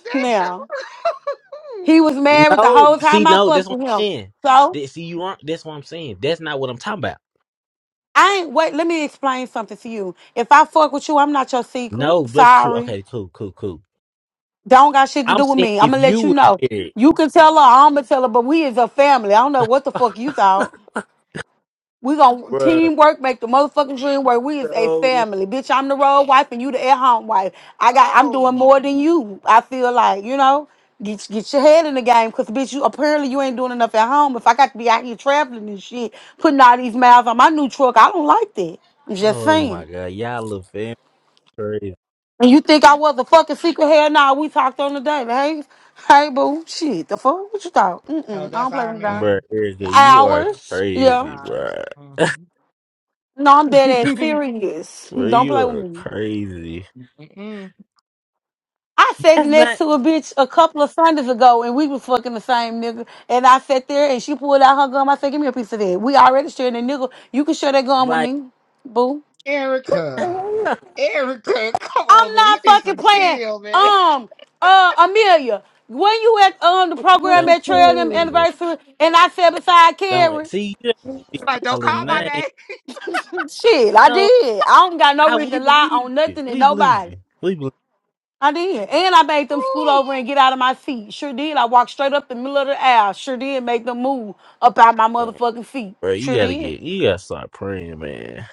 Speaker 1: care. Damn.
Speaker 14: now he was married the
Speaker 6: No,
Speaker 14: whole
Speaker 6: see,
Speaker 14: time I
Speaker 6: no, that's
Speaker 14: fucked
Speaker 6: what
Speaker 14: with
Speaker 6: I'm
Speaker 14: him.
Speaker 6: saying.
Speaker 14: So
Speaker 6: That, see, you aren't. That's what I'm saying. That's not what I'm talking about.
Speaker 14: I ain't wait. Let me explain something to you. If I fuck with you, I'm not your secret.
Speaker 6: No, that's true.
Speaker 14: Sorry.
Speaker 6: Okay, cool, cool, cool.
Speaker 14: Don't got shit to
Speaker 6: I'm
Speaker 14: do with
Speaker 6: saying
Speaker 14: me. I'm
Speaker 6: if
Speaker 14: gonna
Speaker 6: you
Speaker 14: let you
Speaker 6: was
Speaker 14: know.
Speaker 6: married,
Speaker 14: You can tell her, I'm gonna tell her, but we is a family. I don't know what the fuck you thought. We gonna
Speaker 6: bruh.
Speaker 14: teamwork, make the motherfucking dream work. We is a
Speaker 6: No,
Speaker 14: family, bitch. I'm the road wife and you the at home wife. I got, I'm
Speaker 1: oh,
Speaker 14: doing
Speaker 1: my.
Speaker 14: more than you. I feel like, you know, get get your head in the game, cause bitch, you apparently you ain't doing enough at home. If I got to be out here traveling and shit, putting all these miles on my new truck, I don't like that. I'm just
Speaker 6: oh
Speaker 14: saying.
Speaker 6: my god, y'all little fam crazy,
Speaker 14: And you think I was a fucking secret? Hell nah, we talked on the day. but Hey, hey, boo. Shit, the fuck? What you thought?
Speaker 1: Oh,
Speaker 14: Mm-mm, I
Speaker 1: that's
Speaker 14: don't play
Speaker 1: our
Speaker 14: with guys.
Speaker 6: bruh.
Speaker 1: man.
Speaker 6: Erica,
Speaker 1: That's our
Speaker 6: you are
Speaker 1: man.
Speaker 14: Hours?
Speaker 1: That's
Speaker 14: Yeah.
Speaker 6: crazy,
Speaker 1: ours.
Speaker 6: bruh.
Speaker 1: hmm
Speaker 14: No, I'm dead ass serious.
Speaker 6: Bruh,
Speaker 14: Don't
Speaker 6: you
Speaker 14: play with
Speaker 6: are
Speaker 14: me.
Speaker 6: crazy.
Speaker 14: I sat
Speaker 6: That's
Speaker 14: next
Speaker 6: not
Speaker 14: to a bitch a couple of Sundays ago and we was fucking the same nigga. And I sat there and she pulled out her gum. I said, give me a piece of that. We already sharing a nigga. You can share that gum with
Speaker 6: like
Speaker 14: me, boo.
Speaker 1: Erica,
Speaker 12: people.
Speaker 1: Erica, come on,
Speaker 14: I'm
Speaker 1: man. You
Speaker 14: not
Speaker 1: need
Speaker 14: fucking
Speaker 1: some
Speaker 14: playing.
Speaker 1: chill, man.
Speaker 14: Um, uh, Amelia, when you at um the
Speaker 12: Yes,
Speaker 14: program
Speaker 6: don't
Speaker 14: at Trillium
Speaker 12: please.
Speaker 14: Anniversary, and I sat beside
Speaker 6: don't
Speaker 14: Carrie.
Speaker 6: see you don't
Speaker 12: Yes.
Speaker 6: be
Speaker 1: Like, don't call
Speaker 6: calling
Speaker 1: my
Speaker 6: names.
Speaker 1: name.
Speaker 14: Shit, I
Speaker 6: No,
Speaker 14: did. I don't got no
Speaker 6: I we
Speaker 14: reason to lie
Speaker 6: believe
Speaker 14: on
Speaker 6: you.
Speaker 14: nothing and
Speaker 6: We believe
Speaker 14: nobody.
Speaker 6: you. We
Speaker 14: I did, and I made them scoot
Speaker 1: Ooh,
Speaker 14: over and get out of my seat. Sure did. I walked straight up the middle of the aisle. Sure did make them move up out my
Speaker 6: believe.
Speaker 14: motherfucking feet.
Speaker 6: Bro, you
Speaker 14: Sure
Speaker 6: gotta
Speaker 14: did.
Speaker 6: get, you gotta start praying, man.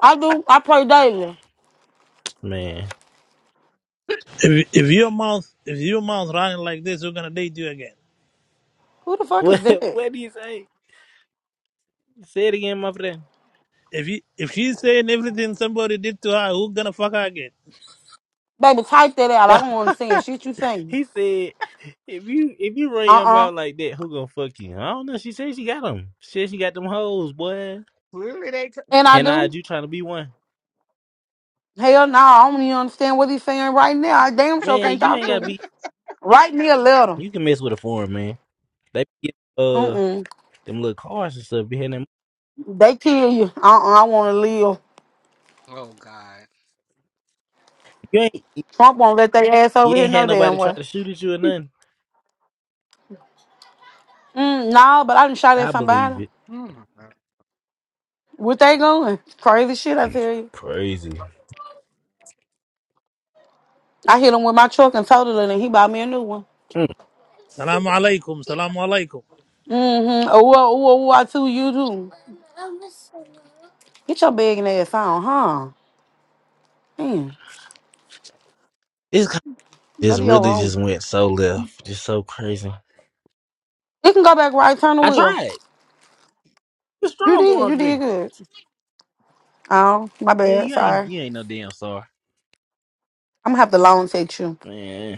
Speaker 14: I do. I pray daily.
Speaker 6: Man,
Speaker 15: If if your mouth if your mouth running like this, who's gonna date you again?
Speaker 14: Who the fuck
Speaker 6: what
Speaker 14: is that?
Speaker 6: what do you say? Say it again, my friend.
Speaker 15: If you if she's saying everything somebody did to her, who's gonna fuck her again?
Speaker 14: Baby, type that out. I
Speaker 6: No,
Speaker 14: don't want to sing shit you sing.
Speaker 6: he said, if you if you run
Speaker 14: Uh
Speaker 6: your
Speaker 14: uh
Speaker 6: mouth like that, who gonna fuck you? I don't know. She said she got them. She said she got them hoes, boy.
Speaker 1: clearly they. t-
Speaker 14: And I
Speaker 6: And I
Speaker 14: do.
Speaker 6: you trying to be one?
Speaker 14: Hell no, I don't even understand what he's saying right now. I damn sure
Speaker 6: Man,
Speaker 14: can't
Speaker 6: you
Speaker 14: talk
Speaker 6: ain't
Speaker 14: to
Speaker 6: gotta
Speaker 14: him.
Speaker 6: be.
Speaker 14: Write me a letter.
Speaker 6: You can mess with a foreign man. They be getting, uh
Speaker 14: Mm-mm.
Speaker 6: them little cars and stuff behind them.
Speaker 14: They kill you. Uh-uh, I want to live.
Speaker 1: oh God.
Speaker 6: You ain't
Speaker 14: Trump won't let their ass
Speaker 6: you
Speaker 14: over here
Speaker 6: ain't had
Speaker 14: no damn
Speaker 6: nobody try
Speaker 14: way.
Speaker 6: to shoot at you or nothing.
Speaker 14: Mm, nah, but I done shot at
Speaker 6: I
Speaker 14: somebody.
Speaker 6: believe it.
Speaker 1: Oh, my God.
Speaker 14: What they going? Crazy shit, I
Speaker 6: Mm,
Speaker 14: tell you.
Speaker 6: Crazy.
Speaker 14: I hit him with my truck and totaled it, and he bought me a new one.
Speaker 6: Mm.
Speaker 15: Salam alaikum, salam alaikum.
Speaker 14: Mm-hmm. Oh, oh, oh, oh, oh, I too, you too. Get your begging ass on, huh? Man,
Speaker 6: It's
Speaker 14: Go
Speaker 6: Just
Speaker 14: to your
Speaker 6: really
Speaker 14: room.
Speaker 6: just went so left. Just so crazy.
Speaker 14: You can go back right, turn the
Speaker 6: I
Speaker 14: wheel.
Speaker 6: tried. You
Speaker 14: You
Speaker 6: strong
Speaker 14: did, you
Speaker 6: armed
Speaker 14: did
Speaker 6: me.
Speaker 14: good. Oh, my
Speaker 6: Man,
Speaker 14: bad,
Speaker 6: you
Speaker 14: sorry.
Speaker 6: ain't you ain't no damn star.
Speaker 14: I'm gonna have to long text you.
Speaker 6: Man.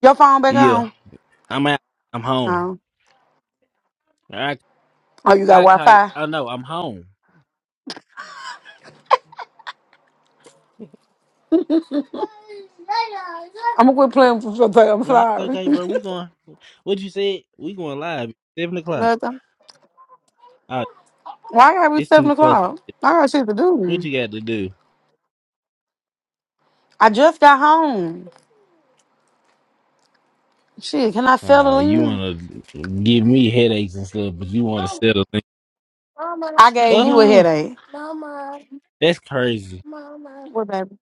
Speaker 14: Your phone back
Speaker 6: Yeah.
Speaker 14: on?
Speaker 6: I'm out. I'm home.
Speaker 14: Oh,
Speaker 6: All right.
Speaker 14: oh, you got
Speaker 6: I
Speaker 14: Wi
Speaker 6: kite.
Speaker 14: Fi.
Speaker 6: I know, I'm home.
Speaker 14: I'm gonna quit playing with you today. I'm
Speaker 6: Nah, it's
Speaker 14: sorry.
Speaker 6: okay, bro. We going what you said? We going live. at Seven o'clock.
Speaker 14: Nothing.
Speaker 6: Uh
Speaker 14: Why gotta be
Speaker 6: it's
Speaker 14: seven
Speaker 6: too close.
Speaker 14: o'clock? I got shit to
Speaker 6: What
Speaker 14: do.
Speaker 6: you got to do?
Speaker 14: I just got home. Shit, can I
Speaker 6: Uh,
Speaker 14: settle
Speaker 6: you
Speaker 14: in?
Speaker 6: wanna give me headaches and stuff, but you wanna settle things.
Speaker 14: I gave you a
Speaker 6: Oh,
Speaker 14: headache.
Speaker 6: that's crazy.
Speaker 14: What baby?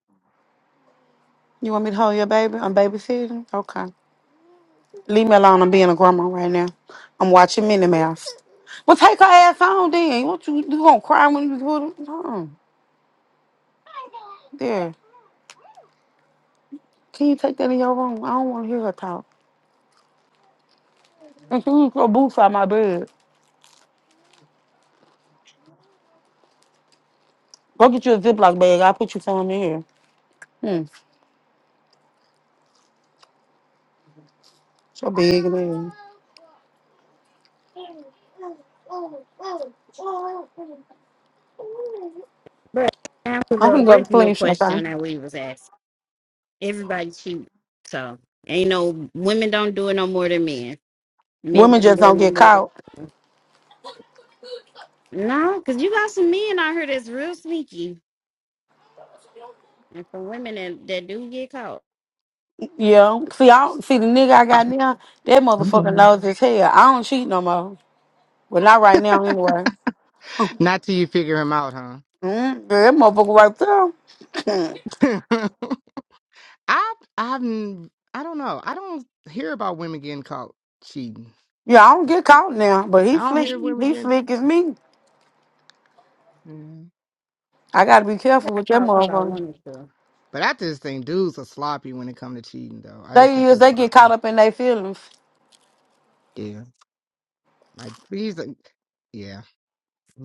Speaker 14: You want me to hold your baby? I'm babysitting. Okay. Leave me alone. I'm being a grandma right now. I'm watching Minnie Mouse. Well, take her ass on then. What you you gonna cry when you put her? No. There. Can you take that in your room? I don't want to hear her talk. And can you throw a boot out my bed? Go get you a Ziploc bag. I'll put you some in here. Hmm. So big and everything.
Speaker 12: But that was
Speaker 14: I'm
Speaker 12: the
Speaker 14: finna go to
Speaker 12: original
Speaker 14: clean
Speaker 12: question
Speaker 14: sometime.
Speaker 12: that we was asked. Everybody cheat, so ain't no women don't do it no more than men. Men
Speaker 14: Women
Speaker 12: don't
Speaker 14: just
Speaker 12: do it
Speaker 14: don't
Speaker 12: no
Speaker 14: get
Speaker 12: more than
Speaker 14: caught.
Speaker 12: no, because you got some men out here that's real sneaky, and some women that, that do get caught.
Speaker 14: Yeah. See, I don't, see the nigga I got now. That motherfucker
Speaker 1: Mhm.
Speaker 14: knows his hell. I don't cheat no more. Well, not right now anyway.
Speaker 1: Not till you figure him out, huh?
Speaker 14: Mm, yeah, that motherfucker right there. Hmm.
Speaker 1: I I've n- I don't know. I don't hear about women getting caught cheating.
Speaker 14: Yeah, I don't get caught now, but he
Speaker 1: I don't
Speaker 14: slick.
Speaker 1: hear women
Speaker 14: He
Speaker 1: getting.
Speaker 14: slick as me.
Speaker 1: Yeah.
Speaker 14: I gotta be
Speaker 12: I
Speaker 14: careful
Speaker 12: got
Speaker 14: with that
Speaker 12: caught because I
Speaker 14: motherfucker.
Speaker 12: wanted to.
Speaker 1: But I just think dudes are sloppy when it comes to cheating, though. I just
Speaker 14: They
Speaker 1: think they're
Speaker 14: is they get
Speaker 1: sloppy.
Speaker 14: caught up in their feelings.
Speaker 1: Yeah. Like these. Are, yeah.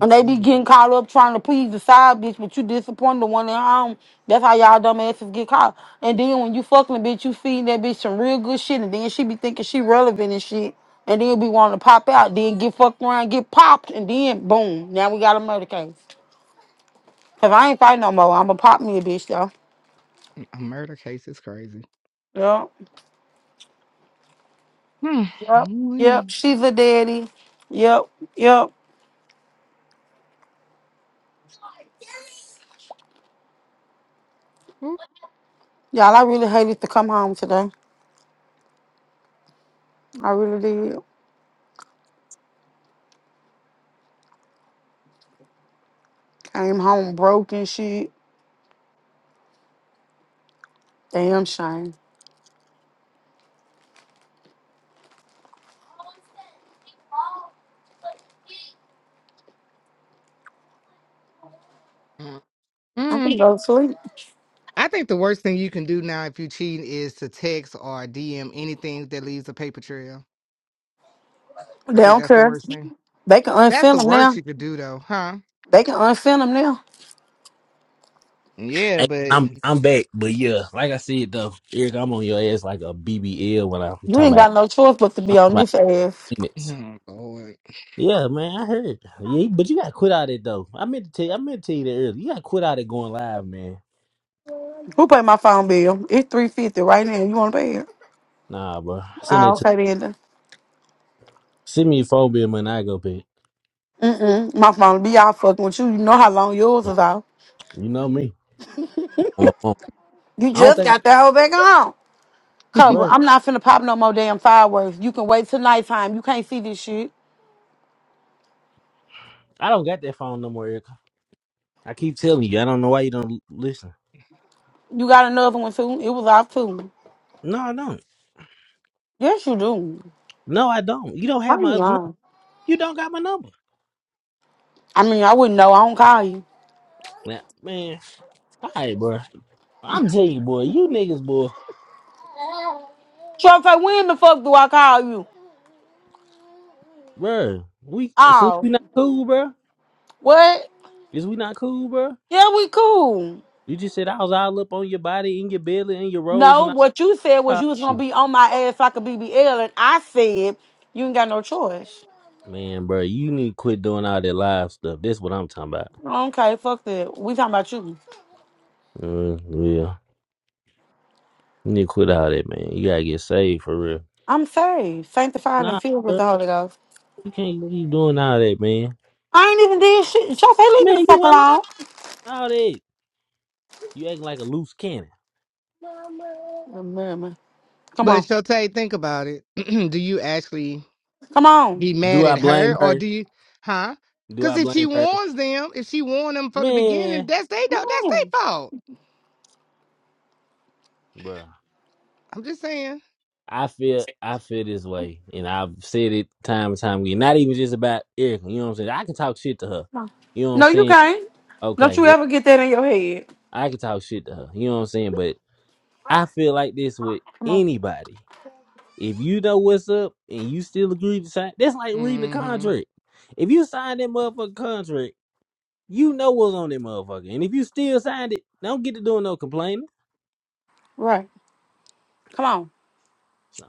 Speaker 14: And they be getting caught up trying to please the side bitch, but you disappoint the one at home. That's how y'all dumb asses get caught. And then when you fucking a bitch, you feeding that bitch some real good shit, and then she be thinking she relevant and shit. And then be wanting to pop out, then get fucked around, get popped, and then boom, now we got a murder case. Cause I ain't fighting no more. I'ma pop me a bitch though.
Speaker 1: murder case is crazy.
Speaker 14: Yep,
Speaker 1: Hmm.
Speaker 14: yep, yep.
Speaker 1: Mm,
Speaker 14: She's a daddy. Yep, yep.
Speaker 1: mm,
Speaker 14: Y'all, I really hated to come home today. I really did. Came home broke and shit. Damn shame.
Speaker 1: mm,
Speaker 14: I
Speaker 1: mm.
Speaker 14: can go to sleep.
Speaker 1: I think the worst thing you can do now if you cheat is to text or DM anything that leaves a paper trail. I
Speaker 14: They
Speaker 1: think
Speaker 14: don't
Speaker 1: that's the
Speaker 14: care.
Speaker 1: worst thing.
Speaker 14: They can
Speaker 1: That's
Speaker 14: unfin
Speaker 1: the
Speaker 14: them
Speaker 1: worst
Speaker 14: now.
Speaker 1: you could do though, huh?
Speaker 14: They can unfin them now.
Speaker 1: Yeah,
Speaker 6: Hey,
Speaker 1: but
Speaker 6: I'm I'm back, but yeah, like I said though, Eric, I'm on your ass like a BBL when I'm
Speaker 14: You
Speaker 6: talking
Speaker 14: ain't
Speaker 6: about
Speaker 14: got no choice but to
Speaker 6: I'm
Speaker 14: be
Speaker 6: talking
Speaker 14: on
Speaker 6: about
Speaker 14: this ass.
Speaker 6: minutes.
Speaker 1: oh, Lord.
Speaker 6: Yeah, man, I heard. Yeah, but you gotta quit out it though. I meant to tell you, I meant to tell you that earlier. You gotta quit out it going live, man.
Speaker 14: Who paid my phone bill? It's three fifty right now. You want to pay it?
Speaker 6: Nah, bro. Send it
Speaker 14: Oh,
Speaker 6: to
Speaker 14: okay then.
Speaker 6: send me your phone bill when I go pay.
Speaker 14: Mm mm. My phone be out fucking with you. You know how long yours is out.
Speaker 6: You know me. I'm a phone.
Speaker 14: You
Speaker 6: I don't
Speaker 14: just
Speaker 6: think,
Speaker 14: got that whole back on. Cobra,
Speaker 6: bro.
Speaker 14: I'm not finna pop no more damn fireworks. You can wait till nighttime. You can't see this shit.
Speaker 6: I don't got that phone no more, Eric. I keep telling you, I don't know why you don't listen.
Speaker 14: You got another one too. It was off too.
Speaker 6: No, I don't.
Speaker 14: Yes, you do.
Speaker 6: No, I don't. You don't have
Speaker 14: Why you
Speaker 6: my other number.
Speaker 14: lying?
Speaker 6: You don't got my number.
Speaker 14: I mean, I wouldn't know. I don't call you.
Speaker 6: Nah, man. All right, bro. I'm telling you, boy, you niggas, boy,
Speaker 14: Trophy, when the fuck do I call you?
Speaker 6: bruh, We so
Speaker 14: Oh,
Speaker 6: we not cool, bruh.
Speaker 14: what?
Speaker 6: Is we not cool, bruh?
Speaker 14: Yeah, we cool.
Speaker 6: You just said I was all up on your body, in your belly, and your rolls,
Speaker 14: No,
Speaker 6: and I
Speaker 14: what you said was
Speaker 6: called
Speaker 14: you was gonna
Speaker 6: you,
Speaker 14: be on my ass like a BBL, and I said you ain't got no choice.
Speaker 6: man, bruh, You need to quit doing all that live stuff. That's what I'm talking about.
Speaker 14: Okay, fuck that. We talking about you.
Speaker 6: Mm, yeah, you need to quit all that, man. You gotta get saved for real.
Speaker 14: I'm saved, sanctified, and
Speaker 6: Nah,
Speaker 14: filled with
Speaker 6: bruh,
Speaker 14: the Holy Ghost.
Speaker 6: you can't keep doing all that, man.
Speaker 14: I ain't even did shit. Trophy, leave me the
Speaker 6: Man, you
Speaker 14: fuck
Speaker 6: went live
Speaker 14: alone.
Speaker 6: all that. You acting like a loose cannon.
Speaker 14: Remember. Come
Speaker 1: but
Speaker 14: on,
Speaker 1: Shotay, think about it. do you actually
Speaker 14: come on.
Speaker 1: be
Speaker 6: Do
Speaker 1: mad
Speaker 6: I
Speaker 1: at her
Speaker 6: blame
Speaker 1: or
Speaker 6: her?
Speaker 1: do you huh?
Speaker 6: Do
Speaker 1: Cause
Speaker 6: I
Speaker 1: if she
Speaker 6: blame her,
Speaker 1: warns them, if she warned them from the beginning,
Speaker 6: man,
Speaker 1: that's they do
Speaker 14: Come
Speaker 1: that's
Speaker 14: on.
Speaker 1: their fault.
Speaker 6: bruh?
Speaker 1: I'm just saying.
Speaker 6: I feel I feel this way, and I've said it time and time again. Not even just about Erica, you know what I'm saying. I can talk shit to her, you know what I'm
Speaker 14: No, you
Speaker 6: saying.
Speaker 14: can't. Don't
Speaker 6: Okay,
Speaker 14: you
Speaker 6: well,
Speaker 14: ever get that in your head.
Speaker 6: I can talk shit to her, you know what I'm saying. But I feel like this with
Speaker 14: Come on,
Speaker 6: anybody. If you know what's up and you still agree to sign, that's like reading the contract. If you sign that motherfucking contract, you know what's on that motherfucker, and if you still signed it, don't get to doing no complaining.
Speaker 14: right? Come on.
Speaker 6: So,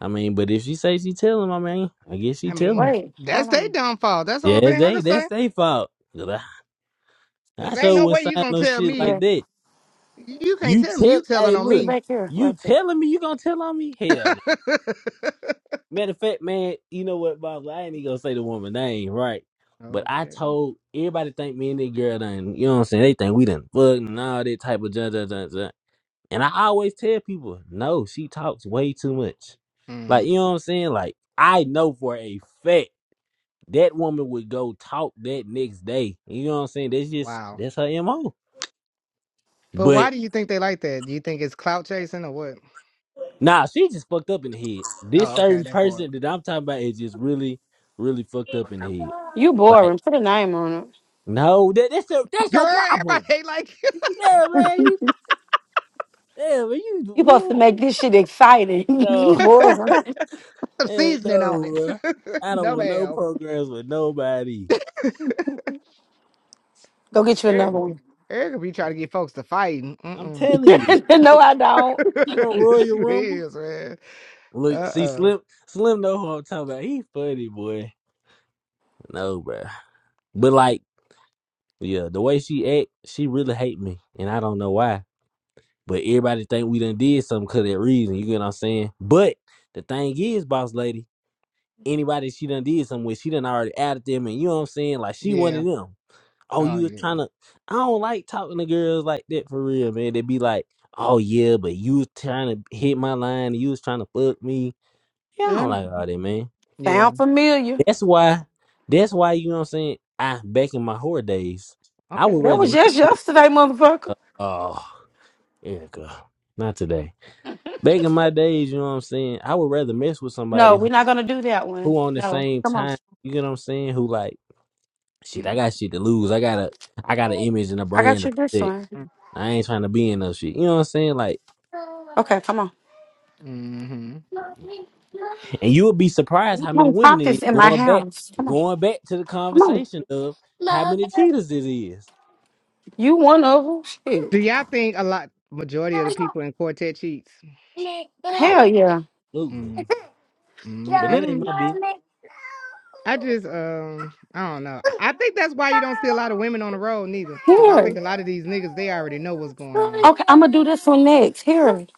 Speaker 6: I mean, but if she say she tell him, I mean, I guess she
Speaker 1: I
Speaker 6: tell him.
Speaker 1: mean,
Speaker 14: Wait,
Speaker 1: that's
Speaker 14: hold
Speaker 1: their
Speaker 14: on.
Speaker 1: downfall. That's the
Speaker 6: Yeah,
Speaker 1: only
Speaker 6: that's
Speaker 1: thing I
Speaker 6: they
Speaker 1: can
Speaker 6: that's
Speaker 1: say.
Speaker 6: they fault. 'Cause I, I
Speaker 1: Cause ain't
Speaker 6: sure
Speaker 1: no
Speaker 6: wouldn't
Speaker 1: way you
Speaker 6: sign
Speaker 1: gonna
Speaker 6: no
Speaker 1: tell
Speaker 6: shit
Speaker 1: me.
Speaker 6: like
Speaker 14: Yeah,
Speaker 6: that.
Speaker 1: You can't
Speaker 6: You
Speaker 1: tell me you
Speaker 6: tell hey
Speaker 1: telling on
Speaker 14: look
Speaker 6: look,
Speaker 1: me.
Speaker 14: back here,
Speaker 6: you
Speaker 14: right there.
Speaker 6: telling me you gonna tell on me? Hell no. Matter of fact, man, you know what, Bob? I ain't even gonna say the woman name, right? But I
Speaker 1: okay.
Speaker 6: told everybody think me and that girl done, you know what I'm saying? They think we done fucked and all that type of junk, junk, junk, junk. And I always tell people, no, she talks way too much.
Speaker 1: Hmm.
Speaker 6: Like, you know what I'm saying? Like, I know for a fact. that woman would go talk that next day. You know what I'm saying? That's just
Speaker 1: Wow.
Speaker 6: that's her MO.
Speaker 1: But why
Speaker 6: But
Speaker 1: do you think they like that? Do you think it's clout chasing or what?
Speaker 6: nah, she just fucked up in the head. This
Speaker 1: Oh, okay,
Speaker 6: certain
Speaker 1: that part.
Speaker 6: person that I'm talking about is just really, really fucked up in the head.
Speaker 14: You
Speaker 6: Like,
Speaker 14: boring. Put a name on it.
Speaker 6: no, that, that's your that's
Speaker 1: Girl,
Speaker 6: your problem.
Speaker 1: everybody like
Speaker 6: Yeah, man. You yeah, man, you
Speaker 14: You supposed to
Speaker 6: woo.
Speaker 14: make this shit exciting.
Speaker 6: No.
Speaker 14: you boring.
Speaker 1: some
Speaker 6: yeah, no,
Speaker 1: seasoning on it.
Speaker 6: bro. I don't
Speaker 1: no,
Speaker 6: want no
Speaker 1: ma'am.
Speaker 6: programs with nobody.
Speaker 14: Go get you
Speaker 1: Erica,
Speaker 14: another one.
Speaker 1: Erica be trying to get folks to fighting.
Speaker 6: I'm
Speaker 1: Mm-mm.
Speaker 6: telling you, she
Speaker 14: no,
Speaker 6: want
Speaker 14: I don't.
Speaker 6: she want
Speaker 1: yes, she
Speaker 6: Royal Rumble.
Speaker 1: is, man.
Speaker 6: Look, see
Speaker 1: Uh-uh.
Speaker 6: Slim Slim know who I'm talking about. He funny boy. No, bro. But like, yeah, the way she act, she really hate me, and I don't know why. But everybody think we done did something 'cause of that reason. You get what I'm saying? But the thing is, boss lady, anybody she done did something with, she done already added them, and you know what I'm saying? Like she one of
Speaker 1: Yeah.
Speaker 6: them. Oh,
Speaker 1: Oh,
Speaker 6: you was
Speaker 1: yeah.
Speaker 6: trying to? I don't like talking to girls like that for real, man. They be like, oh yeah, but you was trying to hit my line, and you was trying to fuck me. Yeah, I don't
Speaker 14: Mm,
Speaker 6: like all that, man.
Speaker 1: Yeah.
Speaker 14: sound familiar.
Speaker 6: That's why. That's why you know what I'm saying. I back in my whore days, I would
Speaker 1: Okay.
Speaker 14: That
Speaker 6: rather
Speaker 14: was
Speaker 6: mess
Speaker 14: just
Speaker 6: with.
Speaker 14: yesterday,
Speaker 6: Uh,
Speaker 14: motherfucker.
Speaker 6: oh, Erica, not today. Back in my days, you know what I'm saying. I would rather mess with
Speaker 14: No,
Speaker 6: somebody who,
Speaker 14: we're not gonna do that one.
Speaker 6: who on the
Speaker 14: No,
Speaker 6: same
Speaker 14: come on.
Speaker 6: time. You know what I'm saying? Who like shit? I
Speaker 1: Mm.
Speaker 6: got shit to lose. I got a. I got an image and a
Speaker 14: I
Speaker 6: brand
Speaker 14: got
Speaker 6: to
Speaker 14: you this
Speaker 6: protect.
Speaker 14: one.
Speaker 6: I ain't trying to be in no shit. You know what I'm saying? Like,
Speaker 14: Okay, come on.
Speaker 1: hmm
Speaker 6: and you would be surprised
Speaker 14: You
Speaker 6: how many
Speaker 14: can't
Speaker 6: women
Speaker 14: pop
Speaker 6: it is
Speaker 14: this in my
Speaker 6: going back,
Speaker 14: house. Come on,
Speaker 6: going back to the
Speaker 14: come on.
Speaker 6: conversation of how many cheaters it is.
Speaker 14: You one of them?
Speaker 1: Do y'all think a lot majority of the people in quartet cheats?
Speaker 14: Shit.
Speaker 6: Oh,
Speaker 14: Hell yeah.
Speaker 6: absolutely.
Speaker 1: Mm.
Speaker 6: But that ain't
Speaker 1: Mm-mm.
Speaker 6: my business.
Speaker 1: I just um I don't know. I I think that's why you don't see a lot of women on the road neither. Cause I
Speaker 14: Here.
Speaker 1: think
Speaker 14: it.
Speaker 1: a lot of these niggas they already know what's going on.
Speaker 14: Okay, I'm gonna do this one next. Here. it.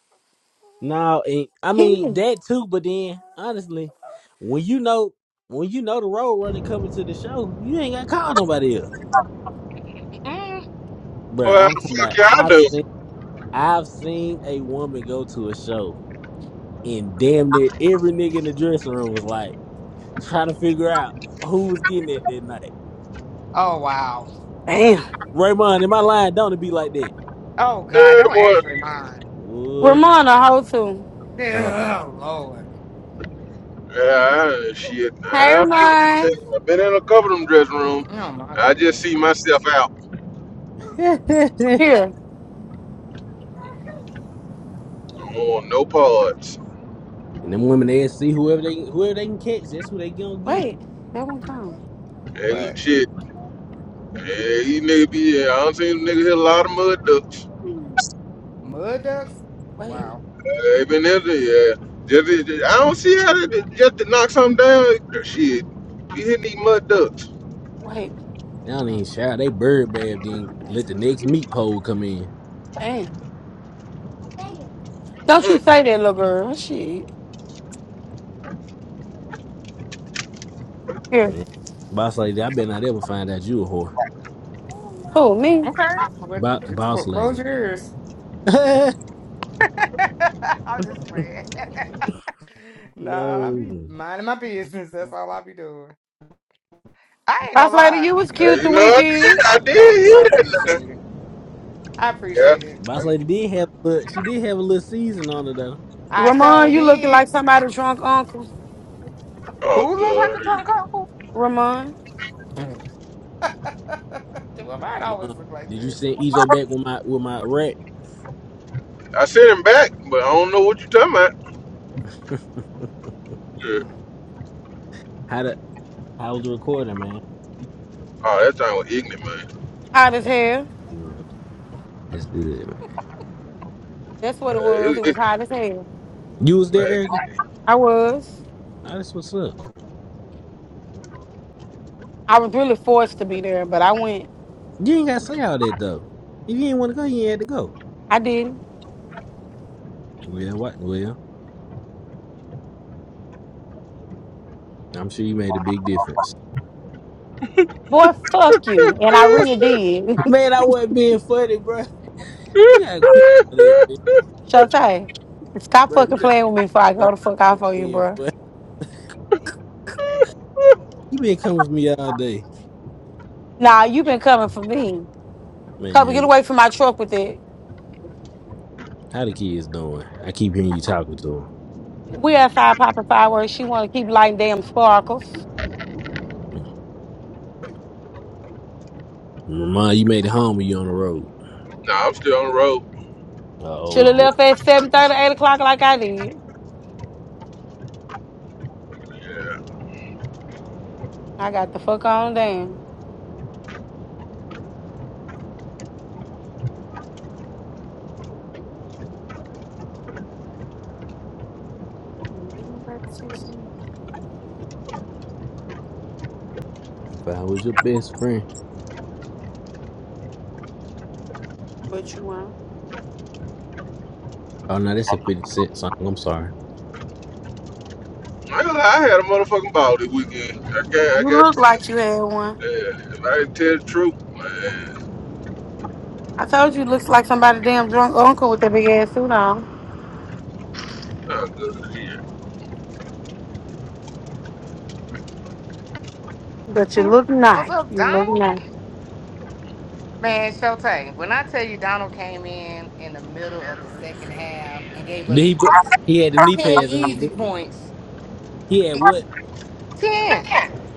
Speaker 6: No, and I
Speaker 14: Here.
Speaker 6: mean
Speaker 14: it.
Speaker 6: that too. But then, honestly, when you know when you know the road running coming to the show, you ain't gotta call nobody else,
Speaker 1: Mm-mm.
Speaker 6: bro.
Speaker 16: Well, how
Speaker 6: I'm
Speaker 16: the
Speaker 6: talking about.
Speaker 16: fuck yeah, I
Speaker 6: I've
Speaker 16: do.
Speaker 6: seen I've seen a woman go to a show, and damn near every nigga in the dressing room was like trying to figure out who was getting it that night.
Speaker 1: Oh wow.
Speaker 14: Damn.
Speaker 6: Raymond, in my line, don't it be like that?
Speaker 1: Oh God,
Speaker 16: Yeah,
Speaker 1: don't
Speaker 16: boy.
Speaker 1: ask me mine.
Speaker 6: What?
Speaker 14: Ramona, how to.
Speaker 6: Oh.
Speaker 1: Oh Lord.
Speaker 16: Yeah, I- shit.
Speaker 14: Hey,
Speaker 16: I've
Speaker 14: Ramon.
Speaker 16: been, I've been in a couple of them dressing rooms.
Speaker 1: Oh my
Speaker 16: I just
Speaker 1: goodness.
Speaker 16: see myself out.
Speaker 6: and
Speaker 14: Here.
Speaker 16: I don't want no parts.
Speaker 6: them women they see whoever they whoever they can catch, that's who they gonna get.
Speaker 14: Wait. That one gone.
Speaker 16: And
Speaker 1: But
Speaker 16: shit. Yeah, these niggas be, yeah, I don't see them niggas hit a lot of mud ducks.
Speaker 1: mud ducks?
Speaker 14: Wait.
Speaker 1: Wow.
Speaker 16: Yeah, they been in there, yeah. Just, just- I don't see how they just to knock something down. Shit. You hitting these mud ducks.
Speaker 14: Wait.
Speaker 6: They don't
Speaker 1: Mm.
Speaker 6: even shower. They bird bath, then let the next meat pole come in.
Speaker 14: Damn. Don't you
Speaker 16: Mm.
Speaker 14: say that, little girl. Shit. Here.
Speaker 6: Man. Boss lady, I bet not ever find out you a whore.
Speaker 14: Who, me?
Speaker 1: Okay. Well,
Speaker 6: Bo-
Speaker 1: just cl-
Speaker 6: boss lady.
Speaker 1: close your ears. I'm just playing. nah, I be
Speaker 6: no.
Speaker 1: minding my business. That's all I be doing. I ain't
Speaker 14: Boss
Speaker 1: gonna
Speaker 14: lady,
Speaker 1: lie.
Speaker 14: you was
Speaker 16: Yeah,
Speaker 14: cute the
Speaker 16: you know, I did,
Speaker 14: weekend.
Speaker 16: I
Speaker 1: Thank
Speaker 16: did
Speaker 1: you. I
Speaker 16: hear that.
Speaker 1: appreciate it. I
Speaker 16: Yeah.
Speaker 1: appreciate it.
Speaker 6: Boss
Speaker 1: Thank
Speaker 6: lady
Speaker 1: you so
Speaker 6: did
Speaker 1: much.
Speaker 6: have a little- she did have a little season on her though.
Speaker 1: I
Speaker 14: Ramon,
Speaker 1: sure
Speaker 14: you looked like
Speaker 1: did.
Speaker 14: somebody's drunk uncle.
Speaker 16: Oh,
Speaker 1: Who look like a drunk
Speaker 16: God.
Speaker 1: uncle?
Speaker 14: Ramon,
Speaker 1: Do I might
Speaker 6: Mom,
Speaker 1: always look like
Speaker 6: did you
Speaker 1: that?
Speaker 6: send EJ back with my with my rat?
Speaker 16: I sent him back, but I don't know what you talking about. Yeah.
Speaker 1: Mm.
Speaker 6: How the how was the recording, man?
Speaker 16: Oh, that thing was ignorant, man.
Speaker 14: hot as hell.
Speaker 6: Good. That's good, man.
Speaker 14: That's what it was. It
Speaker 16: Yeah,
Speaker 14: was
Speaker 16: It,
Speaker 14: hot as hell.
Speaker 6: You was there,
Speaker 16: it, man.
Speaker 6: Erica?
Speaker 14: I was.
Speaker 6: Nah, that's what's up.
Speaker 14: I was really forced to be there, but I went.
Speaker 6: You ain't gotta say all that though. If you ain't wanna go, you ain't had to go.
Speaker 14: I didn't.
Speaker 6: Well what well, I'm sure you made a big difference.
Speaker 14: Boy, fuck you. And I really did.
Speaker 6: Man, I wasn't being funny, bro. You gotta quit all that, man.
Speaker 14: Shotay, stop
Speaker 6: bro. You
Speaker 14: fucking
Speaker 6: got
Speaker 14: playing with me before I
Speaker 6: bro
Speaker 14: go the fuck off
Speaker 6: quit
Speaker 14: on you,
Speaker 6: being
Speaker 14: bro.
Speaker 6: funny. You been coming for me all day,
Speaker 14: Nah, you been coming for me. Couple,
Speaker 6: man.
Speaker 14: get
Speaker 6: Bro.
Speaker 14: away from my truck with it.
Speaker 6: How the kids doing? I keep hearing you talking to
Speaker 14: We had five popping fireworks. She want to keep lighting damn sparkles.
Speaker 6: them. Mama, you made it home. Or you on the road?
Speaker 16: nah, I'm still on the road.
Speaker 6: Uh, Oh
Speaker 14: Should have
Speaker 6: boy,
Speaker 14: left at seven thirty, eight o'clock like I did.
Speaker 16: Yeah.
Speaker 14: I got the fuck on damn. Get my back to you.
Speaker 6: if I was your best friend.
Speaker 14: But you won't.
Speaker 6: Oh no, that's a fifty cent song. I'm sorry.
Speaker 16: I, ain't gonna lie, I had a motherfucking ball this weekend. I got, I
Speaker 14: You
Speaker 16: got
Speaker 14: look
Speaker 16: to tell
Speaker 14: like you
Speaker 16: you.
Speaker 14: had one.
Speaker 16: Yeah, if I didn't tell the truth, man,
Speaker 14: I told you looks like somebody damn drunk uncle with that big ass suit on.
Speaker 16: I'm good to hear.
Speaker 14: But you look
Speaker 1: What's
Speaker 14: nice.
Speaker 1: up,
Speaker 14: You look
Speaker 1: Donald?
Speaker 14: nice.
Speaker 1: Man, Shotay, when I tell you Donald came in in the middle of the second half and gave
Speaker 6: Did
Speaker 1: us
Speaker 6: he put? He had the knee
Speaker 1: 10
Speaker 6: pads on,
Speaker 1: easy
Speaker 6: didn't
Speaker 1: points,
Speaker 6: he? He had
Speaker 1: it's
Speaker 6: what?
Speaker 1: ten.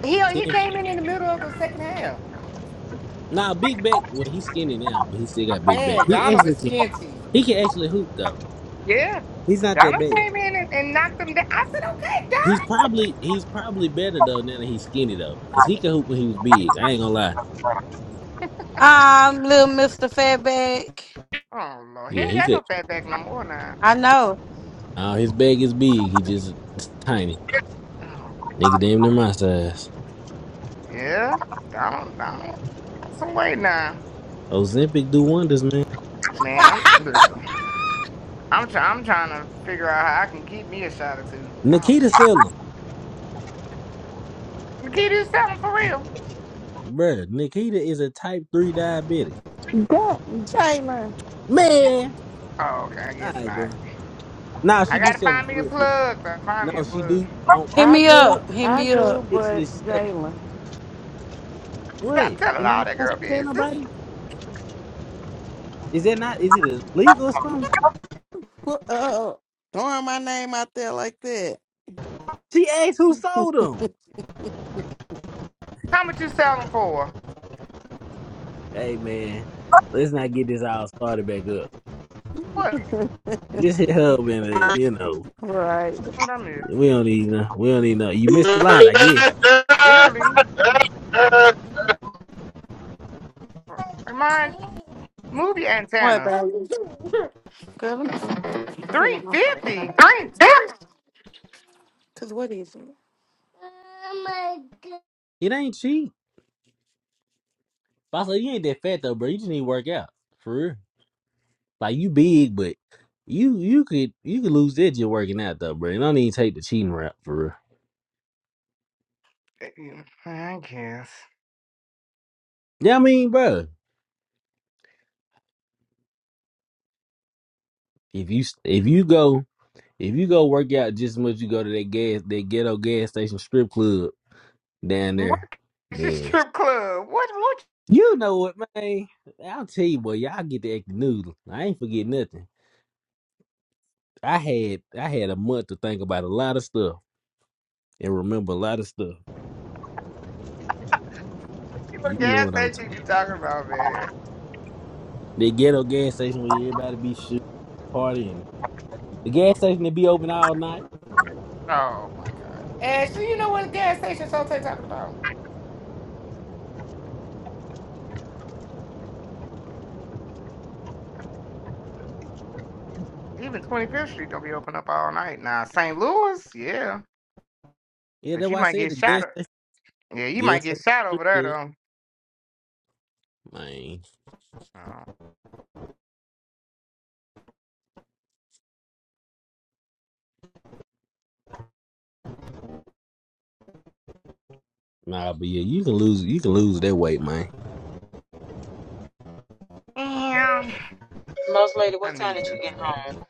Speaker 1: He he
Speaker 6: Ten.
Speaker 1: came in in the middle of the second half.
Speaker 6: Nah, big back. Well, he's skinny now, but he still got big back.
Speaker 1: Man,
Speaker 6: He
Speaker 1: Donald
Speaker 6: actually
Speaker 1: is
Speaker 6: can.
Speaker 1: skinty.
Speaker 6: He can actually hoop though.
Speaker 1: Yeah,
Speaker 6: He's not that
Speaker 1: Donald
Speaker 6: bad.
Speaker 1: came in and, and knocked him down. I said, okay,
Speaker 6: He's probably he's probably better though now that he's skinny though, cause he could hoop when he was big. I ain't gonna lie.
Speaker 14: Um, little Mr. Fatback.
Speaker 1: Donald. Oh Lord, he
Speaker 6: Yeah,
Speaker 1: ain't
Speaker 6: he
Speaker 1: got
Speaker 6: could.
Speaker 1: no fat back no more now.
Speaker 14: I know.
Speaker 6: Uh, his bag is big. He just it's tiny.
Speaker 1: Oh
Speaker 6: Nigga, damn near
Speaker 1: Lord.
Speaker 6: my size.
Speaker 1: yeah, Donald, Donald got some weight now.
Speaker 6: Ozempic do wonders, man.
Speaker 1: Man, I'm listen. I'm trying. I'm trying to figure out how I can get me a shot or two. Ouch.
Speaker 6: Nikita sell him,
Speaker 1: The kid is selling for real.
Speaker 6: bruh. Nikita is a type three diabetic,
Speaker 10: But Jalen,
Speaker 6: man.
Speaker 1: Oh, okay, I
Speaker 6: All
Speaker 1: guess
Speaker 6: right,
Speaker 1: not.
Speaker 6: bro. Nah,
Speaker 1: I
Speaker 6: she do
Speaker 1: gotta
Speaker 6: sell him
Speaker 1: find
Speaker 6: for
Speaker 1: me a
Speaker 6: real. For
Speaker 1: plug. Though. Find
Speaker 6: real.
Speaker 1: me
Speaker 6: No,
Speaker 1: a
Speaker 6: she
Speaker 1: plug.
Speaker 6: do. Don't
Speaker 14: Hit
Speaker 10: I
Speaker 14: me
Speaker 10: do,
Speaker 14: up. Hit
Speaker 10: I
Speaker 14: me up.
Speaker 10: do,
Speaker 6: seriously
Speaker 10: but
Speaker 6: sell him.
Speaker 10: Jalen,
Speaker 6: What?
Speaker 1: Stop telling
Speaker 6: Am I
Speaker 1: all
Speaker 6: not
Speaker 1: that
Speaker 6: supposed
Speaker 1: girl
Speaker 6: to tell
Speaker 1: business.
Speaker 6: nobody? Is that not? Is it illegal or something?
Speaker 10: Well, uh, throwing my name out there like that,
Speaker 6: She asked who sold him.
Speaker 1: How much you selling for?
Speaker 6: Hey man, let's not get this all started back up. Just hit her up and uh, you know
Speaker 10: right?
Speaker 1: What I miss?
Speaker 6: we don't even know. We don't even know. You missed the light, I guess.
Speaker 1: Clearly.
Speaker 16: uh,
Speaker 1: Remind move your
Speaker 14: What,
Speaker 1: antennas.
Speaker 14: baby? Girl, let me- you know
Speaker 1: Three
Speaker 14: my
Speaker 1: fifty.
Speaker 14: phone. Cause what is it?
Speaker 6: It ain't cheap. Also, you ain't that fat though, bro. You just need to work out for real. Like you big, but you you could you could lose that just working out though, bro. You don't even take the cheating route for real.
Speaker 1: Eh, eh, I guess.
Speaker 6: Yeah, I mean, bro, if you if you go if you go work out just as much you go to that gas that ghetto gas station strip club down
Speaker 1: What
Speaker 6: there,
Speaker 1: is a
Speaker 6: then.
Speaker 1: strip club? What what
Speaker 6: You know what, man? I'll tell you boy. y'all get the acting noodle. I ain't forget nothing. I had I had a month to think about a lot of stuff and remember a lot of stuff.
Speaker 1: people
Speaker 6: You know
Speaker 1: gas
Speaker 6: what I'm talking
Speaker 1: station
Speaker 6: about.
Speaker 1: you talking about, man?
Speaker 6: The ghetto gas station where everybody be shooting partying. The gas station that be open all night.
Speaker 1: Oh my god. Ashley, you know what gas station Sote talking about? Even Twenty Fifth Street don't be open up all night. Now St. Louis, yeah.
Speaker 6: Yeah,
Speaker 1: But
Speaker 6: that's
Speaker 1: you
Speaker 6: why I
Speaker 1: might
Speaker 6: said
Speaker 1: get
Speaker 6: the
Speaker 1: shot
Speaker 6: gas station
Speaker 1: o- Yeah, you
Speaker 6: gas
Speaker 1: might get
Speaker 6: station.
Speaker 1: shot
Speaker 6: look
Speaker 1: over there
Speaker 6: good.
Speaker 1: though.
Speaker 6: Man.
Speaker 1: Oh.
Speaker 6: Nah, but yeah, you can lose you can lose that weight, man.
Speaker 1: Damn.
Speaker 17: Most lady,
Speaker 1: I
Speaker 17: what time
Speaker 1: need
Speaker 17: did you
Speaker 1: you.
Speaker 17: get home?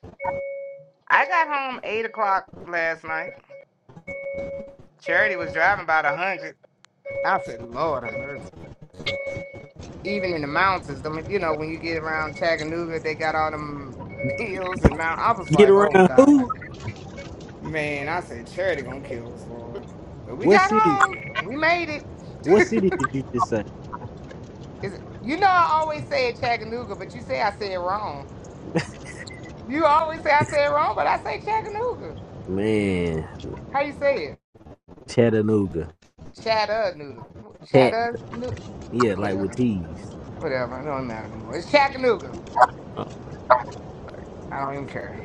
Speaker 1: I got home eight o'clock last night. Charity was driving about a hundred. I said, Lord have mercy. Even in the mountains, I mean, you know, when you get around Chattanooga, they got all them hills and mountains. I was
Speaker 6: Get
Speaker 1: like, oh
Speaker 6: around
Speaker 1: God,
Speaker 6: who?
Speaker 1: man. I said, Charity gonna kill us, Lord. But we
Speaker 6: What
Speaker 1: got
Speaker 6: city
Speaker 1: home. We made it.
Speaker 6: what city did you just say?
Speaker 1: Is it- you know, I always say it Chattanooga, but you say I say it wrong. You always say I say it wrong, but I say Chattanooga.
Speaker 6: Man,
Speaker 1: How you say it?
Speaker 6: Chattanooga.
Speaker 1: Chattanooga. Chattanooga.
Speaker 6: Yeah, like with
Speaker 1: Whatever.
Speaker 6: T's.
Speaker 1: Whatever. It don't matter no more. It's Chattanooga.
Speaker 6: Oh.
Speaker 1: I don't even care.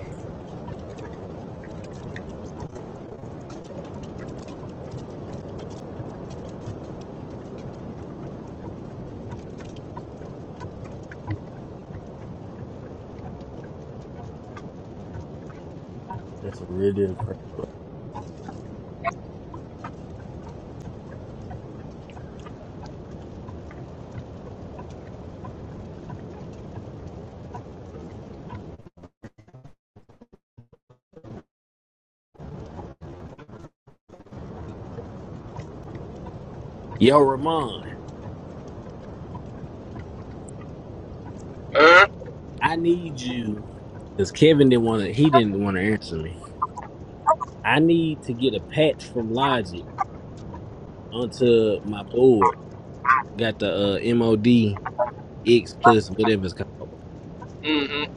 Speaker 6: That's a real deal crap. Yo, Ramon, I need you because Kevin didn't want to. He didn't want to answer me. I need to get a patch from Logic onto my board. Got the uh, MOD X plus whatever it's called.
Speaker 16: mm-hmm.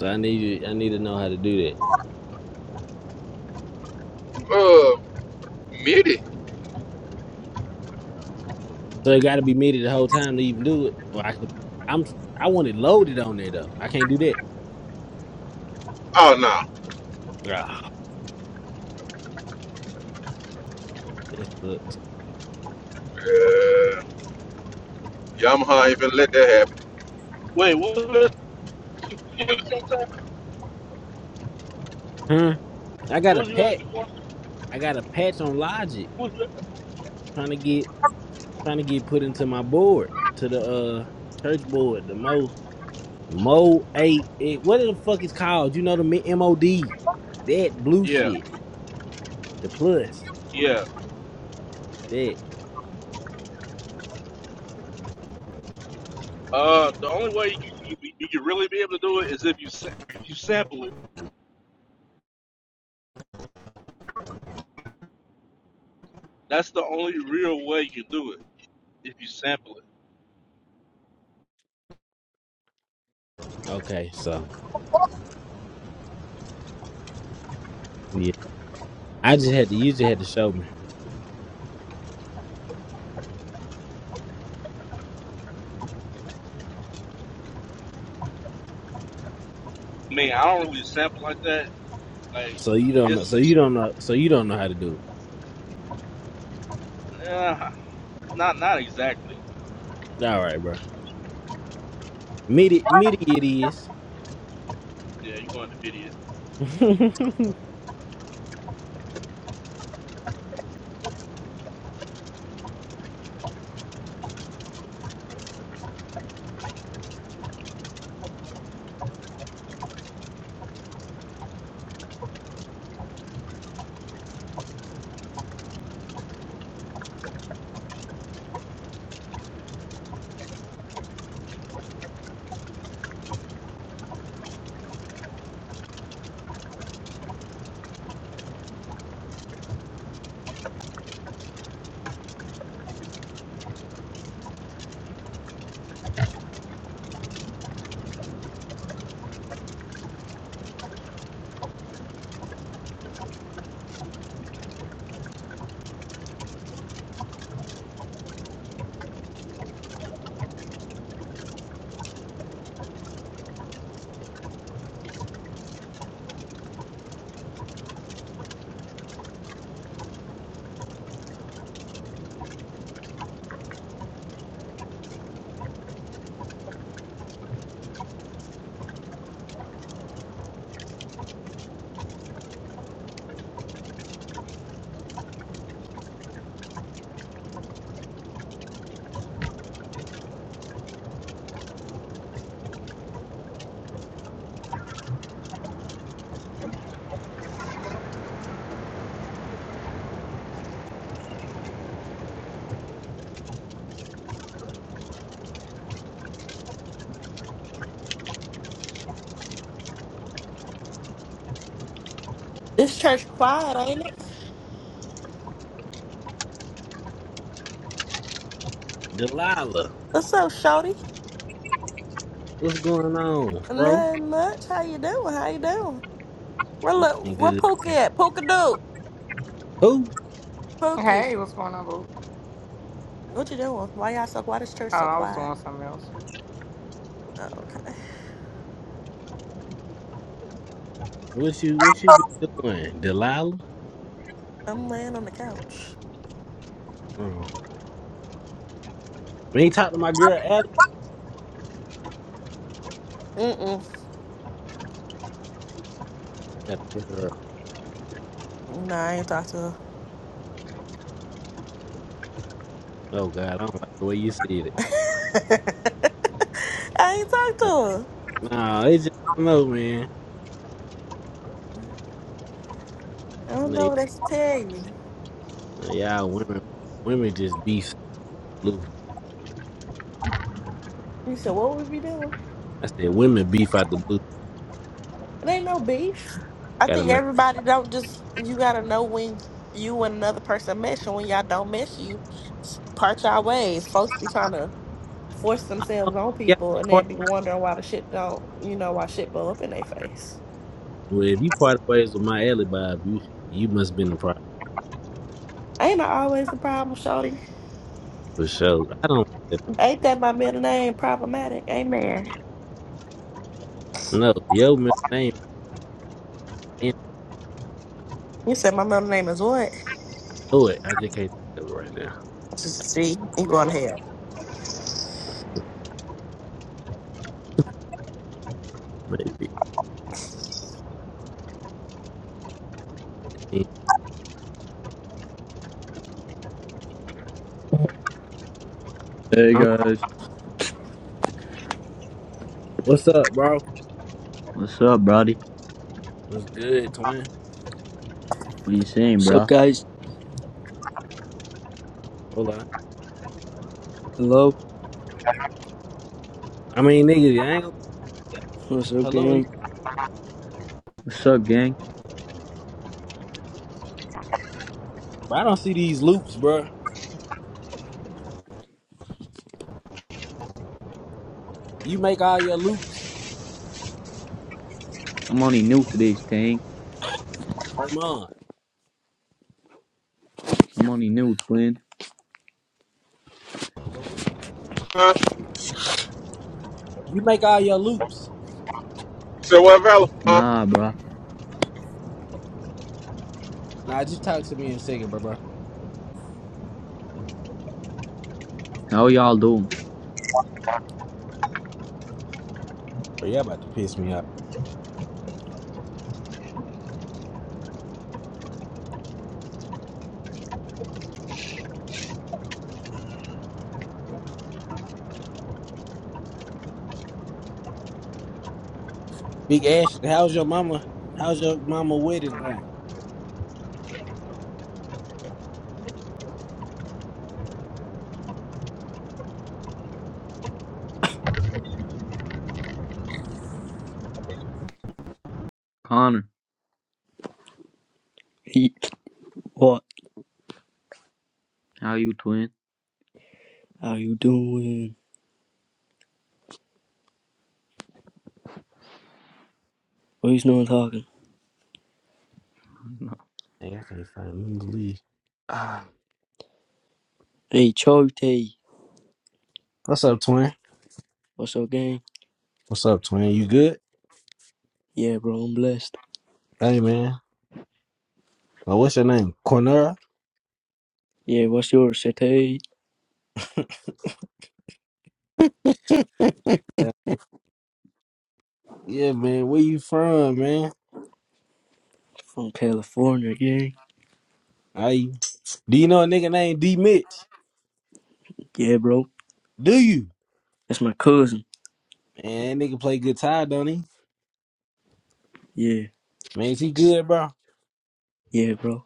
Speaker 6: So I need you. I need to know how to do that.
Speaker 16: Uh, MIDI.
Speaker 6: So it got to be muted the whole time to even do it. Well, I can. I'm. I want it loaded on there though. I can't do that.
Speaker 16: Oh, no.
Speaker 6: Ah, that sucks.
Speaker 16: Yeah. Yamaha ain't finna let that happen.
Speaker 18: Wait, what was you asking for?
Speaker 6: Huh? I got
Speaker 18: What
Speaker 6: a
Speaker 18: was you
Speaker 6: patch.
Speaker 18: asking for?
Speaker 6: I got a patch on Logic.
Speaker 18: What was it?
Speaker 6: Trying to get trying to get put into my board to the uh church board, the Mo Mo eight. It, what the fuck is called? You know the MOD, that blue
Speaker 18: Yeah,
Speaker 6: shit, the plus
Speaker 18: yeah.
Speaker 6: that.
Speaker 18: Uh, the only way you, can- you, you can really be able to do it is if you sa- if you sample it. That's the only real way you can do it. If you sample it.
Speaker 6: Okay, so yeah, I just had to. You just had to show me.
Speaker 18: I mean, I don't really sample like that. Like
Speaker 6: So you don't know. So you
Speaker 18: it's
Speaker 6: don't know. So you don't know how to do.
Speaker 18: uh, not not exactly.
Speaker 6: It. All right, bro. Midi, midi, it is.
Speaker 18: Yeah, you going to MIDI
Speaker 19: This church quiet, ain't it?
Speaker 6: Delilah,
Speaker 19: What's up, Shorty?
Speaker 6: what's going on, bro?
Speaker 19: Nothing much. How you doing? How you doing? Where look
Speaker 6: Nothing
Speaker 19: where
Speaker 6: Good.
Speaker 19: Pookie at? Pookie do.
Speaker 6: Who?
Speaker 19: Pookie.
Speaker 1: Hey, what's going on, boo?
Speaker 19: What you doing? Why y'all so why this church
Speaker 1: Oh,
Speaker 19: so
Speaker 1: I was
Speaker 19: quiet?
Speaker 1: doing something else.
Speaker 19: Oh, okay.
Speaker 6: What you? What you been doing, Delilah?
Speaker 19: I'm laying on the couch.
Speaker 6: Oh. We ain't talked to my girl
Speaker 19: Mm mm.
Speaker 6: That piss her
Speaker 19: Nah, I ain't talk to her.
Speaker 6: Oh God, I don't like the way you see it.
Speaker 19: I ain't talk
Speaker 6: Uh,
Speaker 19: to her.
Speaker 6: Nah, it's just I don't know, man.
Speaker 19: I
Speaker 6: You
Speaker 19: don't
Speaker 6: know,
Speaker 19: know
Speaker 6: you
Speaker 19: what else to tell you.
Speaker 6: know, y'all women, women just beef blue.
Speaker 19: You said what we be doing?
Speaker 6: I said women beef out the blue.
Speaker 19: It ain't no beef. I
Speaker 6: Gotta
Speaker 19: think
Speaker 6: make
Speaker 19: everybody don't just you gotta know when you and another person mesh and when y'all don't mesh you s- part y'all ways. Folks be trying to force themselves on
Speaker 6: yeah.
Speaker 19: people and
Speaker 6: Part
Speaker 19: then be wondering why the shit don't you know, why shit blow up in their face.
Speaker 6: well, if you part ways with my alley, Bob, you you must been the problem
Speaker 19: Ain't I always the problem, Shorty?
Speaker 6: for sure. I don't
Speaker 19: Ain't that my middle name problematic? Amen.
Speaker 6: know. Yo, man, name and
Speaker 19: You said my middle name is what?
Speaker 6: do it. I just can't think of it right now.
Speaker 19: Just see, you going to hell.
Speaker 6: Maybe.
Speaker 20: Hey
Speaker 6: Um,
Speaker 20: guys,
Speaker 6: what's up, bro?
Speaker 20: what's up, Brody?
Speaker 6: What's good, twin?
Speaker 20: What you saying,
Speaker 21: What's up,
Speaker 20: bro?
Speaker 21: guys?
Speaker 6: Hold on.
Speaker 21: Hello.
Speaker 6: I mean, nigga, I ain't gonna. Yeah.
Speaker 21: What's up,
Speaker 6: Hello,
Speaker 21: gang?
Speaker 20: What's up, gang?
Speaker 6: bro. I don't see these loops, bro. You make all your loops,
Speaker 20: I'm only new to this thing.
Speaker 6: Raymond.
Speaker 20: I'm only new, twin.
Speaker 6: Bro, what?
Speaker 16: Huh?
Speaker 6: You make all your loops.
Speaker 16: So what, fella? Huh?
Speaker 20: Nah, bro.
Speaker 6: Nah, just talk to me in a second, bro, bro.
Speaker 20: How y'all doing?
Speaker 6: But yeah, about to piss me off. Big Ashley, how's your mama? How's your mama wedding thing?
Speaker 20: Connor,
Speaker 21: Hey, what?
Speaker 20: how you, twin?
Speaker 21: How you doing? Who's no one talking?
Speaker 6: Hey, I can't find me to leave. Ah,
Speaker 21: Hey, Chote.
Speaker 6: what's up, twin?
Speaker 21: What's up, gang?
Speaker 6: What's up, twin? You good?
Speaker 21: Yeah, bro, I'm blessed.
Speaker 6: Hey, man. Uh, what's your name? Cornera?
Speaker 21: Yeah, what's yours, Chote?
Speaker 6: Yeah. yeah, man. Where you from, man?
Speaker 21: From California, gang.
Speaker 6: How you? Do you know a nigga named D Mitch?
Speaker 21: Yeah, bro.
Speaker 6: Do you?
Speaker 21: That's my cousin.
Speaker 6: Man, that nigga play guitar, don't he?
Speaker 21: Yeah,
Speaker 6: Man, is he good, bro?
Speaker 21: yeah, bro.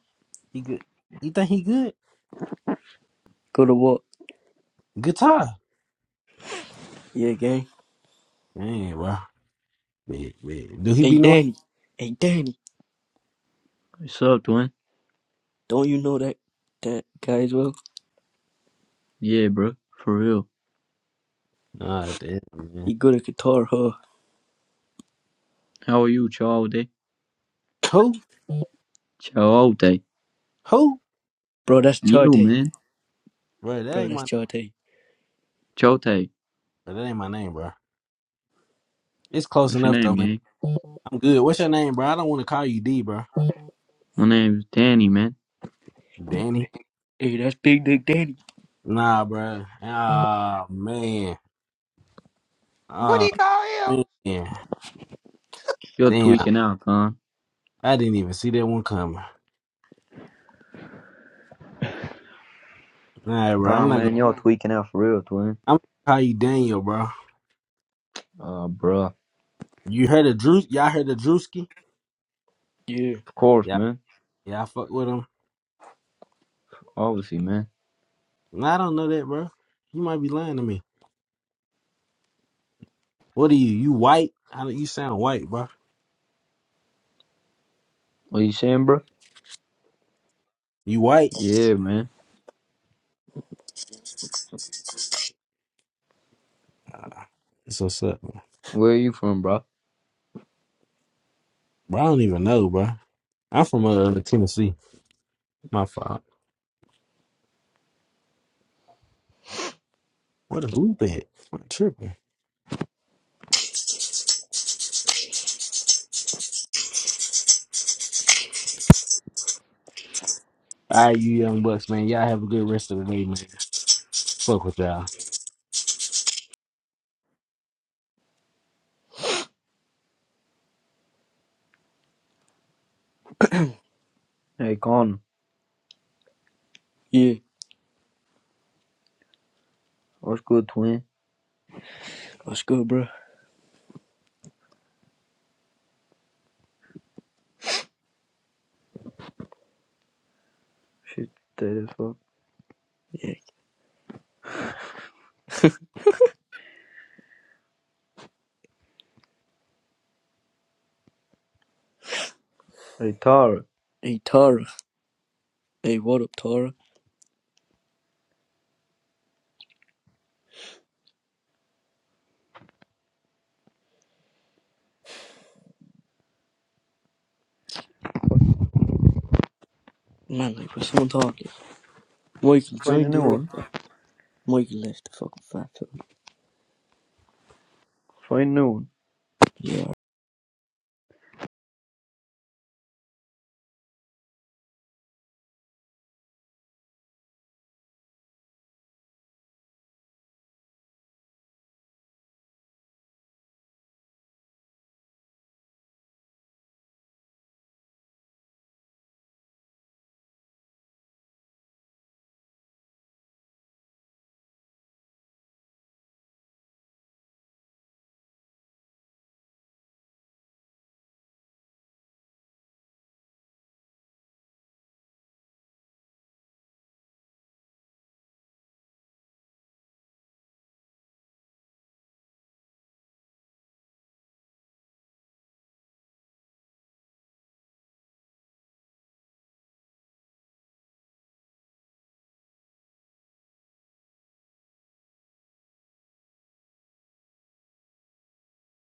Speaker 6: He good. You think he good?
Speaker 21: Go to what?
Speaker 6: Guitar.
Speaker 21: Yeah, gang.
Speaker 6: Man, bro. Man, man. Do he
Speaker 21: Hey,
Speaker 6: be knowing?
Speaker 21: Danny. Hey, Danny.
Speaker 20: What's up, twin?
Speaker 21: Don't you know that that guy as well?
Speaker 20: Yeah, bro. For real.
Speaker 6: Nah, damn, man.
Speaker 21: He good at guitar, huh?
Speaker 20: How are you, Chowde?
Speaker 6: Who?
Speaker 20: Chowde.
Speaker 6: Who?
Speaker 21: Bro, that's
Speaker 20: You,
Speaker 21: Chote.
Speaker 20: man.
Speaker 6: Bro, that
Speaker 21: Bro,
Speaker 6: ain't
Speaker 21: that's
Speaker 6: my
Speaker 21: Chote.
Speaker 20: Chote.
Speaker 6: bro, that ain't my name, bro. It's close
Speaker 20: What's your
Speaker 6: enough though,
Speaker 20: name,
Speaker 6: man.
Speaker 20: gang?
Speaker 6: I'm good. What's your name, bro? I don't want to call you D, bro.
Speaker 20: My name's Danny, man.
Speaker 6: Danny.
Speaker 21: Hey, that's Big Dick Danny.
Speaker 6: Nah, bro. Ah, man.
Speaker 1: What do
Speaker 6: Ah,
Speaker 1: you call him?
Speaker 6: man.
Speaker 20: You're
Speaker 6: Damn.
Speaker 20: tweaking out, Con.
Speaker 6: I didn't even see that one coming. Nah, bro. I'm
Speaker 20: Con,
Speaker 6: not gonna.
Speaker 20: man, you're tweaking out for real, twin.
Speaker 6: I'm gonna call you Daniel, bro.
Speaker 20: Uh, bro.
Speaker 6: You heard of Drew? Y'all heard of Drewski?
Speaker 21: Yeah,
Speaker 20: Of course,
Speaker 6: Yeah.
Speaker 20: man.
Speaker 6: Yeah, I fuck with him.
Speaker 20: Obviously, man.
Speaker 6: Nah, I don't know that, bro. You might be lying to me. What are you? You white? How do you sound white, bro?
Speaker 20: What you saying, bro?
Speaker 6: You white?
Speaker 20: Yeah, man.
Speaker 6: Ah, That's what's up.
Speaker 20: Where you from, bro?
Speaker 6: Bro, I don't even know, bro. I'm from uh Tennessee. My fault. What a loop at? I'm tripping. All right, you young bucks, man. Y'all have a good rest of the day, man. Fuck with y'all.
Speaker 20: Hey, Con.
Speaker 21: yeah.
Speaker 20: What's good, twin?
Speaker 21: What's good, bro?
Speaker 20: Shit, that is fuck.
Speaker 21: Yeah.
Speaker 20: Hey, Tara.
Speaker 21: Hey Tara. Hey, what up, Tara? Man, like, was someone talking, Michael
Speaker 20: Find a
Speaker 21: joined
Speaker 20: new
Speaker 21: the
Speaker 20: one.
Speaker 21: old Michael left the fucking fat
Speaker 20: Find a new one.